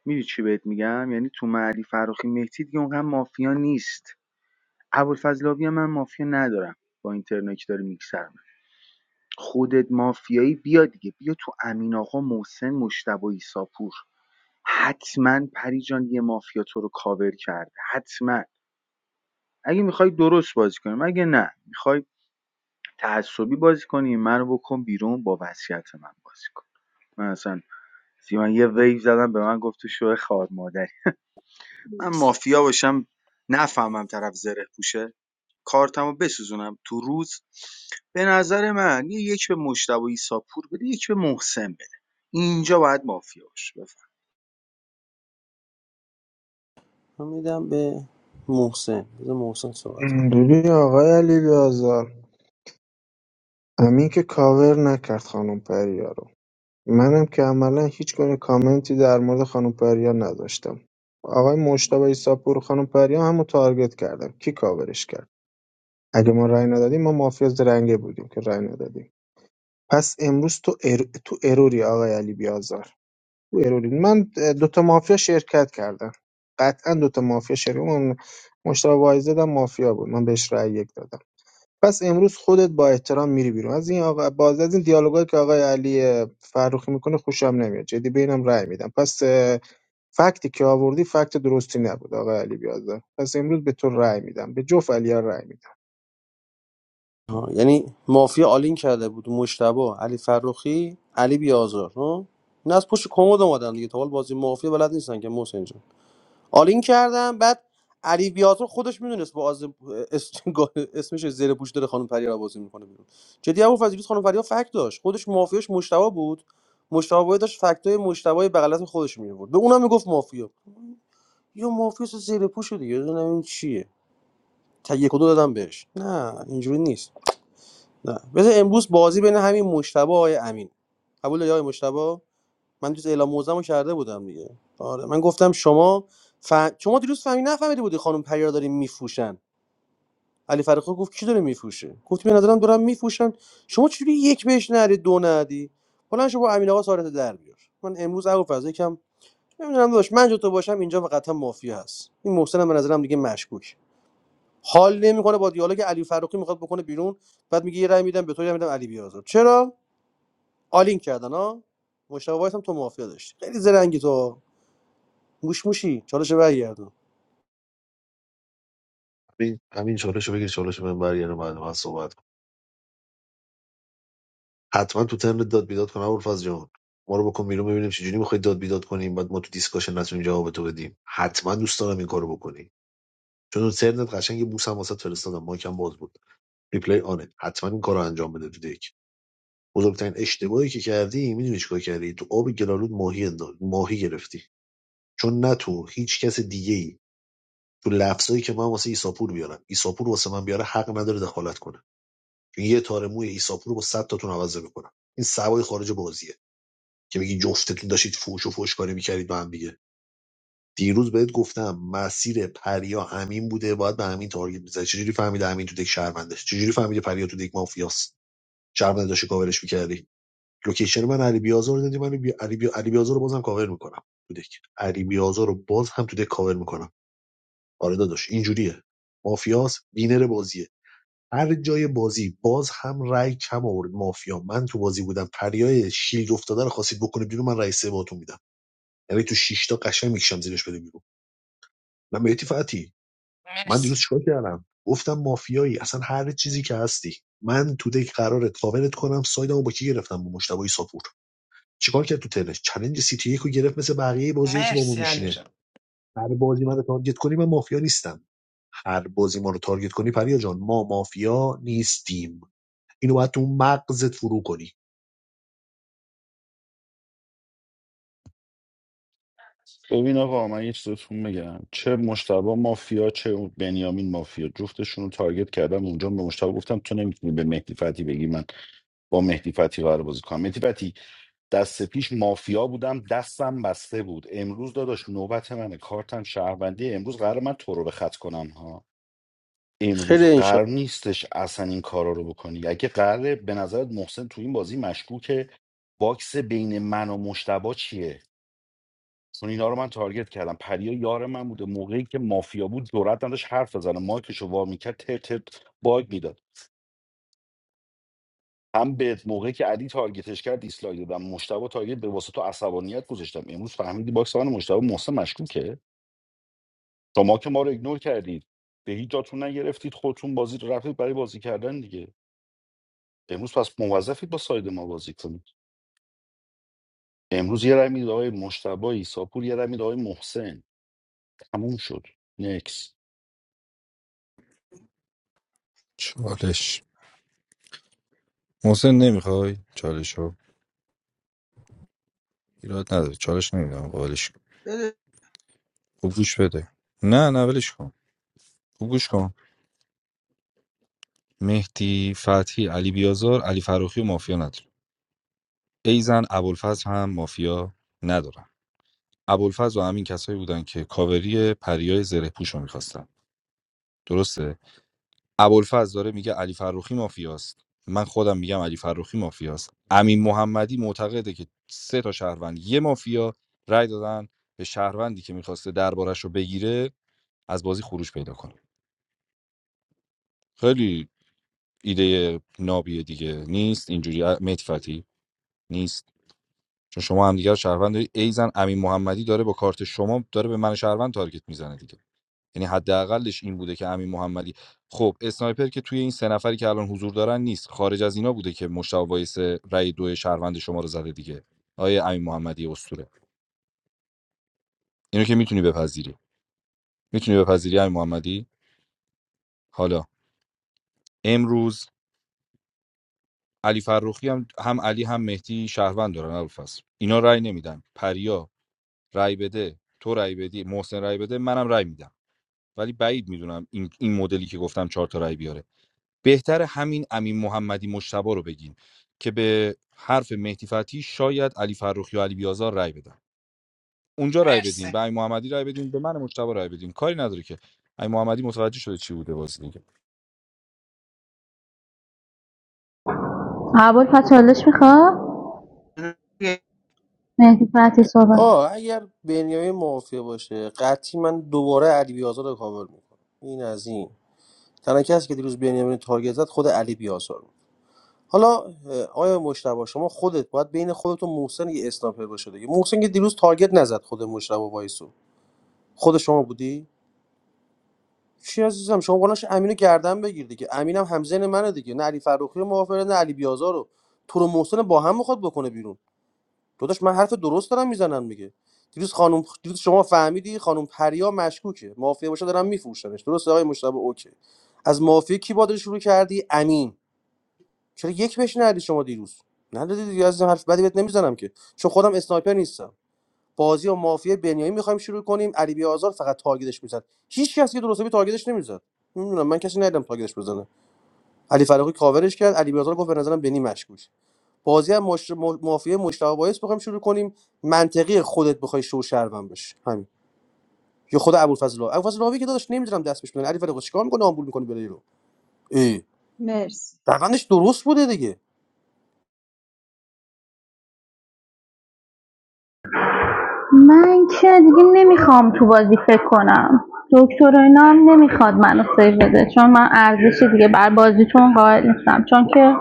میدونی چی بهت میگم یعنی تو علی فرخی مهدی دیگه اونقدر مافیا نیست ابوالفضل آبی هم من مافیا ندارم با اینترنت که داره میکسر خودت مافیایی بیا دیگه بیا تو امین آقا محسن مشتبه ایساپور حتما پریجان یه مافیا تو رو کاور کرده حتما اگه میخوای درست بازی کنیم اگه نه میخوای تعصبی بازی کنیم منو بکن بیرون با وصیت من بازی کن من اصلا سیمان یه ویو زدم به من گفت تو شو خار مادری من مافیا باشم نفهمم طرف زره پوشه کارتمو بسوزونم تو روز به نظر من یه یک به مشتبه ایسا پور بده یک به محسن بده اینجا باید مافیا باشه بفهم من میدم به محسن بذار محسن صحبت ببین آقای علی بیازار امین که کاور نکرد خانم پریا رو منم که عملا هیچ گونه کامنتی در مورد خانم پریا نداشتم آقای مشتبه ایساپور و خانم پریا همو تارگت کردم کی کاورش کرد اگه ما رأی ندادیم ما مافیا زرنگه بودیم که رأی ندادیم پس امروز تو, ار... تو اروری آقای علی بیازار تو اروری من دوتا مافیا شرکت کردم قطعا دوتا مافیا شرکت من مشتاق وایز دادم مافیا بود من بهش رأی یک دادم پس امروز خودت با احترام میری بیرون از این آقا باز از این دیالوگایی که آقای علی فروخی میکنه خوشم نمیاد جدی بینم رأی میدم پس اه، فکتی که آوردی فکت درستی نبود آقای علی بیازار پس امروز به تو رأی میدم به جوف علی رأی میدم آها. یعنی مافیا آلین کرده بود مشتبه علی فرخی علی بیازار ها این از پشت کمد اومدن دیگه تا حال بازی مافیا بلد نیستن که محسن جان آلین کردن بعد علی بیازار خودش میدونست با آز... اس... اسمش زیر پوش داره خانم پریا بازی میکنه بیرون جدی ابو فضیلی خانم پریا فکت داشت خودش مافیاش مشتبه بود مشتبه داشت فکتای مشتبه بغلت خودش می آورد به اونم میگفت مافیا یا مافیاس زیر پوش دیگه نمیدونم این چیه تا یک و دو دادم بهش نه اینجوری نیست نه بذار امروز بازی بین همین مشتبه و آقای امین قبول داری آقای مشتبه من دیروز اعلام موزم کرده بودم دیگه آره من گفتم شما ف... شما دیروز فهمی نفهمیده بودی خانم پریا داریم میفروشن علی فرخی گفت کی داره میفروشه گفتی به نظرم دارم میفروشن شما چجوری یک بهش نری دو ندی حالا شما با امین آقا سارت در بیار من امروز ابو فضل یکم نمیدونم داشت من جو تو باشم اینجا فقط هم مافیا هست این محسن هم به نظرم دیگه مشکوک حال نمیکنه با دیالوگ علی فرخی میخواد بکنه بیرون بعد میگه یه رأی میدم به تو یه رأی میدم علی بیازار چرا آلین کردن ها مشتاق وایس هم تو مافیا داشت خیلی زرنگی تو موش موشی چالش برگردون همین همین چالشو بگیر چالشو من برگردم بعد من صحبت کنم حتما تو ترم داد بیداد کنم ابوالفضل جان ما رو بکن بیرون ببینیم چجوری میخوای داد بیداد کنیم بعد ما تو دیسکاشن نتونیم جواب تو بدیم حتما دوست دارم این کارو بکنی چون تو ترنت قشنگ یه بوسم واسه فرستادم ماکم باز بود ریپلی آنه حتما این کارو انجام بده تو دک بزرگترین اشتباهی که کردی میدونی چیکار کردی تو آب گلالود ماهی انداخت ماهی گرفتی چون نه تو هیچ کس دیگه تو لفظایی که من واسه ایساپور بیارم ایساپور واسه من بیاره حق نداره دخالت کنه چون یه تار موی ایساپور رو با 100 تاتون عوض میکنم این سوای خارج بازیه که میگی جفتتون داشتید فوش و فوشکاری میکردید با هم دیگه دیروز بهت گفتم مسیر پریا همین بوده باید به همین تارگت میزد چجوری فهمیده همین تو دک شهرونده چجوری فهمیده پریا تو دک مافیاست شهرونده داشتی کاورش میکردی لوکیشن من علی بیازار رو دادی من بی... علی, بی... علی بیازار رو بازم کاور میکنم تو دک علی بیازار رو باز هم تو دک کاور میکنم آره داداش اینجوریه مافیاس بینر بازیه هر جای بازی باز هم رای کم آورد مافیا من تو بازی بودم پریای شیلد افتاده رو خواستید بکنه بیرون من رئیس باتون میدم یعنی تو شش تا قشنگ میکشم زیرش بده بیرون من بهتی فتی من مرسی دیروز چیکار کردم گفتم مافیایی اصلا هر چیزی که هستی من تو دک قرارت کاورت کنم سایدمو با کی گرفتم با مشتبه ساپور چیکار کرد تو ترنش چلنج سیتی یکو گرفت مثل بقیه بازیایی که با ما مرسی علی میشینه جان هر بازی منو تارگت کنی من مافیا نیستم هر بازی ما رو تارگت کنی پریا جان ما مافیا نیستیم اینو باید تو مغزت فرو کنی ببین آقا من یه چیزتون بگم چه مشتبه مافیا چه اون بنیامین مافیا جفتشون رو تارگت کردم اونجا به مشتبه گفتم تو نمیتونی به مهدی فتی بگی من با مهدی فتی قرار بازی کنم مهدی فتی دست پیش مافیا بودم دستم بسته بود امروز داداش نوبت منه کارتم شهروندی امروز قرار من تو رو به خط کنم ها امروز خیلی انشالله قرار نیستش اصلا این کارا رو بکنی اگه قراره به نظرت محسن تو این بازی مشکوکه باکس بین من و مشتبه چیه چون اینا رو من تارگت کردم پریا یار من بوده موقعی که مافیا بود جرأت نداشت حرف بزنه مایکشو وا میکرد تر تر باگ میداد هم به موقعی که علی تارگتش کرد دیسلایک دادم مشتبه تارگت به واسه تو عصبانیت گذاشتم امروز فهمیدی باکس من و مشتبه محسن مشکوکه شما که ما رو ایگنور کردید به هیچ جاتون نگرفتید خودتون بازی رو رفتید برای بازی کردن دیگه امروز پس موظفید با ساید ما بازی کنید امروز یه رمید آقای مشتبه ایساپور یه رمید آقای محسن تموم شد نکس چالش محسن نمیخوای چالش رو ایراد نداره چالش نمیدونم قابلش کن. خوب گوش بده نه نه ولش کن خوب گوش کن مهدی فتحی علی بیازار علی فروخی و مافیا نداره ایزن ابوالفضل هم مافیا ندارم ابوالفضل و همین کسایی بودن که کاوری پریای زره پوش رو میخواستن درسته ابوالفضل داره میگه علی فروخی مافیاست من خودم میگم علی فروخی مافیاست امین محمدی معتقده که سه تا شهروند یه مافیا رای دادن به شهروندی که میخواسته دربارش رو بگیره از بازی خروج پیدا کنه خیلی ایده نابیه دیگه نیست اینجوری متفتی نیست چون شما هم دیگه رو شهروند دارید ایزن امین محمدی داره با کارت شما داره به من شهروند تارگت میزنه دیگه یعنی حداقلش این بوده که امین محمدی خب اسنایپر که توی این سه نفری که الان حضور دارن نیست خارج از اینا بوده که مشتاق وایس رأی دو شهروند شما رو زده دیگه آیه امین محمدی اسطوره اینو که میتونی بپذیری میتونی بپذیری امین محمدی حالا امروز علی فرخی هم هم علی هم مهدی شهروند دارن الفاس اینا رای نمیدن پریا رای بده تو رای بدی محسن رای بده منم رای میدم ولی بعید میدونم این, این مدلی که گفتم چهار تا رای بیاره بهتر همین امین محمدی مشتبا رو بگیم که به حرف مهدی فتحی شاید علی فرخی و علی بیازار رای بدن اونجا رای بدین مرسی به امین محمدی رای بدین به من مشتبا رای بدین کاری نداره که امین محمدی متوجه شده چی بوده بازی دیگه آه اگر بنیامین مافیا باشه قطعی من دوباره علی بیازار رو کاور میکنم این از این تنها کسی که دیروز بنیامین رو تارگت زد خود علی بیازار بود حالا اه، آیا مشتبه شما خودت باید بین خودت و محسن یه اسنایپر باشه دیگه محسن که دیروز تارگت نزد خود مشتبه وایسو خود شما بودی چی عزیزم شما قولش امینو گردن بگیر دیگه امینم همزن منه دیگه نه علی فروخی رو موافقه نه علی بیازار رو تو رو محسن با هم میخواد بکنه بیرون داداش من حرف درست دارم میزنم میگه دیروز خانم دیروز شما فهمیدی خانم پریا مشکوکه مافیا باشه دارم میفروشنش درست آقای مشتبه اوکی از مافیا کی بادر شروع کردی امین چرا یک بهش ندی شما دیروز ندادی دیگه عزیزم حرف بدی بهت نمیزنم که چون خودم اسنایپر نیستم بازی و مافیا بنیامی میخوایم شروع کنیم علی بی فقط تارگتش میزد هیچ کس که درست تارگتش نمیزد نمیدونم من کسی ندیدم تارگتش بزنه علی فراقی کاورش کرد علی بیازار گفت به نظرم بنی مشکوک بازی هم مش... م- مافیا مشتاق وایس بخوایم شروع کنیم منطقی خودت بخوای شو شرمن بش همین یا خود ابوالفضل الله ابوالفضل الله که داداش نمیدونم دست بهش بدن علی فراقی چیکار میکنه آمبول میکنه بره رو ای مرسی روندش درست بوده دیگه من که دیگه نمیخوام تو بازی فکر کنم دکتر و اینا هم نمیخواد منو سیو بده چون من ارزش دیگه بر بازیتون قائل نیستم چون که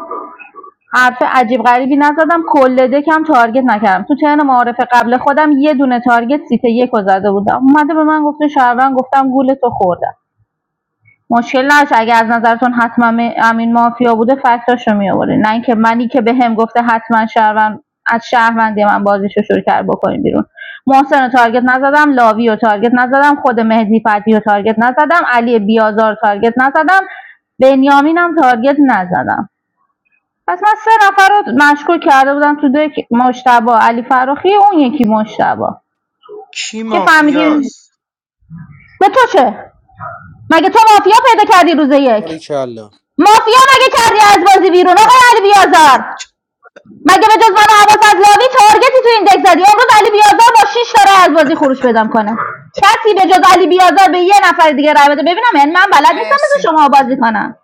حرف عجیب غریبی نزدم کل دکم تارگت نکردم تو ترن معارف قبل خودم یه دونه تارگت سیت یک رو زده بودم اومده به من گفته شهروند گفتم گول تو خوردم مشکل نداشت اگه از نظرتون حتما م- امین مافیا بوده فکتاشو می آوردین. نه اینکه منی که به هم گفته حتما شهروند از شهروندی من بازیشو شروع کرد بکنیم بیرون محسن رو تارگت نزدم لاوی رو تارگت نزدم خود مهدی فتی رو تارگت نزدم علی بیازار رو تارگت نزدم بنیامینم تارگت نزدم پس من سه نفر رو مشکوک کرده بودم تو دک مشتبا علی فراخی اون یکی مشتبا کی که فهمیدیم مافیاست به تو چه مگه تو مافیا پیدا کردی روز آره یک کلا مافیا مگه کردی از بازی بیرون آقای علی بیازار مگه به جز من و عباس لاوی تارگتی تو این دک زدی امروز علی بیازار با شش تا رای از بازی خروج پیدا کنه کسی به جز علی بیازار به یه نفر دیگه رای بده ببینم یعنی من بلد نیستم مرسی مثل شما بازی کنم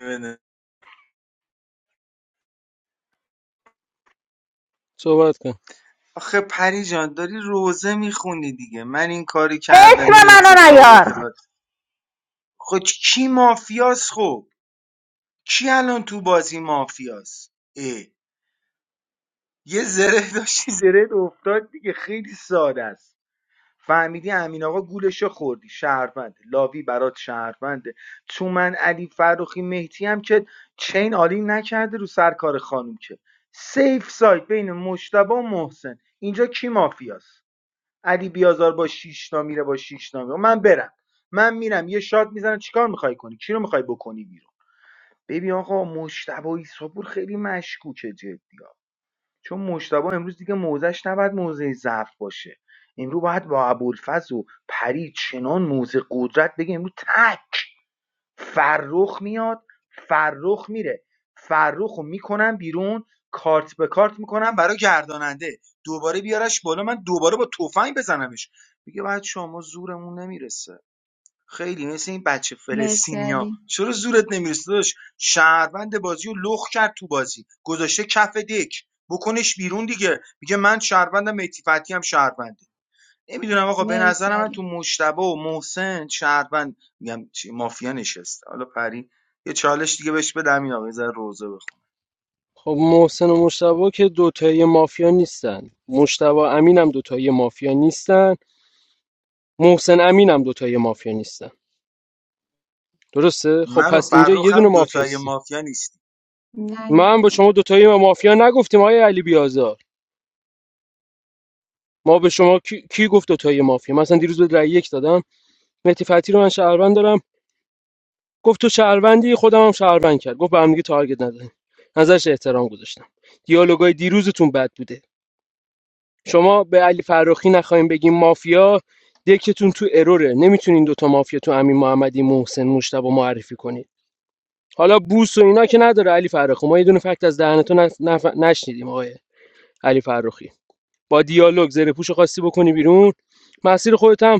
بده. صحبت کن آخه پری جان داری روزه میخونی دیگه من این کاری اسم کردم این منو اتفاق نیار افتاد خب کی مافیاست خب کی الان تو بازی مافیاست اه. یه زره داشتی زره افتاد دیگه خیلی ساده است فهمیدی امین آقا گولشو خوردی شهروند لاوی برات شهرونده تو من علی فروخی مهدی هم که چین عالی نکرده رو سر کار خانوم که سیف سایت بین مشتبه و محسن اینجا کی مافیاست علی بیازار با شیشتا میره با شیشتا میره من برم من میرم یه شات میزنم چیکار میخوای کنی کی رو میخوای بکنی بیرون ببین آقا مشتبه ایساپور خیلی مشکوکه جدی ها چون مشتبه امروز دیگه موزش نباید موزه ضعف باشه امروز باید با ابوالفضل و پری چنان موزه قدرت بگه امروز تک فرخ میاد فرخ میره فرخ رو میکنم بیرون کارت به کارت میکنم برای گرداننده دوباره بیارش بالا من دوباره با تفنگ بزنمش میگه بعد شما زورمون نمیرسه خیلی مثل این بچه مرسی فلسطینیا علی چرا زورت نمیرسه داداش شهروند بازی رو لخ کرد تو بازی گذاشته کف دک بکنش بیرون دیگه میگه من شهروندم مهدی فتحی هم شهرونده نمیدونم آقا به مرسی نظر من علی تو مشتبه و محسن شهروند میگم مافیا نشسته حالا پری یه چالش دیگه بهش بدم این آقا یه روزه بخون خب محسن و مشتبه که دوتایی مافیا نیستن مشتبه امین هم دوتایی مافیا نیستن محسن امین هم دوتایی مافیا نیستن درسته خب من و پس اینجا یه فرخ دونه هم دوتای مافیاستی مافیا نیستیم نه یه من رو با شما دوتایی مافیا نگفتیم آیا علی بیازار ما به شما کی, کی گفت تو مافیا مثلا دیروز به رأی یک دادم مهدی فتی رو من شهروند دارم گفت تو شهروندی خودم هم شهروند کرد گفت به هم دیگه تارگت نزنیم نظرش احترام گذاشتم دیالوگای دیروزتون بد بوده شما به علی فراخی نخواهیم بگیم مافیا دکتون تو اروره نمیتونین دوتا مافیا تو امین محمدی محسن مشتبه معرفی کنید حالا بوس و اینا که نداره علی فراخی ما یه دونه فکت از دهنتون نف... نف- نشنیدیم آقای علی فراخی با دیالوگ زره پوشو خواستی بکنی بیرون مسیر خودت هم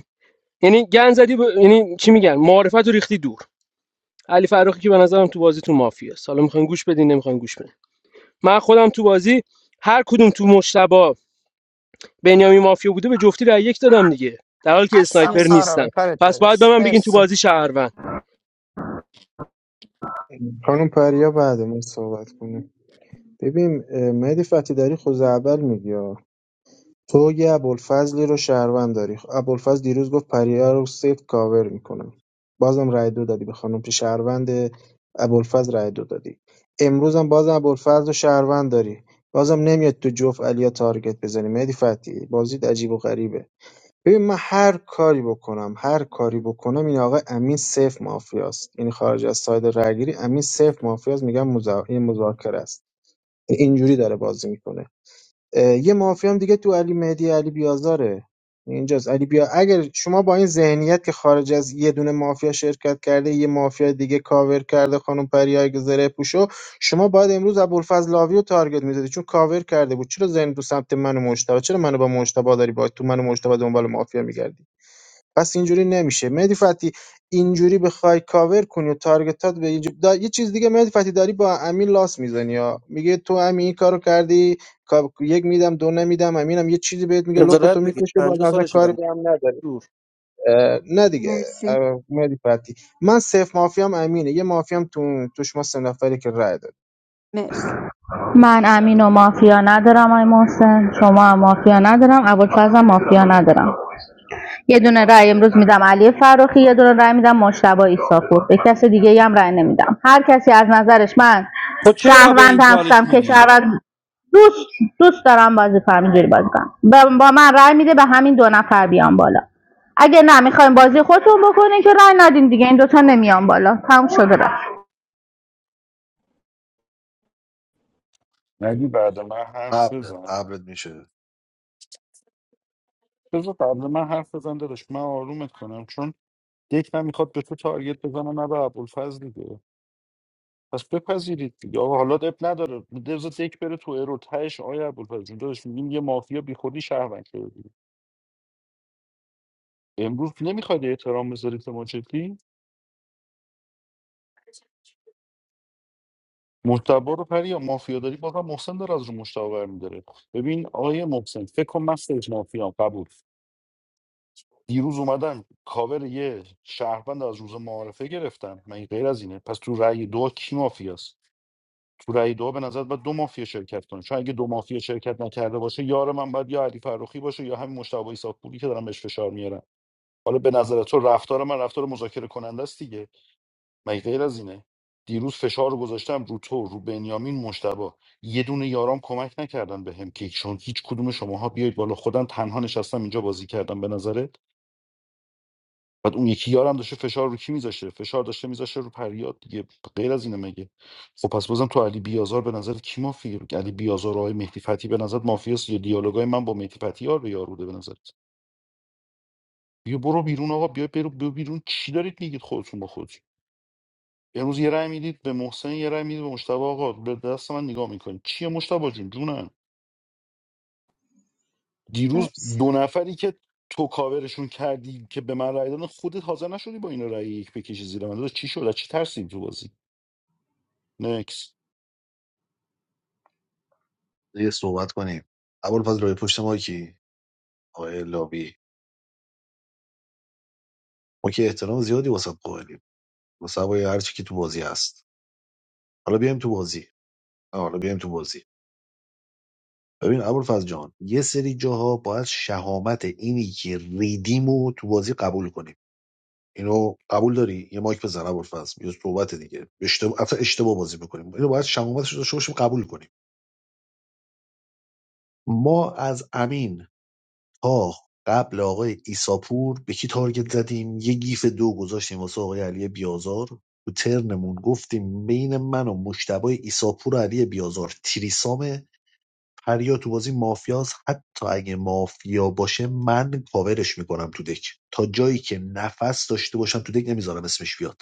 یعنی گن زدی به- یعنی چی میگن معارفت رو ریختی دور علی فراخی که به نظرم تو بازی تو مافیه حالا میخواین گوش بدین نمیخواین گوش بدین من خودم تو بازی هر کدوم تو مشتبا بنیامین مافیا بوده به جفتی رای یک دادم دیگه در حالی که هستم اسنایپر مرسی سارا نیستم به کارت پس باید به برس من بگین تو مرسی بازی شهروند خانم پریا بعد من صحبت کنه ببین اه، مهدی فتی داری خوز اول میگی ها. تو یه ابوالفضلی رو شهروند داری خب، ابوالفضل دیروز گفت پریا رو سیف کاور میکنم بازم رای دو دادی به خانم که شهروند ابوالفضل رای دو دادی امروز هم بازم ابوالفضل رو شهروند داری بازم نمیاد تو جوف علیا تارگت بزنی مهدی فتی بازیت عجیب و غریبه ببین من هر کاری بکنم هر کاری بکنم این آقا امین صفر مافیاست یعنی خارج از ساید رگیری امین صفر مافیاست میگم مذا... این مذاکره است اینجوری داره بازی میکنه یه مافیا هم دیگه تو علی مهدی علی بیازاره اینجاست علی بیا اگر شما با این ذهنیت که خارج از یه دونه مافیا شرکت کرده یه مافیا دیگه کاور کرده خانم پریای زره پوشو شما باید امروز ابوالفضل لاوی رو تارگت میزدی چون کاور کرده بود چرا ذهن تو سمت من و مشتبه چرا منو با مشتبه داری با تو منو مشتبه دنبال مافیا میگردی پس اینجوری نمیشه مهدی فتی اینجوری بخوای کاور کنی و تارگتات به اینجا دا- یه چیز دیگه مهدی فتی داری با امین لاس میزنی ها میگه تو امین این کارو کردی کا- یک میدم دو نمیدم امینم یه چیزی بهت میگه قدرت لپتو بگه میکشه باز 50 اصلا سالشه کاری بنده به هم نداری اه، نه دیگه مرسی اه، مهدی فتی من صفر مافیام امینه یه مافیام تو توش ما سه نفری که رای داد مرسی من امین و مافیا ندارم آی محسن شما هم مافیا ندارم ابوالفضل هم مافیا ندارم یه دونه رأی امروز میدم علی فروخی یه دونه رأی میدم مشتبه ایساپور به کس دیگه هم رأی نمیدم هر کسی از نظرش من خب چرا به این شهروند چالش هستم که میدی شهروند دوست دوست دارم بازی کنم اینجوری بازی کنم با- با من رأی میده به همین دو نفر بیان بالا اگه نه میخوایم بازی خودتون بکنین که رأی ندین دیگه این دوتا نمیان بالا تموم شده رفت نگی بعد من حرف قبلت بزن قبلت میشه بذار قبل من حرف بزن داداش من آرومت کنم چون یک من میخواد به تو تارگت بزنه نه به ابوالفضل دیگه پس بپذیرید دیگه آقا حالا اب نداره بذار یک بره تو ارو تهش آیا ابوالفضل جون داداش میگیم یه مافیا بی خودی شهروند شده دیگه امروز نمیخواد احترام بذارید به ماچتی مرتبا رو پری یا مافیا داری بازم محسن داره از رو مشتاق میداره ببین آقای محسن فکر کن من سیج مافیا قبول دیروز اومدم کاور یه شهروند از روز معارفه گرفتم من غیر از اینه پس تو رأی دو کی مافیاست تو رأی دو به نظر باید دو مافیا شرکت کنه چون اگه دو مافیا شرکت نکرده باشه یار من باید یا علی فرخی باشه یا همین مشتبه ایساپوری که دارم بهش فشار میارم حالا به نظر تو رفتار من رفتار مذاکره کننده است دیگه مگه غیر از اینه دیروز فشار رو گذاشتم رو تو رو بنیامین مشتبه یه دونه یارام کمک نکردن بهم که چون هیچ کدوم شماها بیاید بالا خودم تنها نشستم اینجا بازی کردم به نظرت بعد اون یکی یارم داشته فشار رو کی میذاشه فشار داشته میذاشه رو پریاد دیگه غیر از اینه مگه خب پس بازم تو علی بیازار به نظر کی مافیه علی بیازار و آقای مهدی فتی به نظر مافیاست یا دیالوگای من با مهدی فتی یار به یار بوده به نظرت بیا برو بیرون آقا بیا برو بیا بیرون چی دارید میگید خودتون با خودتون امروز یه رأی میدید به محسن یه رأی میدید به مشتبه آقا به دست من نگاه میکنید چیه مشتبه جون جونم دیروز مرسی دو نفری که تو کاورشون کردی که به من رأی دادن خودت حاضر نشدی با اینا رأی یک بکشی زیر من داداش چی شد از چی ترسید تو بازی نکس یه صحبت کنیم اول پس روی پشت ما کی آقای لابی ما که احترام زیادی واسه قائلیم واسه هوای هر چی که تو بازی هست حالا بیایم تو بازی آه، حالا بیایم تو بازی ببین ابوالفضل جان یه سری جاها باید شهامت اینی که ریدیمو تو بازی قبول کنیم اینو قبول داری یه مایک بزن ابوالفضل یه صحبت دیگه اشتباه اصلا اشتباه بازی میکنیم اینو باید شمامتش رو داشته باشیم قبول کنیم ما از امین تا قبل آقای ایساپور به کی تارگت زدیم یه گیف دو گذاشتیم واسه آقای علی بیازار تو ترنمون گفتیم بین من و مشتبه ایساپور و علی بیازار تریسامه پریا تو بازی مافیاس حتی اگه مافیا باشه من کاورش میکنم تو دک تا جایی که نفس داشته باشم تو دک نمیذارم اسمش بیاد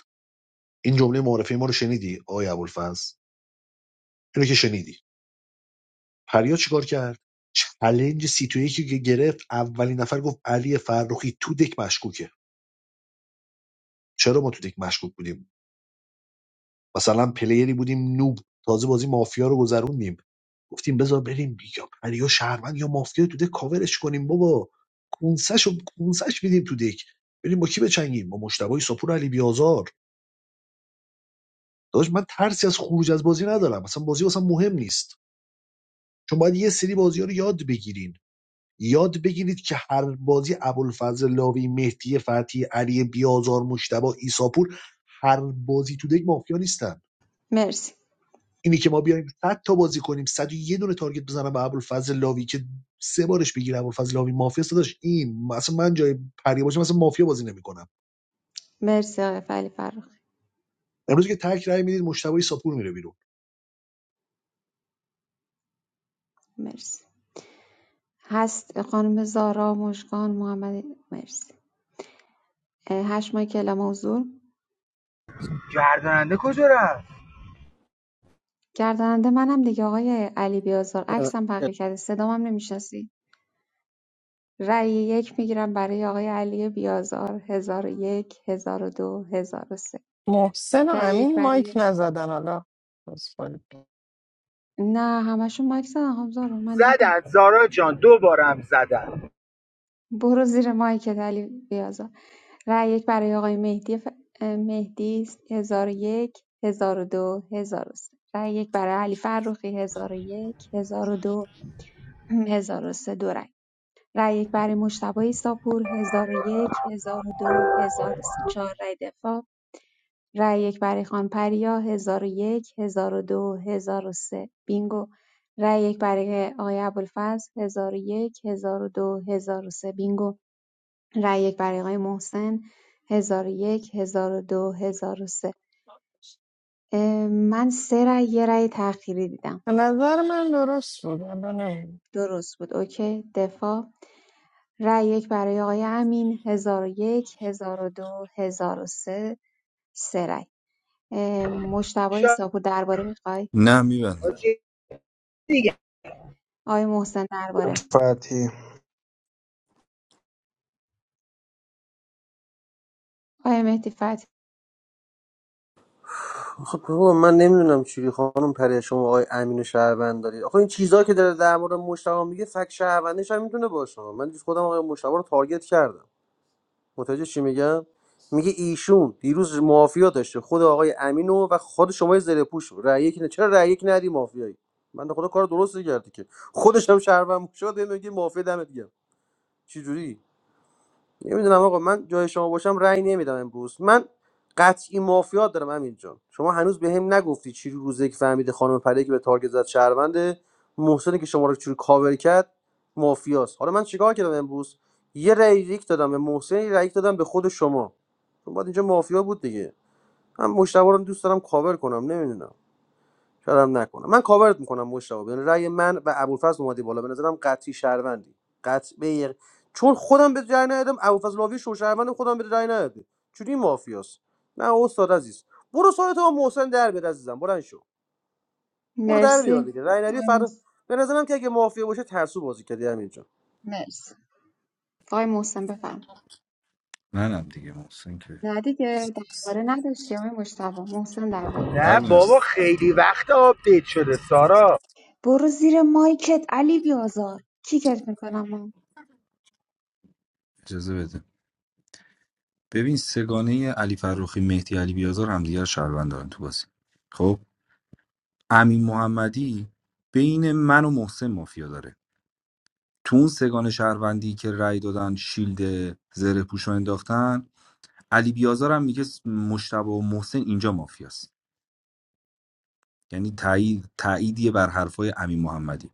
این جمله معرفی ما رو شنیدی آقای ابوالفضل اینو که شنیدی پریا چیکار کرد چلنج سی تو یکی که گرفت اولین نفر گفت علی فرخی تو دک مشکوکه چرا ما تو دک مشکوک بودیم مثلا پلیری بودیم نوب تازه بازی مافیا رو گذروندیم گفتیم بذار بریم یا پریا شهروند یا مافیا تو دک کاورش کنیم بابا کونسش رو کونسش میدیم تو دک بریم با کی بچنگیم با مشتبه سپور علی بیازار داداش من ترسی از خروج از بازی ندارم اصلا بازی واسم مهم نیست چون باید یه سری بازی رو یاد بگیریم یاد بگیرید که هر بازی ابوالفضل لاوی مهدی فتحی علی بیازار مشتبه ایساپور هر بازی تو دک مافیا نیستن مرسی اینی که ما بیایم 100 تا بازی کنیم صد و یک دونه تارگت بزنم به ابوالفضل لاوی که سه بارش بگیره ابوالفضل لاوی مافیا داشت این مثلا من جای پری باشم مثلا مافیا بازی نمیکنم مرسی آقای علی فرخ امروز که تک رای میدید مشتبه ایساپور میره بیرون مرسی هست خانم زارا مشکان محمد مرسی اه، هشت ماه کلام حضور گرداننده کجا رفت گرداننده منم دیگه آقای علی بیازار عکسم دور بقیه کرده صدام هم نمیشنسی رأی یک میگیرم برای آقای علی بیازار هزار و یک هزار و دو هزار و سه محسن و رأی یک امین مایک برای نزدن حالا عذرخواهی. نه همشون مایک زدن خانم زارا من دیدم زدن سارا جان دوبارم زدن برو زیر مایکت علی بیازار رأی یک برای آقای مهدی ف... مهدی است. هزار و یک هزار و دو هزار و سه رأی یک برای علی فرخی هزار و یک هزار و دو هزار و سه دو رأی رأی یک برای مجتبی ایساپور هزار و یک هزار و دو هزار و سه چهار رأی دفاع رأی یک برای خان پریا هزار و یک هزار و دو هزار و سه بینگو رأی یک برای آقای ابوالفضل هزار و یک هزار و دو هزار و سه بینگو رای یک برای آقای محسن 1001 1002 1003 من سه رای یه رای تأخیری دیدم به نظر من درست بود حالا نمی‌دونم. درست بود اوکی دفاع رای یک برای آقای امین 1001 1002 1003 سه سه رای اه، مجتبی ساپور درباره میخوای نه میبندم آقای محسن درباره فتی آقای مهدی فتحی آخه بابا من نمیدونم چی خانم پریا شما آقای امین و شهروند دارید آخه این چیزا که داره در مورد مشتاق میگه فک شهروندیش هم میتونه باشه من دیروز خودم آقای مشتاق رو تارگت کردم متوجه چی میگم میگه ایشون دیروز مافیا داشته خود آقای امینو و خود شما زره پوش رو. رأی یک نه چرا رأی یک ندی مافیایی من خدا کار درست کردی که خودش هم شهروند شد میگه مافیا دمت گرم چه جوری نمیدونم آقا من جای شما باشم رأی نمیدم امروز من قطعی مافیات دارم همین جان شما هنوز به هم نگفتی چی رو روزه که فهمیده خانم پری که به تارگت زد شهرونده محسنی که شما رو چوری کاور کرد مافیاست حالا من چیکار کردم امروز یه رأی ریک دادم به محسن یه رأی ریک دادم به خود شما چون باید اینجا مافیا بود دیگه من مشتبه رو دوست دارم کاور کنم نمیدونم شاید هم نکنه من کاورت میکنم مشتاق یعنی رأی من و ابوالفضل اومدی بالا به نظرم قطعی شهروندی قطع به چون خودم به رأی ندادم ابوالفضل لاوی شو شهروند خودم به رأی ندادم چوری مافیاست نه استاد عزیز برو سایت ها محسن در بیاد عزیزم بلند شو برو در مرسی بیار دیگه رأی ندی آقای فردا محسن به نظرم که اگه مافیا باشه ترسو بازی کردی همین جان مرسی آقای محسن بفرم نه دیگه محسن که نه دیگه درباره نداشتی آقای مجتبی محسن درباره نه داشتی فرق نداره بابا خیلی وقت آپدیت شده سارا برو زیر مایکت علی بیازار کیکت میکنم من اجازه بده ببین سگانه علی فروخی مهدی علی بیازار همدیگه رو شهروند دارن تو بازی خب امین محمدی بین من و محسن مافیا داره تو اون سگان شهروندی که رأی دادن شیلد زره پوش رو انداختن علی بیازار هم میگه مشتبه و محسن اینجا مافیاست یعنی تایید تاییدیه بر حرفای امین محمدی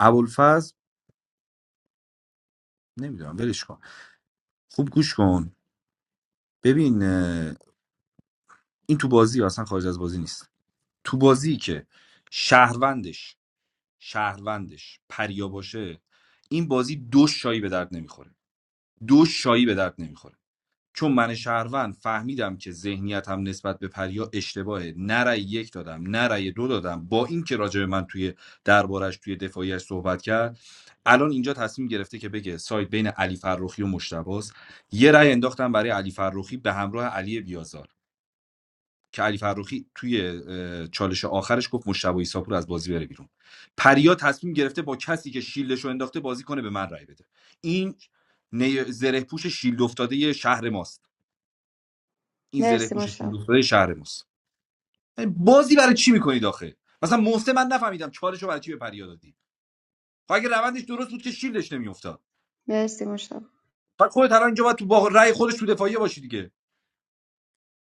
ابوالفضل نمیدونم ولش کن خوب گوش کن ببین اه، این تو بازی اصلا خارج از بازی نیست تو بازی که شهروندش شهروندش پریا باشه این بازی دو شایی به درد نمیخوره دو شایی به درد نمیخوره چون من شهروند فهمیدم که ذهنیتم نسبت به پریا اشتباهه نه رأی یک دادم نه رأی دو دادم با اینکه راجع به من توی دربارش توی دفاعیش صحبت کرد الان اینجا تصمیم گرفته که بگه سایت بین علی فرخی و مشتباست یه رأی انداختم برای علی فرخی به همراه علی بیازار که علی فرخی توی چالش آخرش گفت مشتبه ایساپور از بازی بره بیرون پریا تصمیم گرفته با کسی که شیلدش رو انداخته بازی کنه به من رأی بده این نی- زره پوش شیلد افتاده شهر ماست این زره مرسی پوش مشتاق شیلوفتای شهر ماست یعنی بازی برای چی میکنید آخه مثلا محسن من نفهمیدم چالشو برای چی به پریا دادی خب اگه روندش درست بود که شیلدش نمیافتاد مرسی مشتاق بعد خودت الان اینجا باید تو با رأی خودش تو دفاعیه باشی دیگه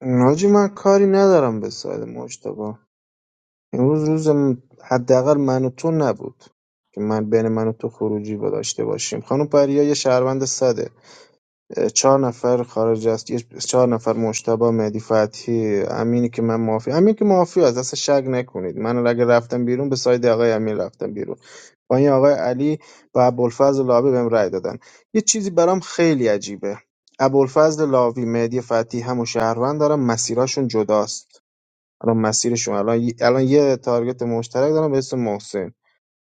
ناجی من کاری ندارم به ساید مجتبی امروز روز م- حداقل من و تو نبود که من بین من و تو خروجی با داشته باشیم خانم پریا یه شهروند صده اه، چهار نفر خارج است یه- چهار نفر مشتبه مهدی فتحی امینی که من معافی امین که معافی از دست شک نکنید من اگه رفتم بیرون به ساید آقای امین رفتم بیرون با این آقای علی و ابوالفضل لاوی بهم رأی دادن یه چیزی برام خیلی عجیبه ابوالفضل لاوی مهدی فتحی هم و شهروند دارم مسیراشون جداست الان مسیرشون الان ی- الان یه تارگت مشترک دارن به اسم محسن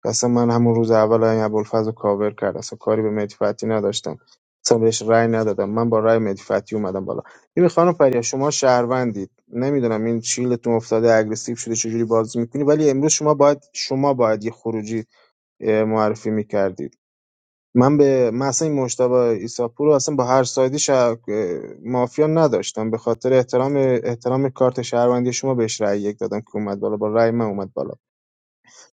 اصلا من همون روز اول این ابوالفضل رو کاور کرد اصلا کاری به مهدی فتحی نداشتم اصلا بهش رأی ندادم من با رأی مهدی فتحی اومدم بالا ببین خانم فریا شما شهروندید نمیدونم این چیلتون افتاده اگریسیو شده چجوری بازی میکنی ولی امروز شما باید شما باید یه خروجی اه، معرفی میکردید من به من اصلا این مجتبی عیساپور رو اصلا با هر سایدی شهر... مافیا نداشتم به خاطر احترام احترام کارت شهروندی شما بهش رأی یک دادم که اومد بالا با رأی من اومد بالا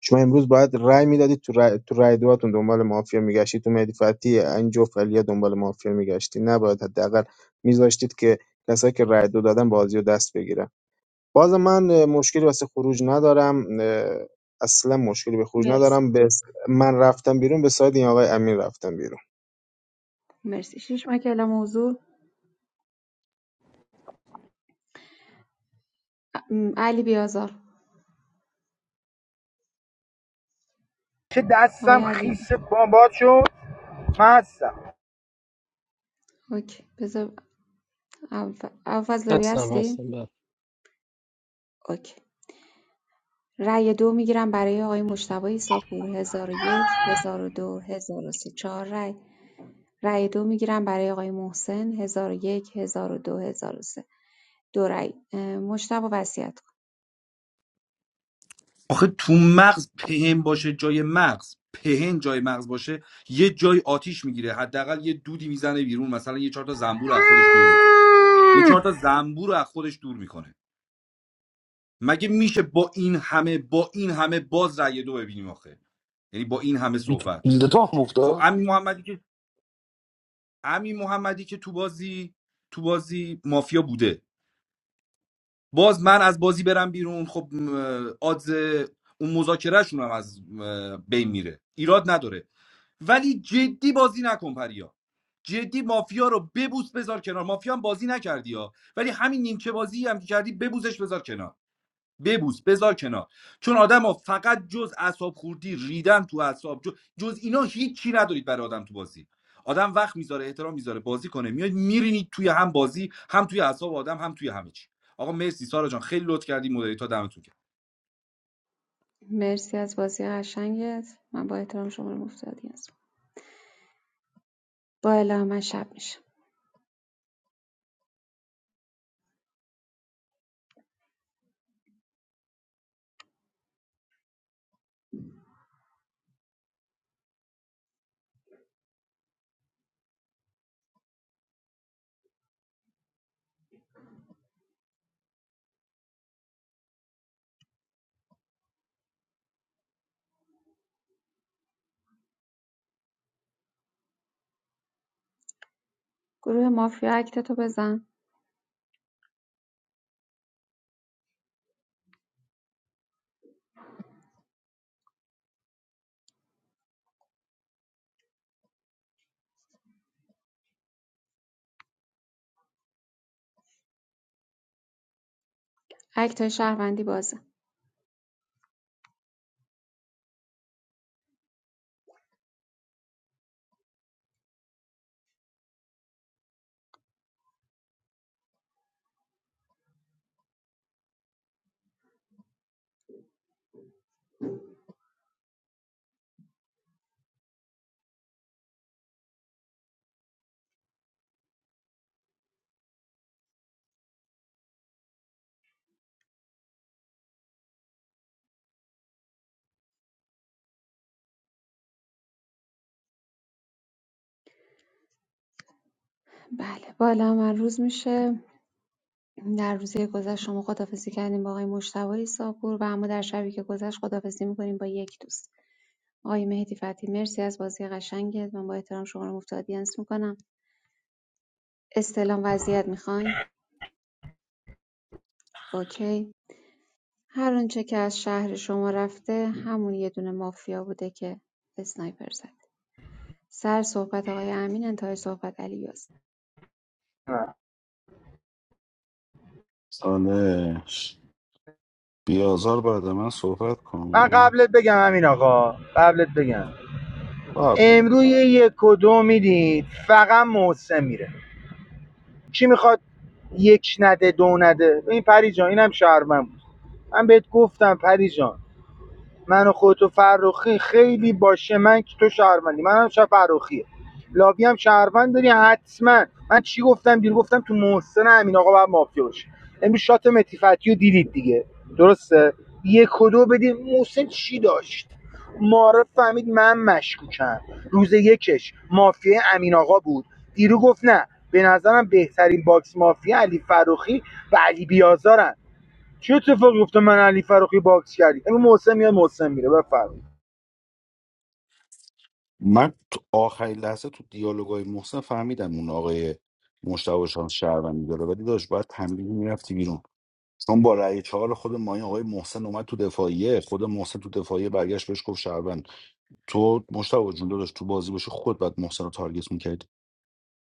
شما امروز باید رأی میدادید تو رأی, تو رأی دواتون دنبال مافیا میگشتید تو مهدی فتحی این جفت دنبال مافیا میگشتید نباید حداقل میذاشتید که کسایی که رأی دو دادن بازی رو دست بگیرن باز من مشکلی واسه خروج ندارم اه، اصلا مشکلی به خروج مرسی ندارم به س- من رفتم بیرون به ساید این آقای امین رفتم بیرون مرسی شیش ماه که اعلام موضوع علی بیازار که آقای دستم علی خیس باد شد من هستم اوکی بذار فضلوی هستم هستی هستم بله. اوکی رأی دو میگیرم برای آقای مشتبه ایساپور هزار و یک هزار و دو هزار و سه چهار رأی رأی دو میگیرم برای آقای محسن هزار و یک هزار و دو هزار و سه دو رأی اه، وصیت کن. آخه تو مغز پهن باشه جای مغز پهن جای مغز باشه یه جای آتیش میگیره حداقل یه دودی میزنه بیرون مثلا یه چهار تا زنبور رو از خودش دور میکنه یه چهار تا زنبور رو از خودش دور میکنه مگه میشه با این همه با این همه باز رأی دو ببینیم آخه یعنی با این همه صحبت بیلده تو هم خب افتاد امین محمدی که امین محمدی که تو بازی تو بازی مافیا بوده باز من از بازی برم بیرون خب م، آدز اون مذاکرهشون هم از م، بین میره ایراد نداره ولی جدی بازی نکن پریا جدی مافیا رو ببوس بذار کنار مافیا هم بازی نکردی ها ولی همین نیمچه بازی هم که کردی ببوزش بذار کنار ببوس بذار کنار چون آدمو فقط جز اعصاب خوردی ریدن تو اعصاب جز, جز اینا هیچی ندارید برای آدم تو بازی آدم وقت میذاره احترام میذاره بازی کنه میاد میرینید توی هم بازی هم توی اعصاب آدم هم توی همه چی آقا مرسی سارا جان خیلی لطف کردی مدریتا دمتون گرم مرسی از بازی قشنگت من با احترام شما رو مفتادی هستم با اله من شب میشه گروه مافیا اکتتو بزن اکتای شهروندی بازه بله با اله من روز میشه در روزی گذشت شما خدافزی کردیم با آقای مشتبه ساپور و اما در شبی که گذشت خدافزی میکنیم با یک دوست آقای مهدی فتی مرسی از بازی قشنگت من با احترام شما رو مفتادی آدینس میکنم استلام وضعیت میخواین اوکی هر اونچه که از شهر شما رفته همون یه دونه مافیا بوده که اسنایپر زده سر صحبت آقای امین انتهای صحبت علی یاسین ساله بیازار بعد من صحبت کن من قبلت بگم امین آقا قبلت بگم قبلم بیا. امروز یه یک و دو میدید فقط محسن میره کی میخواد یک نده دو نده این پری جان اینم شهرمن بود من بهت گفتم پری جان من و خودت و فرخی خیلی باشه من که تو شهروندی منم شهر فرخیه لاوی هم شهروند داری حتما من چی گفتم دیر گفتم تو محسن امین آقا باید مافیا باشه امروز شات متیفتی رو دیدید دیگه درسته یک و دو بدید محسن چی داشت معرف فهمید من مشکوکم روز یکش مافیا امین آقا بود دیرو گفت نه به نظرم بهترین باکس مافیا علی فروخی و علی بیازارن چه اتفاقی افتاد من علی فروخی باکس کردی امروز محسن میاد محسن میره بفرمایید من تو آخرین لحظه تو دیالوگای محسن فهمیدم اون آقای مشتبه شانس شهروندی داره ولی داشت باید تمرین میرفتی بیرون چون با رأی چهار خود مایا آقای محسن اومد تو دفاعیه خود محسن تو دفاعیه برگشت بهش گفت شهروند تو مشتبه جون داشت تو بازی باشه خود بعد محسن رو تارگت میکردی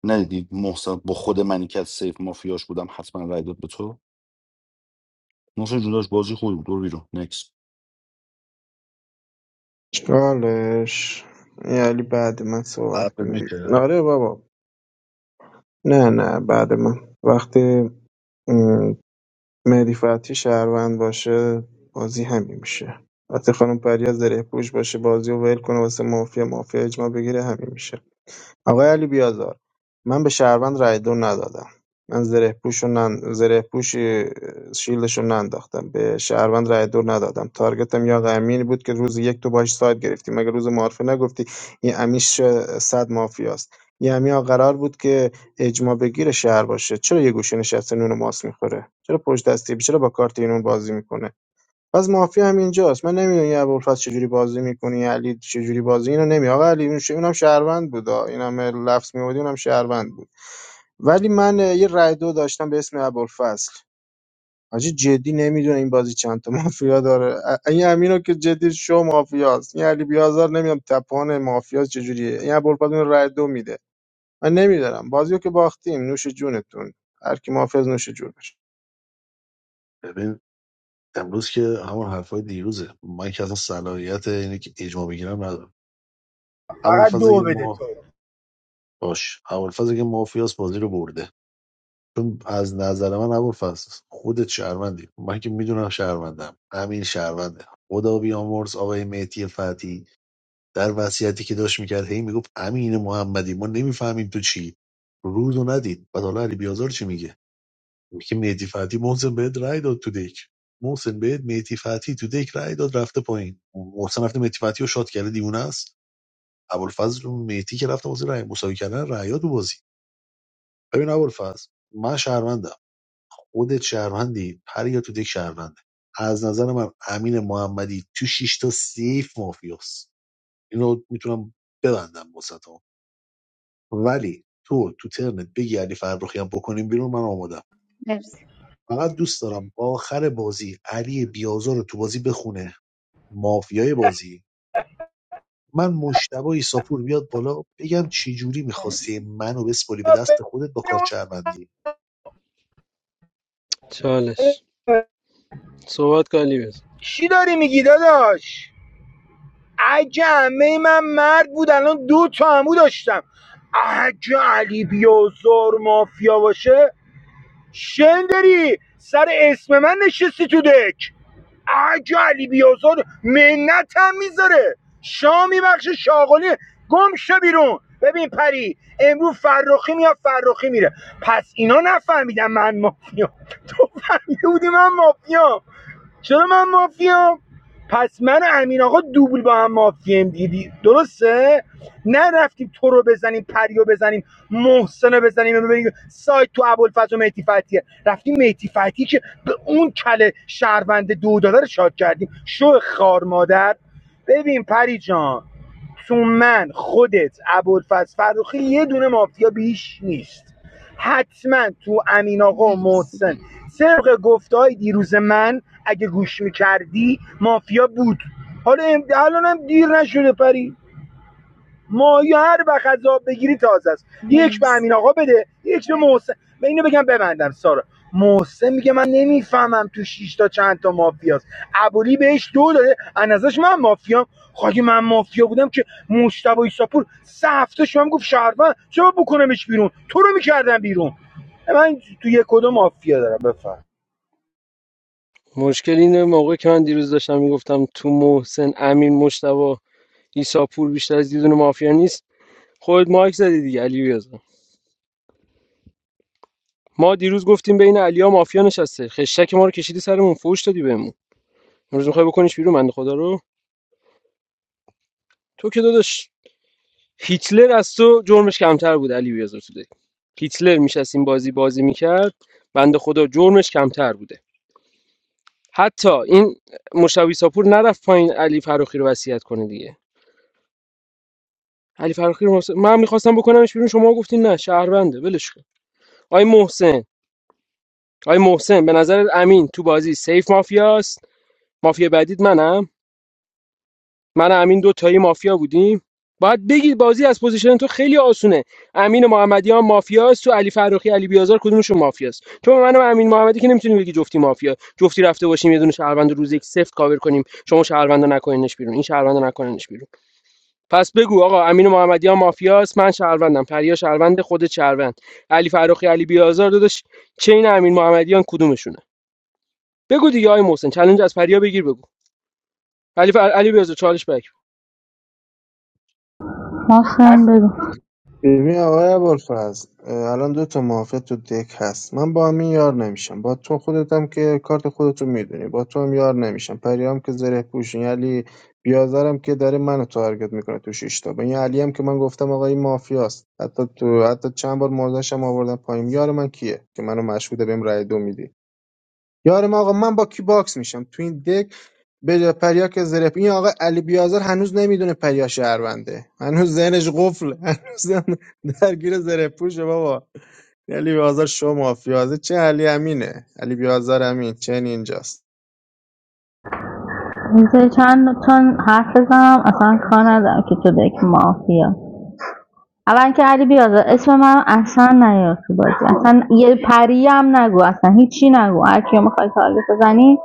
ندیدی محسن با خود منی که از سیف مافیاش بودم حتما رأی داد به تو محسن جون داشت بازی خوبی بود برو بیرون نکس چالش یعنی بعد من صحبت قبل کنم میشه آره بابا نه نه بعد من وقتی مهدی فتحی شهروند باشه بازی همین میشه وقتی خانم پریا زره پوش باشه بازی رو ول کنه واسه مافیا مافیا اجماع بگیره همین میشه آقای علی بیازار من به شهروند رای دو ندادم من زره پوش رو نن... زره پوش اه، شیلدش رو ننداختم به شهروند رای دور ندادم تارگتم یا آقای امینی بود که روز یک تو باش ساید گرفتی مگه روز معارفه نگفتی این امیش اه، صد مافیاست یه امیا قرار بود که اجماع بگیر شهر باشه چرا یه گوشه نشسته نون ماس میخوره چرا پشت دستی چرا با کارت اینون بازی میکنه پس مافیا هم اینجاست من نمیدونم این ابوالفضل چجوری بازی میکنه این علی چجوری بازی اینو نمی آقا علی اون ش- اونم شهروند بود آه. اینم لفظ میبودی اونم شهروند بود ولی من اه، یه رای دو داشتم به اسم ابوالفضل حاجی جدی نمیدونه این بازی چند تا مافیا داره ا- این امینو که جدی شو مافیاست این علی بیازار نمیدونم تپان مافیاست چجوریه این ابوالفضل اون رای دو میده من نمیدارم بازیو که باختیم نوش جونتون هر کی مافیاست نوش جونش ببین امروز که همون حرفای دیروزه من که اصلا صلاحیت اینه که اجماع بگیرم ندارم فقط ابوالفضل دو بده اگه تو باش ابوالفضل که مافیاس بازی رو برده چون از نظر من ابوالفضل خودت شهروندی من که میدونم شهروندم امین شهرونده خدا بیامرز آقای مهدی فتی در وصیتی که داشت میکرد هی میگفت امین محمدی ما نمیفهمیم تو چی روز رو ندید بعد حالا علی بیازار چی میگه میگه مهدی فتی محسن بهت رای داد تو دک محسن بهت مهدی فتی تو دک رای داد رفته پایین محسن رفته مهدی فتی رو شات کرده دیونه است ابوالفضل و مهدی که رفته بازی رای مساوی کردن رایات تو بازی. ببین ابوالفضل من شهروندم خودت شهروندی پریا تو دک شهرونده از نظر من امین محمدی تو شیش تا سیف مافیاست اینو میتونم ببندم واسطا ولی تو تو ترنت بگی علی فرخی هم بکنیم بیرون من آمادم مرسی فقط دوست دارم آخر بازی علی بیازار رو تو بازی بخونه مافیای بازی من مشتبه ایساپور بیاد بالا بگم چی جوری میخواستی منو بسپلی به دست خودت با کار چربندی چالش صحبت کالی بز چی داری میگی داداش عجمه من مرد بود الان دو تا همو داشتم اگه علی بیازار مافیا باشه شندری سر اسم من نشستی تو دک اگه علی بیازار منت هم میذاره شا میبخشه شاغلی گم شو بیرون ببین پری امروز فرخی میاد فرخی میره پس اینا نفهمیدن من مافیام تو فهمیده بودی من مافیام چرا من مافیام پس من و امین آقا دوبل با هم مافیم دیدی درسته نه رفتیم تو رو بزنیم پریو بزنیم محسن رو بزنیم ببینیم سایت تو ابوالفضل و مهدی فتیه رفتیم مهدی فتی که به اون کله شهروند دو دلار رو شاد کردیم شو خار مادر ببین پری جان تو من خودت ابوالفضل فروخی یه دونه مافیا بیش نیست حتما تو امین آقا و مرسی محسن سرق گفته های دیروز من اگه گوش میکردی مافیا بود حالا الان هم دیر نشده پری مایا هر وقت را بگیری تازه است یک به مرسی امین آقا بده یک به محسن به اینو بگم ببندم سارا محسن میگه من نمیفهمم تو شیش تا چند تا مافیاست ابولی بهش دو داده از نظرش من مافیام خاگه من مافیا بودم که مشتبه ایساپور سه هفته شما گفت شهروند چرا بکنمش بیرون تو رو میکردم بیرون من تو یک کدوم مافیا دارم بفهم مشکل اینه موقع که من دیروز داشتم میگفتم تو محسن امین مشتبا عیسی پور بیشتر از یه دونه مافیا نیست خود مایک زدی دیگه علی بیازار. ما دیروز گفتیم بین علیا مافیا نشسته خشک ما رو کشیدی سرمون فوش دادی بهمون امروز میخوای بکنیش بیرون بنده خدا رو تو که داداش هیتلر از تو جرمش کمتر بود علی بیازر تو دیگه. هیتلر میشستیم بازی بازی میکرد بنده خدا جرمش کمتر بوده حتی این مشتبه ساپور نرفت پایین علی فراخی رو وصیت کنه دیگه علی فراخی رو مس- من میخواستم بکنمش بیرون شما گفتین نه شهرونده ولش کن آی محسن آی محسن به نظر امین تو بازی سیف مافیاست مافیا بعدید منم من و امین دو تایی مافیا بودیم باید بگید بازی از پوزیشن تو خیلی آسونه امین محمدی مافیاست تو علی فرخی علی بیازار کدومشون مافیاست چون من و امین محمدی که نمیتونیم بگی جفتی مافیا جفتی رفته باشیم یه دونه شهروند روز یک سفت کاور کنیم شما شهروند نکنینش بیرون این شهروند نکنینش بیرون پس بگو آقا امین محمدی مافیاست من شهروندم پریا شهروند خود شهروند علی فرخی علی بیازار داداش چین امین محمدیان کدومشونه بگو دیگه آی محسن چالش از پریا بگیر بگو علی فر... علی بیازار چالش بک محسن بگو ببین آقای ابوالفضل اه، الان دو تا مافیا تو دک هست من با همین یار نمیشم با تو خودتم که کارت خودتو میدونی با تو هم یار نمیشم پریام که زره پوشین علی بیازرم که داره منو تارگت میکنه تو شش تا این علی هم که من گفتم آقا این مافیاست حتی تو حتی چند بار موضعش هم آوردم پایین یار من کیه که منو مشهوده بهم رای دو میدی یار من آقا من با کی باکس میشم تو این دک بده پریا که زره این آقا علی بیازر هنوز نمیدونه پریا شهرونده هنوز ذهنش قفله هنوز ذهن درگیر زره پوشه بابا علی بیازر شو مافیازه چه علی امینه علی بیازر امین چه اینجاست میشه چند چند حرف بزنم اصلا کار ندارم که تو دک مافیا اول که علی بیازار اسم من اصلا نیار تو بازی اصلا یه پری هم نگو اصلا هیچی نگو هر کیو میخوای تارگت بزنی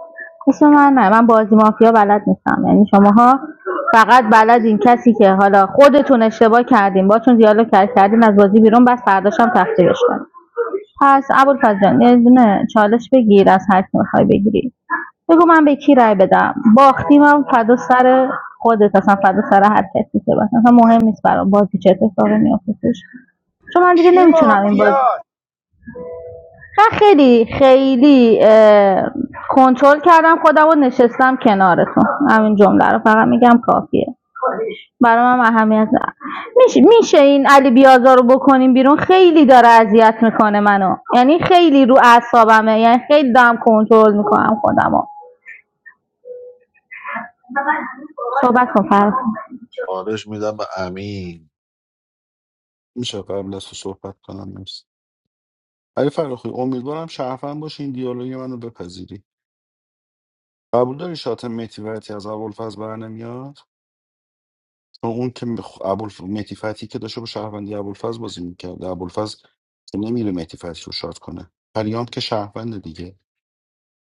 اسم من نه من بازی مافیا بلد نیستم یعنی شماها فقط بلدین کسی که حالا خودتون اشتباه کردین باتون دیالوگ کرد- کردین از بازی بیرون بس فرداش هم تخریبش کنین پس ابوالفضل جان یه دونه چالش بگیر از هر کی میخوای بگیری بگو من به کی رای بدم باختیم هم فدا سر خودت اصلا فدا سر هر کسی که بس اصلا مهم نیست برام بازی چه اتفاقی میافتش چون من دیگه کی نمیتونم این بازی مافیا من خیلی خیلی کنترل کردم خودم و نشستم کنارتون همین جمله رو فقط میگم کافیه برام هم اهمیت نه میشه, میشه این علی بیازار رو بکنیم بیرون خیلی داره اذیت میکنه منو یعنی خیلی رو اعصابمه یعنی خیلی دارم کنترل میکنم خودمو صحبت کن فرض چالش میدم به امین میشه قبل از تو صحبت کنم نکس علی فراخی امیدوارم شرفن باشی این دیالوگ منو بپذیری قبول داری شات مهدی فتحی از ابوالفضل برنمیاد چون اون که مخ- ابوالف مهدی فتحی که داشته با شهروندی ابوالفضل بازی میکرده ابوالفضل که نمیره مهدی فتحی رو شات کنه پریام که شهروند دیگه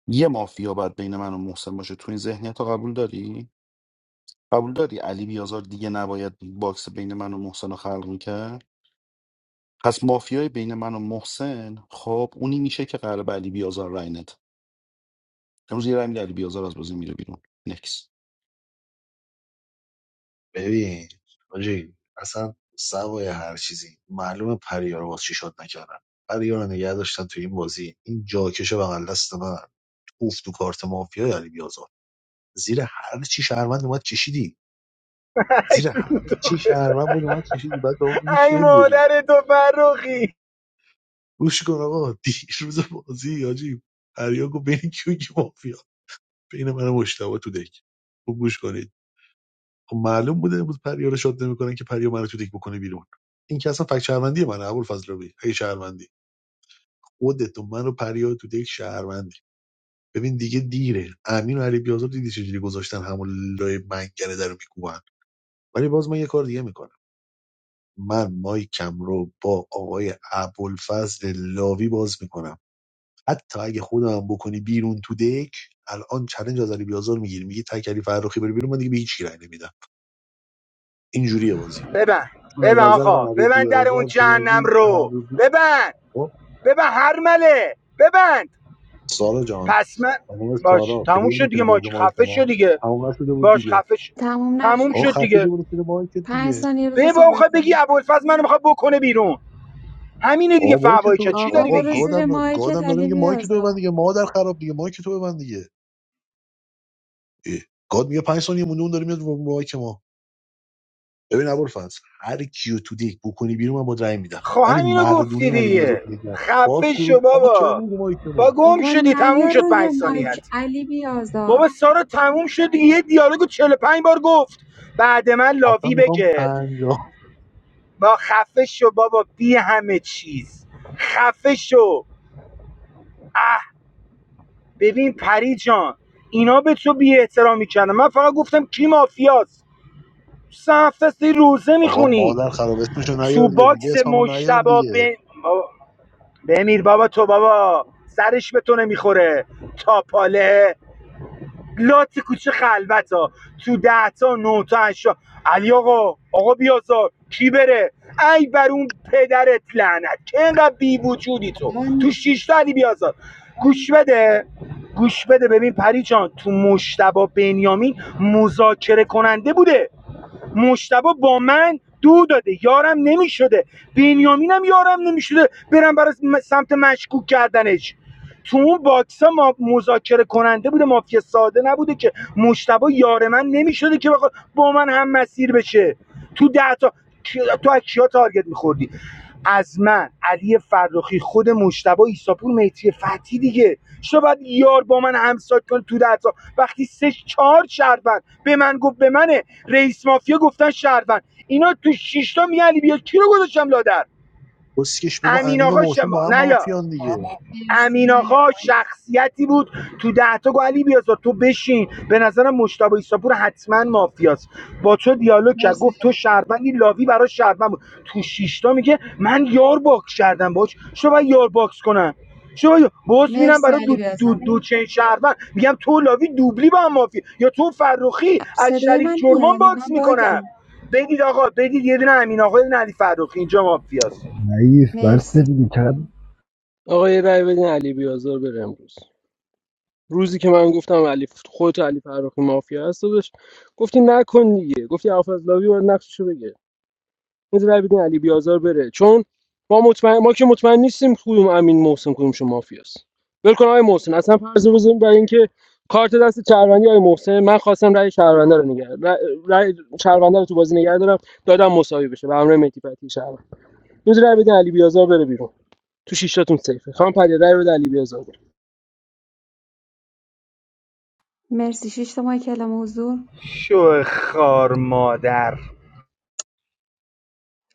یه مافیا باید بین من و محسن باشه تو این ذهنیت رو قبول داری قبول داری علی بیازار دیگه نباید باکس بین من و محسن رو خلق میکرد پس مافیای بین من و محسن خب اونی میشه که قرار به علی بیازار رای نده امروز یه رای میده علی بیازار از بازی میره بیرون نکس ببین آجی اصلا سوای هر چیزی معلومه پریار واسه چی شاد نکردن پریار رو نگه داشتن تو این بازی این جاکش بغل دست من توف تو کارت مافیا علی بیازار زیر هر چی شهروند اومد کشیدی زیر هر چی شهروند بود اومد کشیدی بعد دوم میگی ای چه داری مادر تو فرخی گوش کن آقا دیروز بازی آجی پریار گفت بین کیو کی مافیا بین من و مشتبه تو دک خوب گوش کنید خب معلوم بوده امروز پریا رو شاد نمیکنن که پریا منو تو دک بکنه بیرون این که اصلا فکت شهروندی منه ابوالفضل ربی اگه شهروندی خودت و من و پریا تو دک شهروندی ببین دیگه دیره امین و علی بیازار دیدی چجوری گذاشتن همون لای منگنه در رو میکوبن ولی باز من یه کار دیگه میکنم من مایکم رو با آقای ابوالفضل لاوی باز میکنم حتی اگه خودم بکنی بیرون تو دک الان چلنج از علی بیازار میگیری میگی تک علی فرخی بری بیرون من دیگه به هیچ کی رأی نمیدم اینجوریه بازی ببن چون از ببن نظر من آقا علی ببن در اون بیازار تو جهنم بازی رو علی ببن خب ببن هرمله ببند سارا جان پس من خانم باش سارا تموم پلیر شد میتونه دیگه بیاد رو ماچ مایک خفه شد ما دیگه تمام شده بود باش دیگه خفه شد تموم تموم آقا نشده شد بود خفه دیگه شو برو زیر مایک پنج دیگه ثانیه بذار به با صحبت میخوای بگی کنیم ابوالفضل منو میخواد بکنه بیرون همینه دیگه آقا مایک فوایی تو چی آقا داری آقا برو بگی زیر گادم مایکت گادم داره علی میگه مایک تو ببند بیازار دیگه مادر خراب دیگه مایک تو ببند دیگه اه. گاد میگه 5 ثانیه مونده اون داره میاد رو مایک ما ببین ابوالفضل هر کیو تو دیک بکنی بیرون من با رأی میدم خب ولی همینو گفتی مردونه علی بیازار دیگه تو دیک ما باز خفه تو شو آقا چرا بابا میگه مایک با ما گم بابا شدی تموم نیا شد روی پنج مایک ثانیت علی بیازار بابا سارا تموم شد دیگه یه دیالوگو 45 بار گفت بعد من اصلا لاوی میخوام بگه پنجاه. با خفه شو بابا بی همه چیز خفه شو اه ببین پری جان اینا به تو بی احترامی کردن من فقط گفتم کی مافیاست تو سه هفته است روزه آقا مادر میخونی خراب اسمشو تو نیار دیگه میگه باکس اسممو نیار مشتبا دیگه به بابا- بمیر بابا تو بابا سرش به تو نمیخوره تا پاله لات کوچه خلوت ها تو ده تا نه تا هشتا علی آقا آقا بیازار کی بره ای بر اون پدرت لعنت که اینقدر بی وجودی تو من تو شیش تا علی بیازار گوش بده گوش بده ببین پری جان تو مشتبا بنیامین مذاکره کننده بوده مشتبه با من دو داده یارم نمیشده بنیامینم یارم نمیشده برم برای سمت مشکوک کردنش تو اون باکس ما مذاکره کننده بوده مافیا ساده نبوده که مشتبه یار من نمیشده که بخواد با من هم مسیر بشه تو ده تا تو از کیا تارگت میخوردی از من علی فرخی خود مشتبه ایساپور میتی فتی دیگه چرا باید یار با من همسایت کنه تو ده وقتی سه چهار شهروند به من گفت به منه رئیس مافیا گفتن شهروند اینا تو شیشتا میگن علی بیا کی رو گذاشتم لادر بسکش بگو امین امین و آقا محسن شما با هم نه یا مافیان دیگه مرسی امین نه یارو آقا مایک شخصیتی بود تو ده تا گو علی بیازار تو بشین به نظرم مشتبه ایساپور حتما مافیاست با تو دیالوگ کرد مرسی گفت تو شهروندی لاوی برای شهروند بود تو شیشتا میگه من یار باکس کردم باش شو باید یار باکس کنم شو باز میرم مرسی برای علی دو, دو, بیازم دو چین شهروند میگم تو لاوی دوبلی با هم مافیا یا تو فرخی از صدای شریک من جرمان میاد یا باکس من میکنم باگم بدید آقا بدید یه دونه امین آقا یه دونه علی فرخی اینجا مافیاست ضعیف بسته مرسی دیگه چقدر آقا یه رأی بدین علی بیازار بره امروز روزی که من گفتم علی خودت علی فرخی مافیا هست داداش گفتی نکن دیگه گفتی لاوی باید نقششو بگه این رأی بدین علی بیازار بره چون ما مطمئن ما که مطمئن نیستیم کدوم امین محسن کدومشون مافیاست ول کن آقای محسن اصلا فرض بزنیم برای اینکه کارت دست شهروندی آقای محسن من خواستم رأی شهرونده رو نگه رأی رأی شهرونده رو تو بازی نگه دارم دادم مساوی بشه به همراه مهدی فتحی شهروند روز رأی بدین علی بیازار بره بیرون تو شیشتاتون سیفه خام پری رأی بده علی بیازار مرسی شش تا مایک کلام حضور شو خار مادر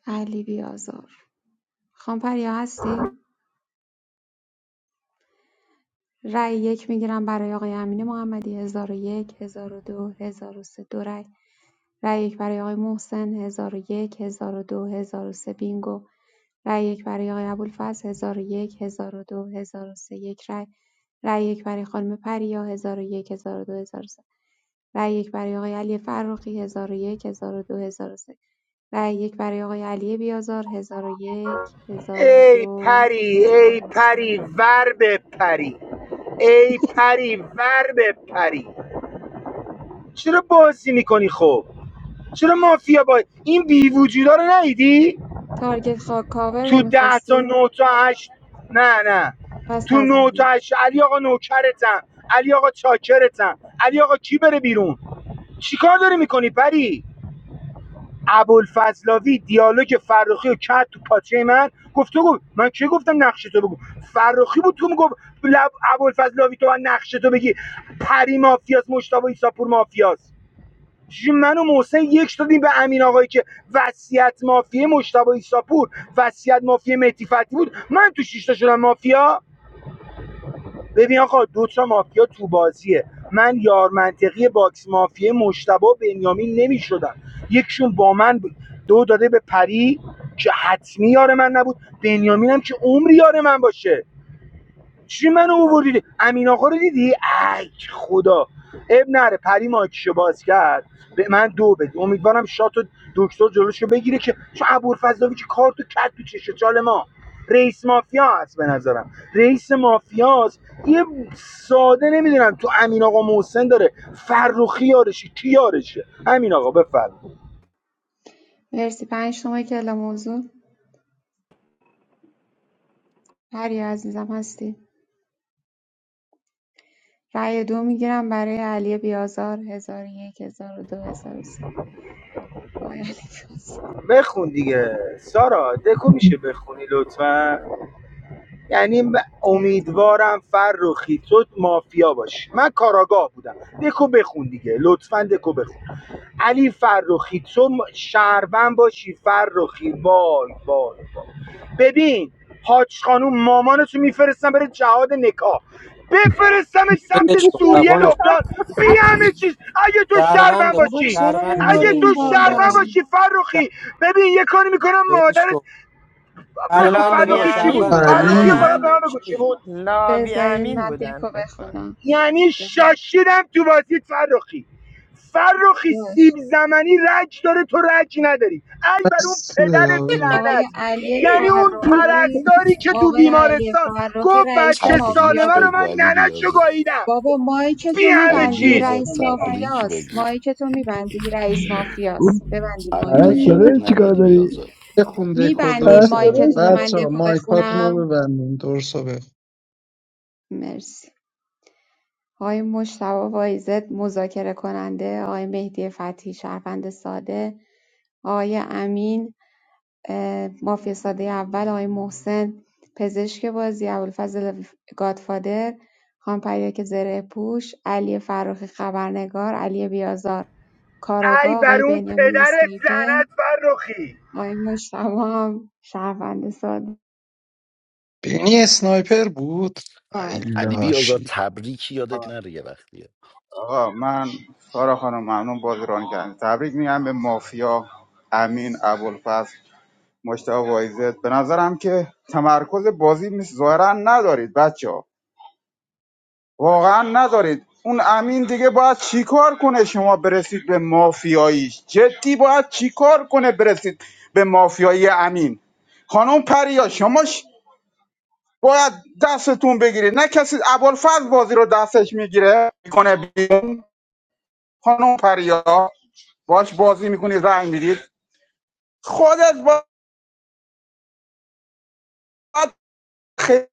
علی بیازار خانم پریا هستی رای یک میگیرم برای آقای امین محمدی 1001 1002 1003 دو هزار و سه. دو رای. رای یک برای آقای محسن 1001 1002 1003 بینگو. رای یک برای آقای ابوالفضل 1001 1002 1003 یک رای. رای یک برای خانم پریا 1001 1002 1003 رای یک برای آقای علی فرخی 1001 1002 1003 رای یک برای آقای علی بیازار 1001 ای 1002 پری ای پری 1003 ور بپری ای پری ور بپری چرا بازی میکنی خب چرا مافیا با این بی وجودا رو ندیدی تارگت خاک کاور تو ده تا نمی‌خواستی؟ نه تا هشت نه نه پس تو نه تا نزدیم هشت علی آقا نوکرتم علی آقا چاکرتم علی آقا کی بره بیرون چیکار داری میکنی پری ابوالفضلاوی دیالوگ فرخی رو کرد تو پاچه من گفت تو گفت من چه گفتم نقشه تو بگو فرخی بود تو میگفت لب ابوالفضلاوی تو من نقشه تو بگی پری مافیاس مشتاق ایساپور مافیاس چی منو و محسن یک دادیم به امین آقایی که وصیت مافیه مشتاق ایساپور وصیت مافیه مهدی فتحی بود من تو شیشتا شدم مافیا ببین آقا دو تا مافیا تو بازیه من یار منطقی باکس مافیا مشتبه و بنیامین نمیشدم یکشون با من بود دو داده به پری که حتمی یار من نبود بنیامینم که عمری یار من باشه چی منو اووردی امین آقا رو دیدی ای خدا اب نره پری ماکشو باز کرد به من دو بده امیدوارم شات و دکتر جلوشو بگیره که چون ابوالفضلاوی که کارتو کرد تو چش چال ما رئیس مافیا هست به نظرم رئیس مافیا مافیاست یه ساده نمیدونم تو امین آقا محسن داره فرخی یارشه کی یارشه امین آقا بفرم مرسی پنج تومه کلا موضوع پری عزیزم هستی رأی دو میگیرم برای علی بیازار هزار و یک هزار و دو هزار و سه آقای علی بیازار بخون دیگه سارا دکو میشه بخونی لطفا یعنی زیاد کن امیدوارم فرخی تو مافیا باشی من کاراگاه بودم دکو بخون دیگه لطفا دکو بخون علی فرخی تو شهروند باشی فرخی وای وای وای ببین حاج خانوم مامانتو میفرستم بره جهاد نکاح بفرستمش سمت برش کن سوریه تپانش کن. لبنان بی همه چیز اگه تو شربن شهرونده بابا بابا باشی چرا شهرونده ل- اگه تو سرویس بردیم اون شربن بالا کردی باشی شهر- فرخی ببین یه کاری میکنم برش مادر کن بخو شهرونده لاوی بابا فرخی چی بود امین شهرونده فرخی ابوالفضل رو علی باید به بودن من امینم چی بگو چی میگی؟ بود لاوی بذارین امین من دیکو بودن فکر کنم بخونم یعنی بذار شاشیدم تو بازی فرخی فرخی سیب باش زمینی رج داره تو رج نداری ای بر اون بس پدرت آقا. لعنت آقای علی یعنی اون فرخی پرستاری که تو آقای علی بیمارستان فرخی گفت رئیس بچه مافیا تبریک سالمه بود رو بگو من علی ننشو بیازار گاییدم بابا مایی که بی تو همه علی میبندی چیز بیازار رئیس تبریک مافیاست بگو مایی که تو میبندی رئیس مافیاست ببندی مایک رو تبریک دیگه. یادت پرستاره نره چیکار علی داری؟ بیازار بخون دکو میبندین درسا پرستاره مایکتون رو من بچه ها دکو مایکاتون رو بخونم ببندین درسا بخون مرسی آقای مشتبا وایزد مذاکره کننده آقای مهدی فتحی شهروند ساده آقای امین اه، مافیا ساده اول آقای محسن پزشک بازی ابوالفضل گادفادر خان پریا که زره پوش علی فروخی خبرنگار علی بیازار ای کاراگاه بر آقای اون بنیامین پدرت اسنایپر لعنت فرخی آقای مشتبا هم شهروند ساده بینی اسنایپر بود علی بیازار ایلاشی تبریک یادت نره یه وقتیه آقا من سارا خانم ممنون بازی ران کردن تبریک میگم به مافیا امین ابوالفضل مشتاق وایزت به نظرم که تمرکز بازی نیست. ظاهرا ندارید بچه ها واقعا ندارید اون امین دیگه باید چیکار کنه شما برسید به مافیاییش جدی باید چیکار کنه برسید به مافیایی امین خانم پریا شما ش- باید دستتون بگیرید نه کسی ابوالفضل بازی رو دستش میگیره میکنه خانم پریا باش بازی میکنید رنگ میدید خودت باید خیلی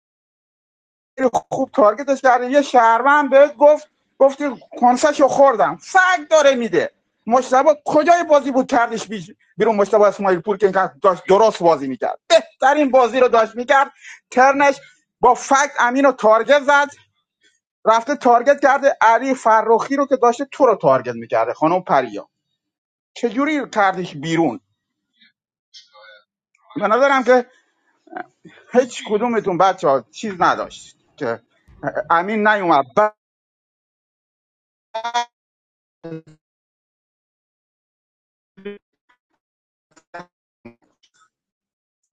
خوب تارگتش کردی یه شهروند بهت گفت گفتی کنسشو خوردم فک داره میده مشتبه کجای بازی بود کردش بیرون مشتبه اسماعیل پور که داشت درست بازی میکرد بهترین بازی رو داشت میکرد ترنش با فکت امین رو تارگت زد رفته تارگت کرده علی فرخی رو که داشته تو رو تارگت میکرده خانم پریا چجوری کردش بیرون به نظرم که هیچ کدومتون بچه ها چیز نداشت که امین نیومد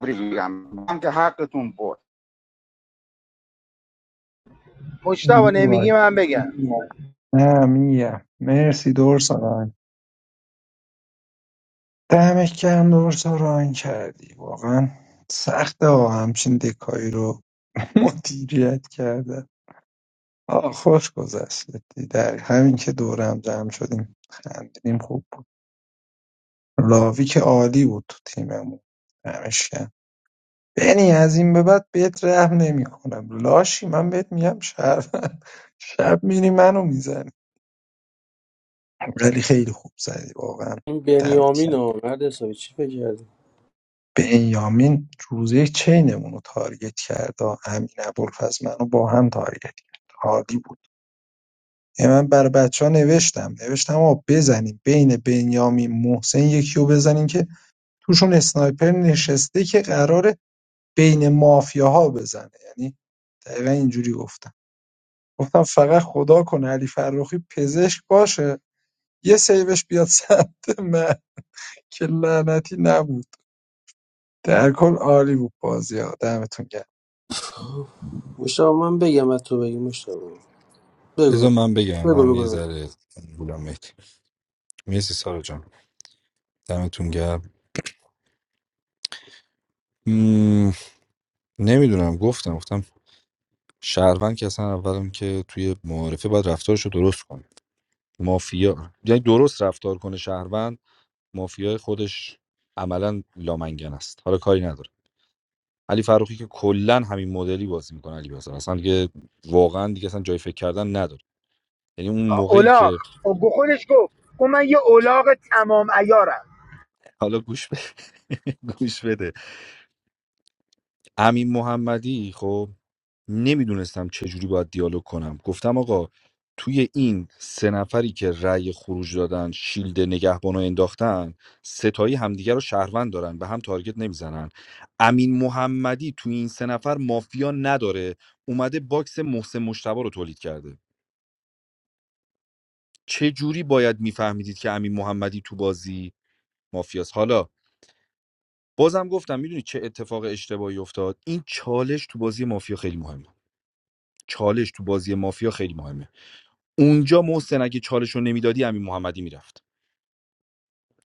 بگم من که حقتون برد مشتاق می‌وای. نمیگی من بگم نه میم مرسی درسا دمت گرم دوباره تا ران کردی واقعا سخته ها همچین دکایی رو مدیریت کردن آه خوش گذشت در همین که دورم جمع شدیم خندیدیم خوب بود راوی که عالی بود تو تیممون دمش گرم بنی از این به بعد بهت رحم نمی کنم لاشی من بهت میگم شب شب میری منو میزنی ولی خیلی خوب زدی واقعا این دمت گرم بنیامین ها مرد حسابی چی فکر کردی بنیامین روز یک چینمون رو تارگت کرد آ. امین ابوالفضل منو با هم تارگت کرد عالی بود یه من بر بچه ها نوشتم نوشتم آقا بزنیم بین بنیامین محسن یکی رو بزنیم که توشون اسنایپر نشسته که قراره بین مافیاها بزنه یعنی دقیقا اینجوری گفتم گفتم فقط خدا کنه علی فرخی پزشک باشه یه سیوش بیاد سمت من که لعنتی نبود در کل عالی بود بازی ها دمتون گرم مشتاق من بگم از تو بگی مشتاق بگو بذار من بگم بگو من بگو یه ذره بولم مهدی مرسی سارا جان دمتون گرم مم، نمیدونم گفتم گفتم شهروند که اصلا اولم که توی معارفه باید رفتارشو درست کنه مافیا یعنی درست رفتار کنه شهروند مافیای خودش عملا لامنگن است حالا کاری نداره علی فروخی که کلا همین مدلی بازی میکنه علی بیازار اصلا دیگه واقعا دیگه اصلا جای فکر کردن نداره یعنی اون موقعی اولاغ که خودش گفت گفت من یه اولاغ تمام ایارم حالا گوش بده گوش بده امین محمدی خب نمیدونستم چجوری باید دیالوگ کنم گفتم آقا توی این سه نفری که رأی خروج دادن شیلد نگهبانو انداختن ستایی همدیگه رو شهروند دارن به هم تارگت نمیزنن امین محمدی توی این سه نفر مافیا نداره اومده باکس محسن مشتبه رو تولید کرده چه جوری باید میفهمیدید که امین محمدی تو بازی مافیاست حالا بازم گفتم میدونی چه اتفاق اشتباهی افتاد این چالش تو بازی مافیا خیلی مهمه چالش تو بازی مافیا خیلی مهمه اونجا محسن اگه چالش رو نمیدادی امین محمدی میرفت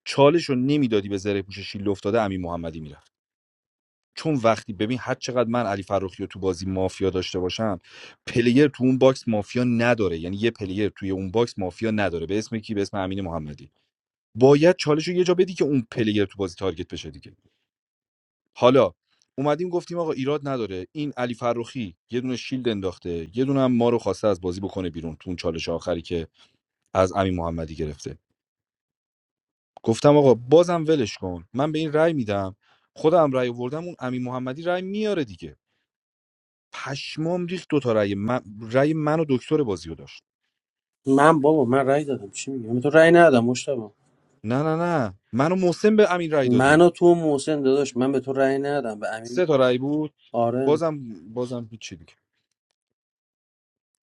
چالش رو نمیدادی به زره پوش شیل افتاده امین محمدی میرفت چون وقتی ببین هر چقدر من علی فروخی رو تو بازی مافیا داشته باشم پلیر تو اون باکس مافیا نداره یعنی یه پلیر توی اون باکس مافیا نداره به اسم کی به اسم امین محمدی باید چالش رو یه جا بدی که اون پلیر تو بازی تارگت بشه دیگه حالا اومدیم گفتیم آقا ایراد نداره این علی فروخی یه دونه شیلد انداخته یه دونه هم ما رو خواسته از بازی بکنه بیرون تو اون چالش آخری که از امین محمدی گرفته گفتم آقا بازم ولش کن من به این رأی میدم خودم رأی آوردم اون امین محمدی رأی میاره دیگه پشمام ریخت دو تا رأی من رأی من و دکتر بازیو داشت من بابا من رأی دادم چی میگم به تو رأی ندادم مشتبه نه نه نه من و محسن به امین رأی من دادیم و تو و محسن داداش من به تو رأی ندادم به امین سه تا رأی بود آره بازم بازم هیچی دیگه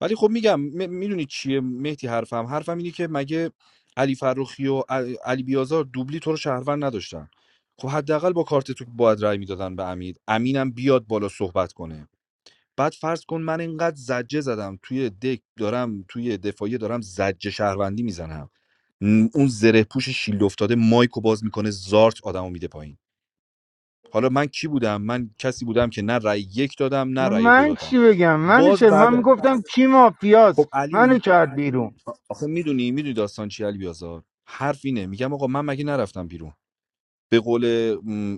ولی خب میگم م- میدونی چیه مهدی حرفم حرفم اینه که مگه علی فروخی و ع- علی بیازار دوبلی تو رو شهروند نداشتن خب حداقل با کارت تو باید رأی میدادن به امید امینم بیاد بالا صحبت کنه بعد فرض کن من اینقدر زجه زدم توی دک دارم توی دفاعیه دارم زجه شهروندی میزنم اون زره پوش شیلد افتاده مایکو باز میکنه زارت آدمو میده پایین حالا من کی بودم من کسی بودم که نه رأی یک دادم نه رأی دو من دادم چی بگم من باز چرا من بعد میگفتم کی مافیاست خب منو علی کرد بیرون آخه میدونی میدونی داستان چی علی بیازار حرف اینه میگم آقا من مگه نرفتم بیرون به قول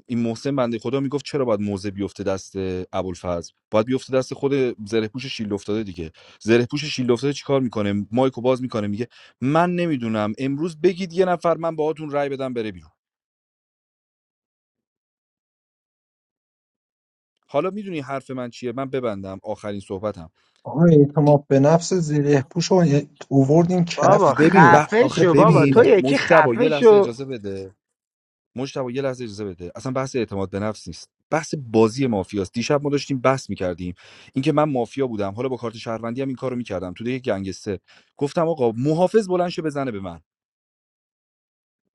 این محسن بنده خدا میگفت چرا باید موزه بیفته دست ابوالفضل باید بیفته دست خود زره پوش شیل افتاده دیگه زره پوش شیل افتاده چیکار میکنه مایکو باز میکنه میگه من نمیدونم امروز بگید یه نفر من باهاتون رای بدم بره بیرون حالا میدونی حرف من چیه من ببندم آخرین صحبتم آقا دی- اعتماد به نفس زره پوش رو اووردیم بابا کف ببین دیگه ب... خفه آخه شو خودتون بابا ببین تو میگیرم یکی مشتبه یه خفه لحظه شو اجازه بده مجتبی یه لحظه اجازه بده اصلا بحث اعتماد به نفس نیست بحث بازی مافیاست دیشب ما داشتیم بحث میکردیم اینکه من مافیا بودم حالا با کارت شهروندی هم این کارو میکردم تو یک گنگسته گفتم آقا محافظ بلند شه بزنه به من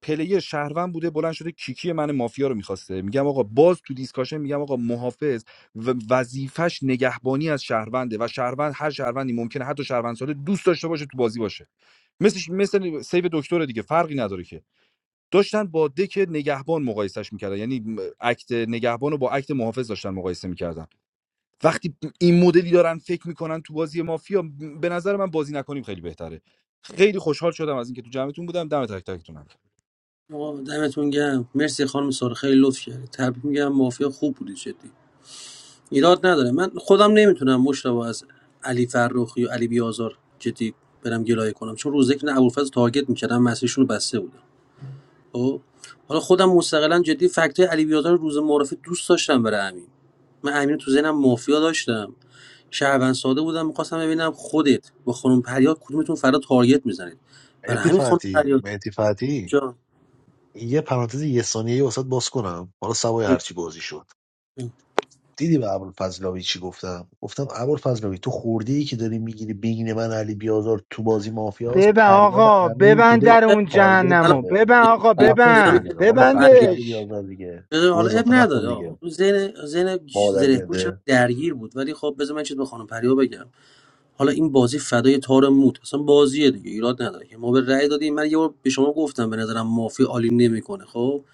پلیر شهروند بوده بلند شده کیکی من مافیا رو میخواسته میگم آقا باز تو دیسکاشن میگم آقا محافظ و وظیفش نگهبانی از شهرونده و شهروند هر شهروندی ممکنه حتی شهروند ساده دوست داشته باشه تو بازی باشه مثل مثل سیو دکتر دیگه فرقی نداره که داشتن با دک نگهبان مقایسش میکردن یعنی م- اکت نگهبان رو با اکت محافظ داشتن مقایسه میکردن وقتی این مدلی دارن فکر میکنن تو بازی مافیا به نظر من بازی نکنیم خیلی بهتره خیلی خوشحال شدم از اینکه تو جمعتون بودم دم تک تکتونم آقا دمتون گرم مرسی خانم سار خیلی لطف کردی تبریک میگم مافیا خوب بودی جدی ایراد نداره من خودم نمیتونم مشتبه از علی فرخی و علی بیازار جدی برم گلایه کنم چون روزه که نه ابوالفضل تارگت میکردم مسیرشون رو بسته بودم خب حالا خودم مستقلا جدی فکتای علی بیازار رو روز معرفی دوست داشتم برای امین من امین تو ذهنم مافیا داشتم شهروند ساده بودم میخواستم ببینم خودت با خانم پریاد کدومتون فردا تارگت میزنید برای مهدی همین خانم فتی پریاد مهدی فتی جان یه پرانتز یه ثانیه ای واسط باز کنم حالا سوای هرچی بازی شد دیدی به ابوالفضلاوی چی گفتم گفتم ابوالفضلاوی تو خوردی که داری میگیری بین من علی بیازار تو بازی مافیاس ببن پریاب آقا امین تو ببند دک در آخه اون تارگت الان جهنمو زده ببن میگم، آقا علی. خفش ببند رو ما با خفش علی. علی ببندش بیازار دیگه گو حالا اب اضافه نخور نداره آقا. دیگه اون ذهن ذهن زره مادر پوشم درگیر بود ولی خب بذار من چیز به خانم پریا بگم حالا این بازی فدای تار موت اصلا بازیه دیگه ایراد نداره که ما به رأی دادیم من یه بار به شما گفتم به نظرم مافیا عالی نمیکنه خب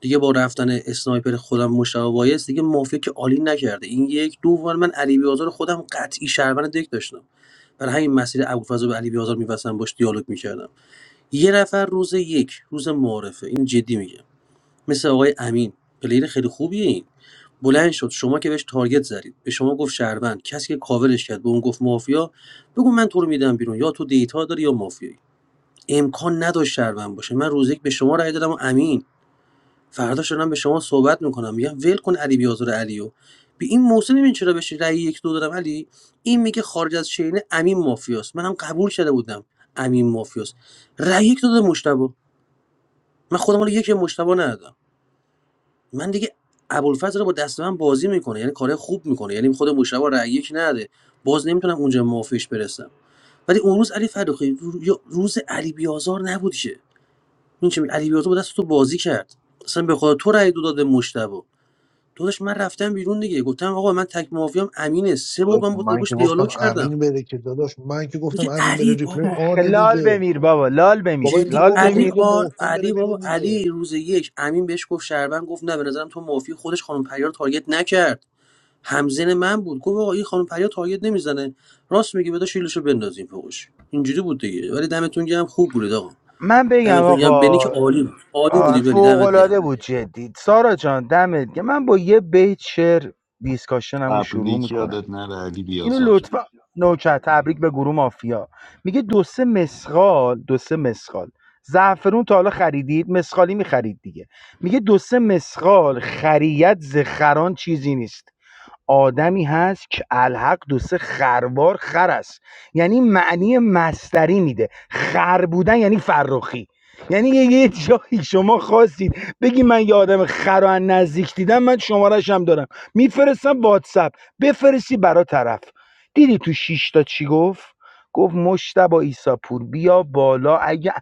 دیگه با رفتن اسنایپر خودم مشتاق وایس دیگه مافیا که عالی نکرده این یک دوم من علی بیازار خودم قطعی شهروند دک داشتم برای همین مسیر ابوالفضل به علی بیازار می‌بستم باش دیالوگ میکردم یه نفر روز یک روز معارفه این جدی میگه مثل آقای امین پلیر خیلی خوبیه این بلند شد شما که بهش تارگت زدید به شما گفت شهروند کسی که کاورش کرد به اون گفت مافیا بگو من تو رو میدم بیرون یا تو دیتا داری یا مافیایی امکان نداشت شهروند باشه من روز یک به شما رأی دادم و امین فردا شدم به شما صحبت میکنم میگم ول کن علی بیازار علیو به این موسی ببین چرا بهش رأی یک دو دادم علی این میگه خارج از شینه امین مافیاست منم قبول شده بودم امین مافیاست رأی یک دو دادم مشتبه من خودم رو یک مشتبه ندادم من دیگه ابوالفضل رو با دست من بازی میکنه یعنی کار خوب میکنه یعنی خود مشتبه رأی یک نده باز نمیتونم اونجا مافیش برسم ولی اون روز علی فروخی رو- یا روز علی بیازار نبودشه این چه می- علی بیازار با دست تو بازی کرد اصلا به خاطر تو رأی دو داده مشتبه داداش من رفتم بیرون دیگه گفتم آقا من تک مافیام امینه سه بار داداش، من با من باش که دیالوگ گفتم کردم امین بره که داداش من که گفتم میگه امین بره علی ریپلی بابا آنه لال دیگه بمیر بابا لال با بمیر من جدی لال گو علی میخونی بمیر گو آر محتم بره علی بیرون بابا دیگه علی روز یک امین بهش گفت شربن گفت نه به نظرم تو مافی خودش خانم پریار رو تارگت نکرد همزن من بود گفت آقا این خانم فریاد تارگت نمیزنه راست میگه بذار شیلشو بندازیم فوقش اینجوری بود دیگه ولی دمتون گرم خوب بود آقا من بگم دمتون گرم بنی که آقا عالی بود عالی بودی بنی فوق دمت گرم العاده بود جدید سارا جان دمت گرم. من با یه بیت شعر دیسکاشنمو شروع تبریک میکنم یادت نره علی اینو بیازار لطفا نوچه تبریک به گروه مافیا میگه دو سه مسخال دو سه مسخال زعفرون تا حالا خریدید مسخالی میخرید دیگه میگه دو سه مسخال خریت زخران چیزی نیست آدمی هست که الحق دو سه خروار خر است یعنی معنی مستری میده خر بودن یعنی فرخی یعنی یه یه جایی شما خواستید بگی من یه آدم خر و از نزدیک دیدم من شمارش هم دارم میفرستم واتساپ بفرستی برا طرف دیدی تو شیش تا چی گفت گفت مشتبا ایساپور بیا بالا اگه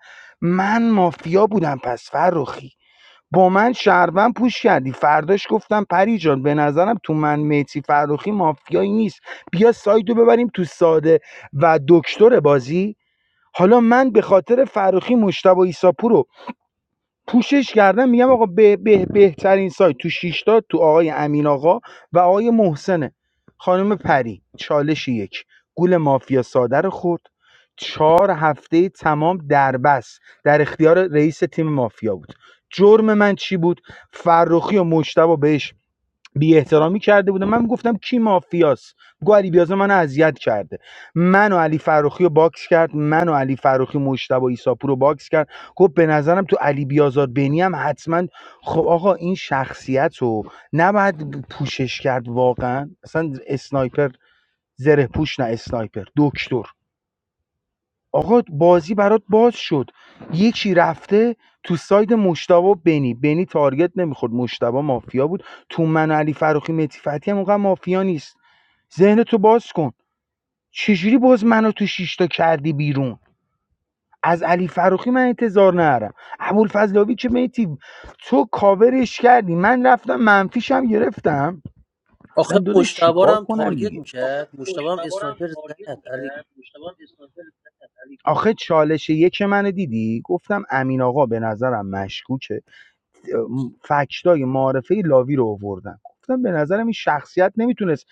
من مافیا بودم پس فرخی با من شهروند پوش کردی فرداش گفتم پری جان به نظرم تو من میتی فرخی مافیایی نیست بیا سایدو ببریم تو ساده و دکتر بازی حالا من به خاطر فرخی مشتبه ایساپور پوشش کردن میگم آقا به به بهترین سایت تو شیشتا تو آقای امین آقا و آقای محسنه خانم پری چالش یک گول مافیا ساده رو خورد چهار هفته تمام در در اختیار رئیس تیم مافیا بود جرم من چی بود فرخی و مجتبا بهش بی احترامی کرده بودم من گفتم کی مافیاس گو علی بیازه منو اذیت کرده من و علی فروخی رو باکس کرد من و علی فروخی مشتبه ایساپور رو باکس کرد گفت به نظرم تو علی بیازار بینی هم حتما خب آقا این شخصیت رو نباید پوشش کرد واقعا اصلا اسنایپر زره پوش نه اسنایپر دکتر آقا بازی برات باز شد یکی رفته تو ساید مشتبه و بنی بنی تارگت نمیخورد مشتبه مافیا بود تو من و علی فروخی متی فتی هم اونقدر مافیا نیست ذهن تو باز کن چجوری باز منو تو شیشتا کردی بیرون از علی فروخی من انتظار نرم ابوالفضلاوی که میتی تو کاورش کردی من رفتم منفیشم گرفتم آخه گفتم داداش مشتبه رو چیکار هم کنم تارگت دیگه آخه میکرد مشتبه هم پشتوارم اسنایپر تارگت زد علی می‌کرد، پشتوار استانس آخه چالش یک منو دیدی گفتم امین آقا به نظرم مشکوکه فکتای معارفه لاوی رو آوردم گفتم به نظرم این شخصیت نمیتونست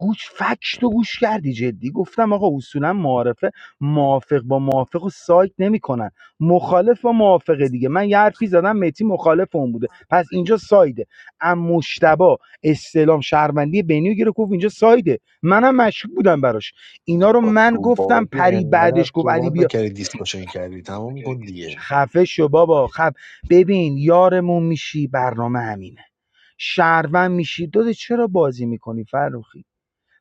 گوش فکت و گوش کردی جدی گفتم آقا اصولا معارفه موافق با موافق و سایت نمیکنن مخالف با موافق دیگه من یه حرفی زدم متی مخالف اون بوده پس اینجا سایده ام مشتبه استلام شهروندی بنیو گیره گفت اینجا سایده منم مشکوک بودم براش اینا رو با من تو گفتم بازی پری انقدر بعدش گفت علی صحبت بیا نکردی دیسکاشن کردی تمام کن دیگه خفه شو بابا خب ببین یارمون میشی برنامه همینه شهروند میشی داده چرا بازی میکنی فروخی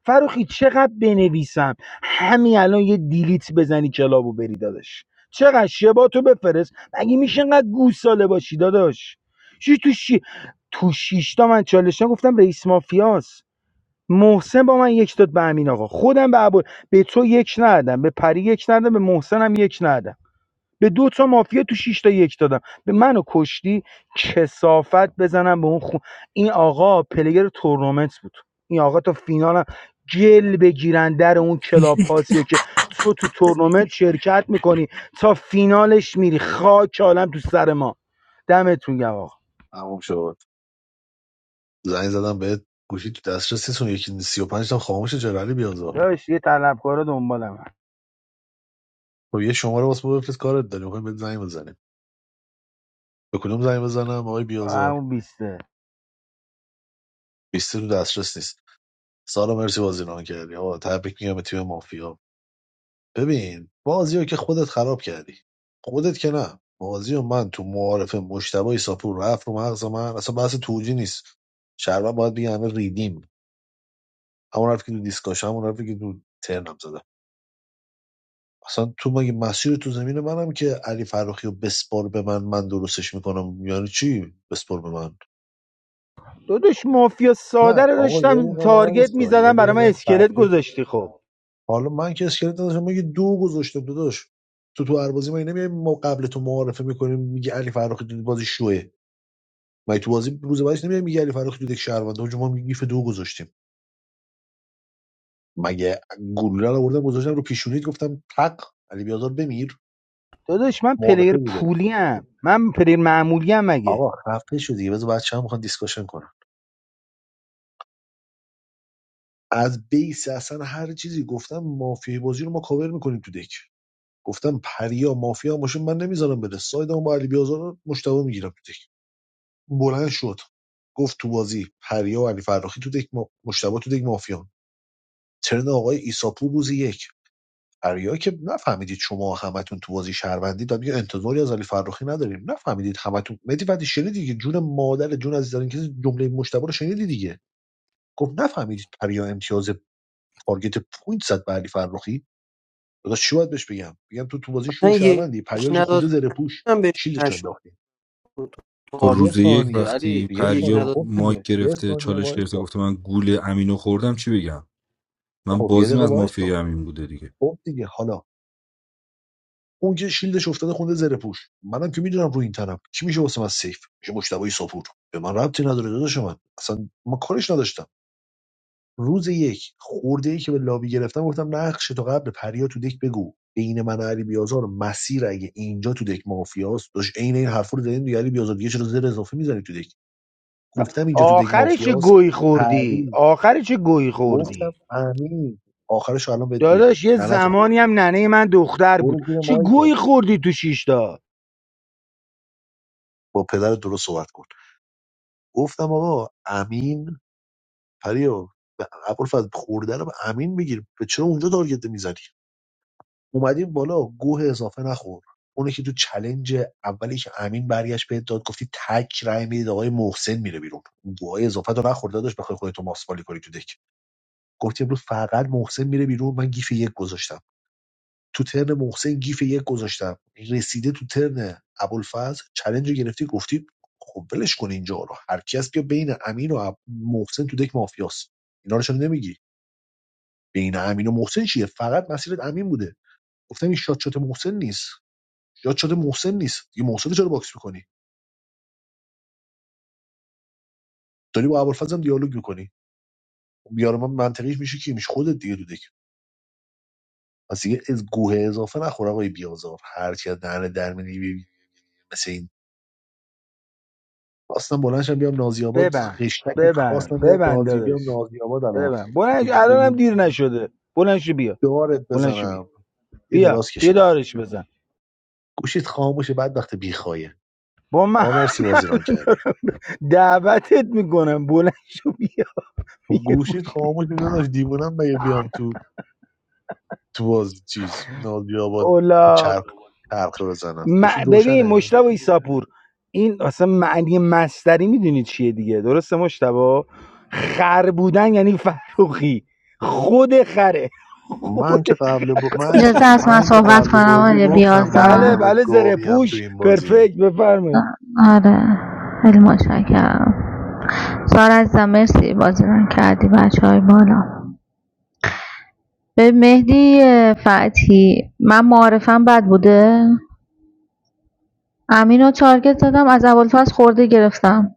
فروخی چقدر بنویسم همین الان یه دیلیت بزنی کلابو بری داداش چقدر شباتو بفرست مگه میشه اینقدر گوساله باشی داداش چی تو شی تو شیشتا من چالشان گفتم رئیس مافیاس محسن با من یک داد به امین آقا خودم به عبود. به تو یک ندادم به پری یک ندادم به محسن هم یک ندادم به دو تا مافیا تو 6 تا یک دادم به منو کشتی کسافت بزنم به اون خون این آقا پلیر تورنمنت بود این آقا تا فینال هم گل بگیرن در اون کلاب هاسیو که تو تو تورنمنت شرکت میکنی تا فینالش میری خاک عالم تو سر ما دمتون گم آقا تمام شد زنگ زدم بهت گوشی تو دسترس دسترسیتون یکی سی و پنج تا خاموش جرالی بیازار داداش یه طلبکارا دنبالم خب یه شماره واسه ما بفرست کارت داریم میخوایم بهت زنگ بزنیم به کدوم زنگ بزنم آقای بیازار همون بیسته بیستی تو دسترس نیست سارا مرسی بازی ران کردی آقا تبریک میگم به تیم مافیا ببین بازی رو که خودت خراب کردی خودت که نه بازی و من تو معارف مشتبه ساپور رفت رو مغز من اصلا بحث توجی نیست شربت باید بگه همه ریدیم همون رفت که تو دیسکاش همون رفت که تو ترنم زدم اصلا تو مگه مسیر تو زمین منم که علی فراخی رو بسپار به من من درستش میکنم یعنی چی بسپار به من داداش مافیا نه ساده رو آقا یه داشتم دقیقه تارگت وایسا یه میزدم برای من دقیقه اسکلت صفحه گذاشتی خب حالا من که اسکلت نداشتم من که دو گذاشتم داداش تو تو هر بازی ما نمیای ما قبل تو معارفه میکنیم میگه علی فرخی تو بازی شوه مگه تو بازی روز بعدش نمیای میگه علی فرخی تو دک شهروند اونجا ما گیف دو گذاشتیم مگه گلوله رو آوردم گذاشتم رو پیشونیت گفتم تق علی بیازار بمیر داداش من معارفه پلیر بوده پولی ام من پلیر معمولی ام مگه آقا خفه شدی دیگه بذار بچه‌ها میخوان دیسکشن کنن از بیس اصلا هر چیزی گفتم مافیا بازی رو ما کاور میکنیم تو دک گفتم پریا مافیا باشه من نمیذارم بره سایدمو با علی بیازار مشتبه میگیرم تو دک بلند شد گفت تو بازی پریا و علی فرخی تو دک ما... مشتبه تو دک مافیان ترن آقای ایساپور روز یک پریا که نفهمیدید شما همتون تو بازی شهروندی داد میگه انتظاری از علی فرخی نداریم نفهمیدید همتون مدی بعدی شنیدی دیگه جون مادر جون از این کسی جمله مشتبه رو شنیدی دیگه گفت نفهمیدید پریا امتیاز تارگت پوینت زد به علی فرخی داداش چی باید بهش بگم بگم تو تو بازی مثلا شو یک شهروندی پریا که نداد خود به زره امین پوش بهش شیلدش مشروع انداختی بود خب تارگت روز یه یک دیگه. ثانیه وقتی علی یه یک ثانیه پریا نداد خب مایک دیگه یه گرفته ثانیه چالش گرفته وایسا گفته من گول امینو خوردم چی بگم من خب یه بازیم دقیقه از مافیای وایسا امین بوده دیگه خب دیگه حالا اون که شیلدش افتاده خونده زره پوش منم که میدونم رو این طرف کی میشه واسه من سیف میشه مشتبه سپور به من ربطی نداره داداش من اصلا ما کارش نداشتم روز یک خورده ای که به لابی گرفتم گفتم نقش تو قبل پریا تو دک بگو بین من و علی بیازار مسیر اگه اینجا تو دک مافیاست داش عین این حرفا رو زدین دیگه علی بیازار دیگه چرا زر اضافه میزنی تو دک گفتم اینجا تو دک آخرش چه مافیاست گوی خوردی پری آخرش چه گوی گفتم خوردی امین آخرش رو الان بهت میگم داداش یه ننتو زمانی خوردم هم ننه من دختر بود برو زیر چه مایک گوی خوردی تو شیشتا با پدر درست صحبت کن گفتم آقا امین پریا به ابوالفضل خورده رو به امین بگیر به چرا اونجا تارگت میزنی اومدیم بالا گوه اضافه نخور اونه که تو چلنج اولی که امین برگشت بهت داد گفتی تک رای میدید آقای محسن میره بیرون اون گوهای اضافه رو نخورده داشت بخوای خودتو ماسپالی کنی تو دک گفتی امروز فقط محسن میره بیرون من گیف یک گذاشتم تو ترن محسن گیف یک گذاشتم رسیده تو ترن ابوالفضل چلنج رو گرفتی گفتی خب ولش کن اینجا رو هر کی هست بیا بین امین و محسن تو دک مافیاست اینا رو چرا نمیگی بین امین و محسن چیه فقط مسیرت امین بوده گفتم این شات شات محسن نیست شات شات محسن نیست دیگه محسن رو چرا باکس میکنی داری با ابوالفضل هم دیالوگ میکنی بیار من منطقیش میشه کی میشه خودت دیگه تو دک پس دیگه از گوه اضافه نخور آقای بیازار هر کی از دهن در مثل این خواستم بلند شم بیام نازی آباد ببن خشتکت ببن خواستم بیام ببن نازی داداش بیام نازی آباد ببن بلند شو، الانم الان دیر نشده بلند شو بیا دارت بلند شو بیا بزنم یه بیا دراز بیا کشیدم دارش بزن گوشیت خاموشه بعد وقت بیخوایه با من آقا مرسی بازیران کردید دعوتت میکنم بلند شو بیا خب بیا گوش. گوشیت خاموشه داداش دیوونم بگه بیام تو تو باز چیز نازی آباد اولاق چرخ چرخه بزنم م- گوشیت ببین روشنه مشتبه ایساپور این اصلا معنی مستری میدونی چیه دیگه درسته مشتبه خر بودن یعنی فروخی خود خره من خود که قبل ب... من که اجازه هست من من که صحبت قبل کنم بازی آقای گفتم من بیازار بله آدم بله زره گاویم تو پوش این بازی پرفکت بفرمایید آره خیلی متشکرم سار عزیزم مرسی بازی رو کردی بچه های بالا به مهدی فتحی من معارفم بد بوده امین رو تارگت زدم از اولفاز خورده گرفتم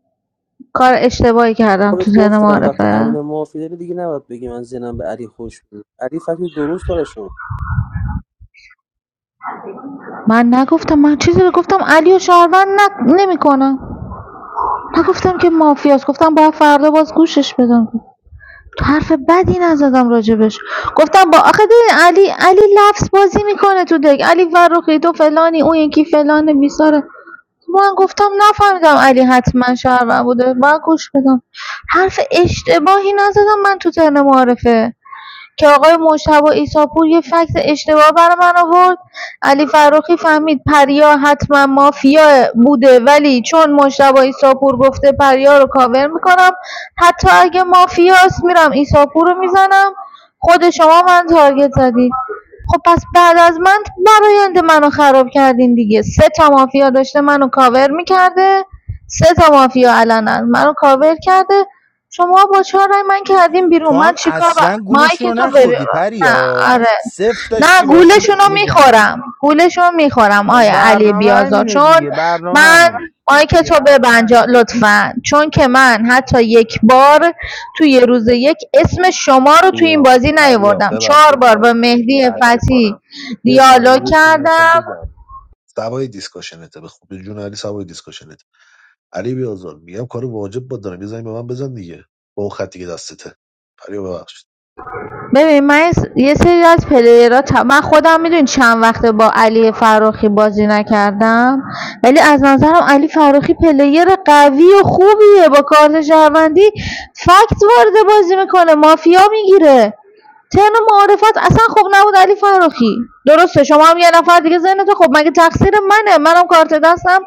کار اشتباهی کردم تو خودت ذهن گفتم وقتی امین معارفه و معافی داره دیگه نباید بگی من زنم به علی خوش بود علی فکر درست کارش رو من نگفتم من چیزی رو گفتم علی و شهروند نمیکنم نگفتم که مافیاست گفتم باید فردا باز گوشش بدم حرف بدی نزدم راجبش گفتم با آخه علی علی لفظ بازی میکنه تو دک علی فرخی تو فلانی اون یکی فلانه بیساره من گفتم نفهمیدم علی حتما شهرون بوده باید گوش بدم حرف اشتباهی نزدم من تو ترن معارفه که آقای مجتبی عیساپور یه فکت اشتباه برا من آورد علی فروخی فهمید پریا حتما مافیا بوده ولی چون مجتبی عیساپور گفته پریا رو کاور میکنم حتی اگه مافیاست میرم عیساپور رو میزنم خود شما من تارگت زدید خب پس بعد از من برایند منو خراب کردین دیگه سه تا مافیا داشته منو کاور میکرده سه تا مافیا علنا منو کاور کرده شما با چهار رای من کردیم تو بیرون من هم چیکار با... اصلا گولشون رو مایک تو ببین نخوردی نه پریا آره صفر نه داشتی باشون گولشون میجنگی میخورم گولشون میخورم آیا علی برنامه بیازار همینه چون دیگه برنامه من همینه آیا که تو ببند جا- لطفا چون که من حتی یک بار توی یه روز یک اسم شما رو توی این بیا بازی پریا نیاوردم چهار ببخشید بار با من مهدی قطع میکنم فتحی یه دیالوگ ثانیه یه چیزی کردم میخوام بگم سوای دیسکاشنته به خوبی جون علی سوای دیسکاشنت علی بیازار میگم کار واجب با دارم یه زنگ به من بزن دیگه با اون خطی که دستته پریا ببخشید ببین من یه سری از پلیرها تا- من خودم میدونی چند وقته با علی فراخی بازی نکردم ولی از نظرم علی فراخی پلیر قوی و خوبیه با کارت شهروندی فکت وارد بازی میکنه مافیا میگیره تن معارفت اصلا خوب نبود علی فراخی درسته شما هم یه نفر دیگه ذهنتو خب مگه تقصیر منه منم کارت دستم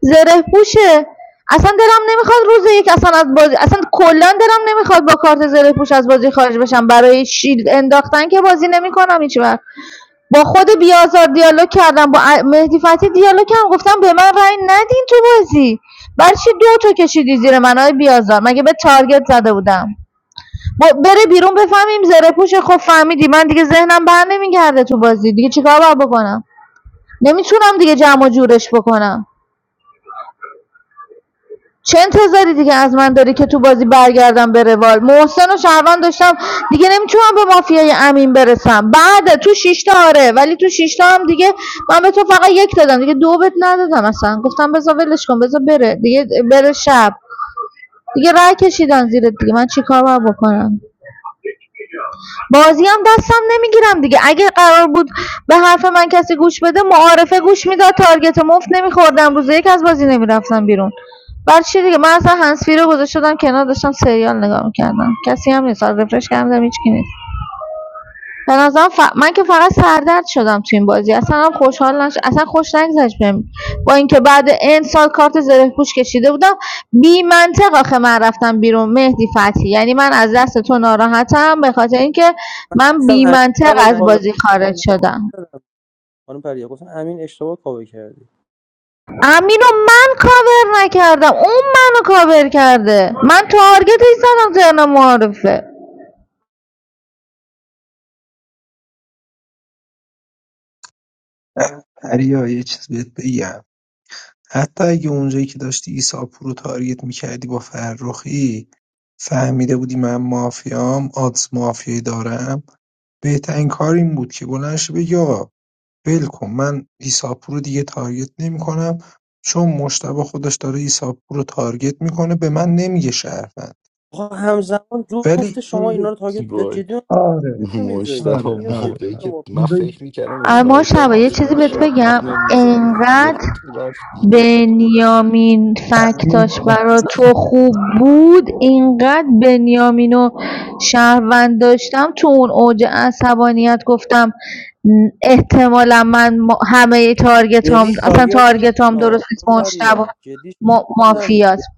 زره پوشه اصلا دلم نمیخواد روز یک اصلا از بازی اصلا کلا دلم نمیخواد با کارت زره پوش از بازی خارج بشم برای شیلد انداختن که بازی نمیکنم هیچ وقت با خود بیازار دیالوگ کردم با ا- مهدی فتی دیالوگ کردم گفتم به من رأی ندین تو بازی برای چی دو تا کشیدی زیر من های بیازار مگه به تارگت زده بودم با بره بیرون بفهمیم زره پوش خب فهمیدی من دیگه ذهنم بر نمیگرده تو بازی دیگه چیکار باید بکنم نمیتونم دیگه جمع و جورش بکنم چه انتظاری دیگه از من داری که تو بازی برگردم به روال محسن و شهروند داشتم دیگه نمیتونم به مافیای امین برسم بعد تو شیشتا آره ولی تو شیشتا هم دیگه من به تو فقط یک دادم دیگه دو بهت ندادم اصلا گفتم بذار ولش کن بذار بره دیگه بره شب دیگه رای کشیدن زیرت دیگه من چیکار باید بکنم بازی هم دستم نمیگیرم دیگه اگه قرار بود به حرف من کسی گوش بده معارفه گوش میداد تارگت مفت نمیخوردم روز یک از بازی نمیرفتم بیرون بر چی دیگه من اصلا هنسفی رو گذاشت شدم کنار داشتم سریال نگاه میکردم کسی هم نیست آره، رفرش کردم دیدم هیچکی نیست به نظرم ف- من که فقط سردرد شدم تو این بازی اصلا خوشحال نش... اصلا خوش نگذشت بهم با اینکه بعد این سال کارت زره پوش کشیده بودم بی منطق آخه من رفتم بیرون مهدی فتی یعنی من از دست تو ناراحتم به خاطر اینکه من گفتم بی امین منطق نباید از کاور بازی خارج شدم میکرد خانم پریا گفتن امین اشتباه کاوه کردی امینو من کاور نکردم اون منو کاور کرده من تارگتش زدم ترن معارفه پریا یه چیز بهت بگم حتی اگه اونجایی که داشتی عیسی پورو تارگت میکردی با فرخی فهمیده بودی من مافیام آدز مافیایی دارم بهترین کار این بود که بلند شی بگی آقا ول کن من عیسی پورو دیگه تارگت نمیکنم چون مشتبه خودش داره عیسی پورو تارگت میکنه به من نمیگه شهروند آقا همزمان جفت ولی شما اینا اون رو تاگت به وای جدی من آره گفتم یه جایی مشتبه آره میاد زیر آره موقعی پوست آره که من اونجا رو فکر میکردم اما اسنایپر شبا یه چیزی حتما بهت شب بگم منو میزنه یه انقدر تو رفتی بنیامین همین فکتاش برا تو خوب بود اینقدر بنیامینو و شهروند داشتم تو اون اوج عصبانیت گفتم احتمالا من ما- همه تارگتام یعنی اصلا شاگرد من تارگتام آه، درست نیست خانم مشتبه پریا جدی ما- شاگرد من مافیاست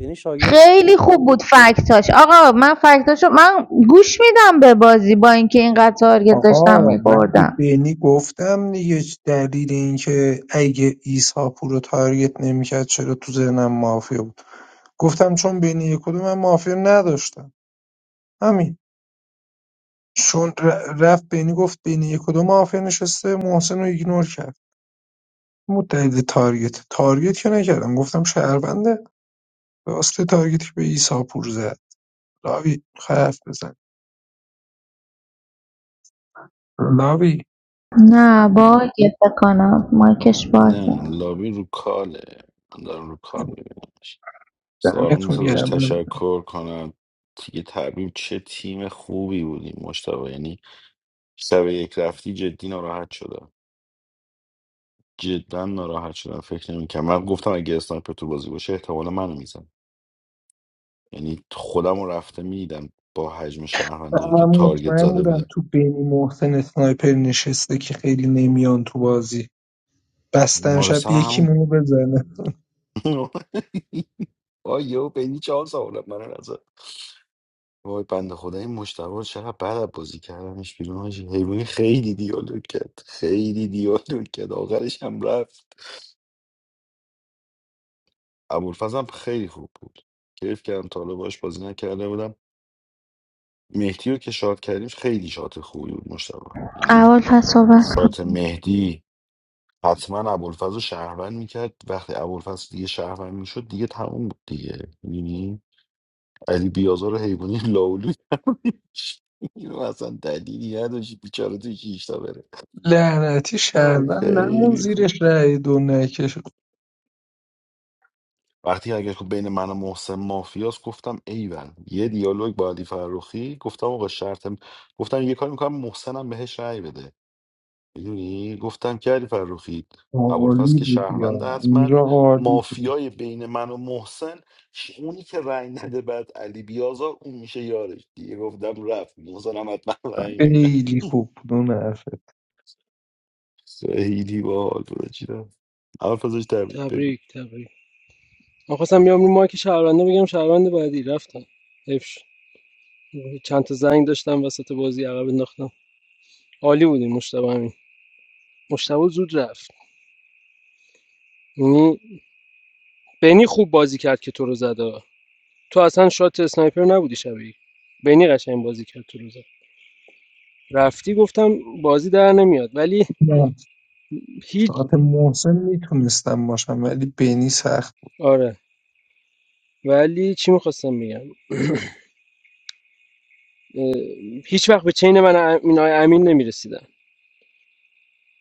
یعنی شاگرد خیلی خوب بود فکتاش آقا من فکتاشو من گوش میدم به بازی با اینکه اینقدر تارگت داشتم آقا من به میخوردم بینی گفتم دیگه چه دلیل اینکه اگه ایسا رو تارگت نمیکرد چرا تو ذهنم مافیا بود گفتم چون بینی یک و دو من مافیا نداشتم همین چون ر- رفت بینی گفت بینی یک و دو مافیا نشسته محسن رو ایگنور کرد بود دلیل تارگت تارگت که نکردم گفتم شهربنده راسته تارگتی که به ایسا پور زد لاوی خرف بزن لاوی نه باید بکنم کنم مایکش بازه نه لابی رو کاله من دارم رو کال ببینمش سارا دمتون موسا داشت گرم تشکر کنم دیگه تبریم چه تیم خوبی بودیم مشتبه یعنی شب یک رفتی جدی ناراحت شدم جدا ناراحت شدم فکر نمیکنم من گفتم اگه اسنایپر تو بازی باشه احتمالا منو میزن یعنی خودم رو رفته میدم با حجم شهروندایی که من تارگت مطمئن زده بودم بودن تو بینی محسن اسنایپر نشسته که خیلی نمیان تو بازی بستن ما رو شب سر یکی همون منو بزنه آیو بینی چهار سوالم من نزد وای بنده خدا این مجتبی رو چقدر بد بازی کردمش بیرون حاجی. حیوانی خیلی دیالوگ کرد خیلی دیالوگ کرد آخرش هم رفت ابوالفضل هم خیلی خوب بود کیف کردم تا حالا باهاش بازی نکرده بودم مهدی رو که شاد کردیم خیلی شات خوبی بود مجتبی یعنی اول پس صحبت شات مهدی حتما ابوالفضل رو شهروند میکرد وقتی ابوالفضل دیگه شهروند میشد دیگه تموم بود دیگه یعنی علی بیازار رو حیوانی لاولو کردیمش. اینو اصلا دلیلی نداشت بیچاره توی کیشتا بره لعنتی آی شهروند نمون خیلی خوب زیرش رای دو نکش وقتی اگه خب بین من و محسن مافیاس گفتم ایول یه دیالوگ با علی فرخی گفتم آقا شرطم گفتم یه کار میکنم محسنم بهش رأی بده میدونی گفتم که علی فرخی ابوالفضل عالی که بود شهروند یا حتما اینجا عالی بود مافیای بین من و محسن ش- اونی که رأی نده بعد علی بیازار اون میشه یارش دیگه گفتم رفت محسنم حتما رأی اینه خیلی خوب بود اون حرفت خیلی باحال بود چیدم ابوالفضل جان، تبریک تبریک تبریک من خواستم بیام رو مایک شهرونده بگم شهرونده بعدی رفتم حیف شد. چند تا زنگ داشتم وسط بازی عقب انداختم عالی بودیم مشتبه همین مشتبه زود رفت یعنی بنی خوب بازی کرد که تو رو زد آه. تو اصلا شات اسنایپر نبودی شبیه بنی قشنگ بازی کرد تو رو زد رفتی گفتم بازی در نمیاد ولی نه، هیچ شاید محسن میتونستم باشم ولی بینی سخت بود. آره ولی چی میخواستم بگم اه، هیچ وقت به چین من ام- اینای امین نمیرسیدم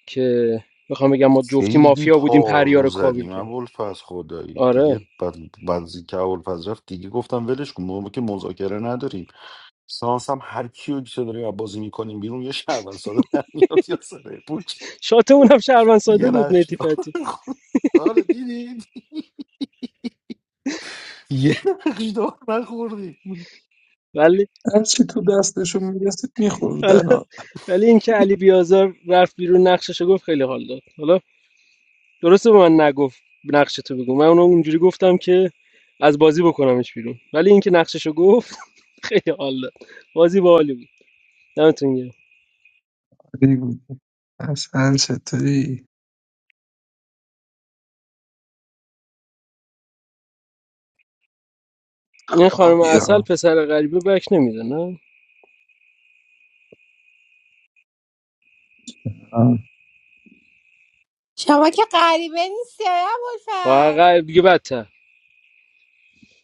که بخوام بگم ما جفتی خیلی مافیا بودیم پریا پارو رو کابل زدیم کرد ابوالفضل خدایی دیگه آره بعد بعد از اینکه ابوالفضل رفت دیگه گفتم ولش کن ما که مذاکره نداریم سانس هم هر کیو که داریم بازی میکنیم بیرون یه شهروند ساده در میاد یا سره پوچ شاتمون هم شهروند ساده یه بود نقش مهدی دار فتی آره دیدید یه نقش دار نخوردیم ولی هرچی تو دستشون میرسید حالا میخوردن ولی اینکه علی بیازار رفت بیرون نقشش گفت خیلی حال داد حالا درسته به من نگفت نقش تو بگو من اونو اونجوری گفتم که از بازی بکنمش بیرون ولی اینکه نقششو گفت خیلی حال داد بازی باحالی بود دمتون گرم عالی بود از هر چطوری این خانم اصل آبیا پسر غریبه بک نمیده نه شما که غریبه نیستی آیا با ابوالفضل غریب دیگه بدتر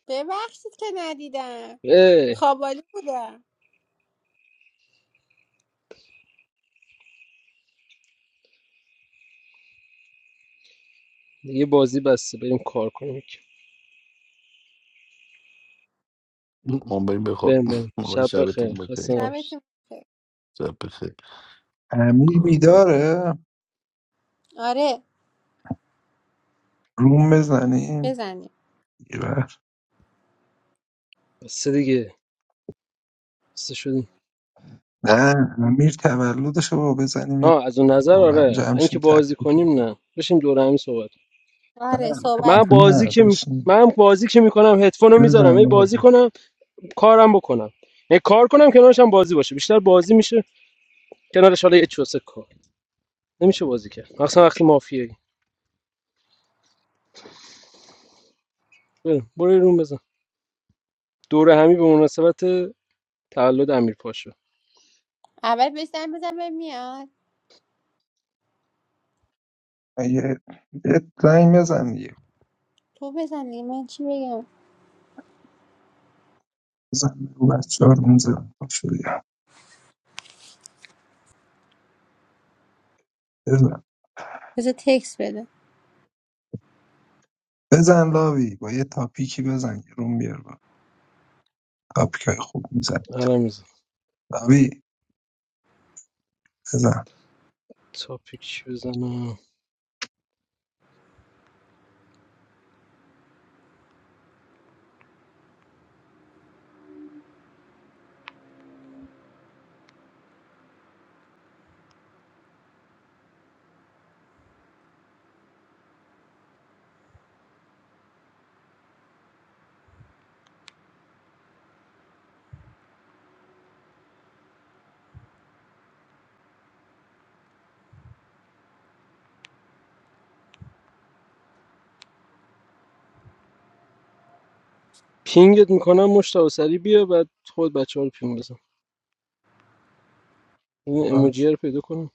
ببخشید که ندیدم اه، خوابالی بودم دیگه بازی بسته بریم کار کنیم ما بریم بریم بخوابیم بریم ما شب بخیر شبتون خسته بخیر نباشید شبتون بخیر شب امیر بخیر بیداره آره روم بزنیم بزنیم یه وقت بسته دیگه خسته شدیم نه امیر تولدش رو بزنیم یه ها از اون نظر دوره هم آره جمع اینکه شیم بازی تبریک کنیم نه بشیم دور همی صحبت کنیم. آره نه من صحبت خلاصه کنیم بازی نه که می- بشین من بازی که میکنم هدفون رو میذارم بزن هی بابا. بازی کنم کارم بکنم یعنی کار کنم کنارش هم بازی باشه بیشتر بازی میشه کنارش حالا یه چوسه کار نمیشه بازی کرد مخصوصا وقتی مافیایی بریم برو یه روم بزن دور همی به مناسبت تولد امیر پاشو اول بزن بزن به میاد یه یه زنگ بزن دیگه تو بزنی من چی بگم بزن رو بچه ها رو میزن بزن بذار تکس بده بزن لاوی با یه تاپیکی بزن که روم بیار با تاپیک های خوب میزن الان میزن لاوی بزن تاپیک چی بزنم پینگت میکنم مشتاق سری بیا بعد خود بچه ها رو پینگ بزن این اموجیه رو پیدا کنم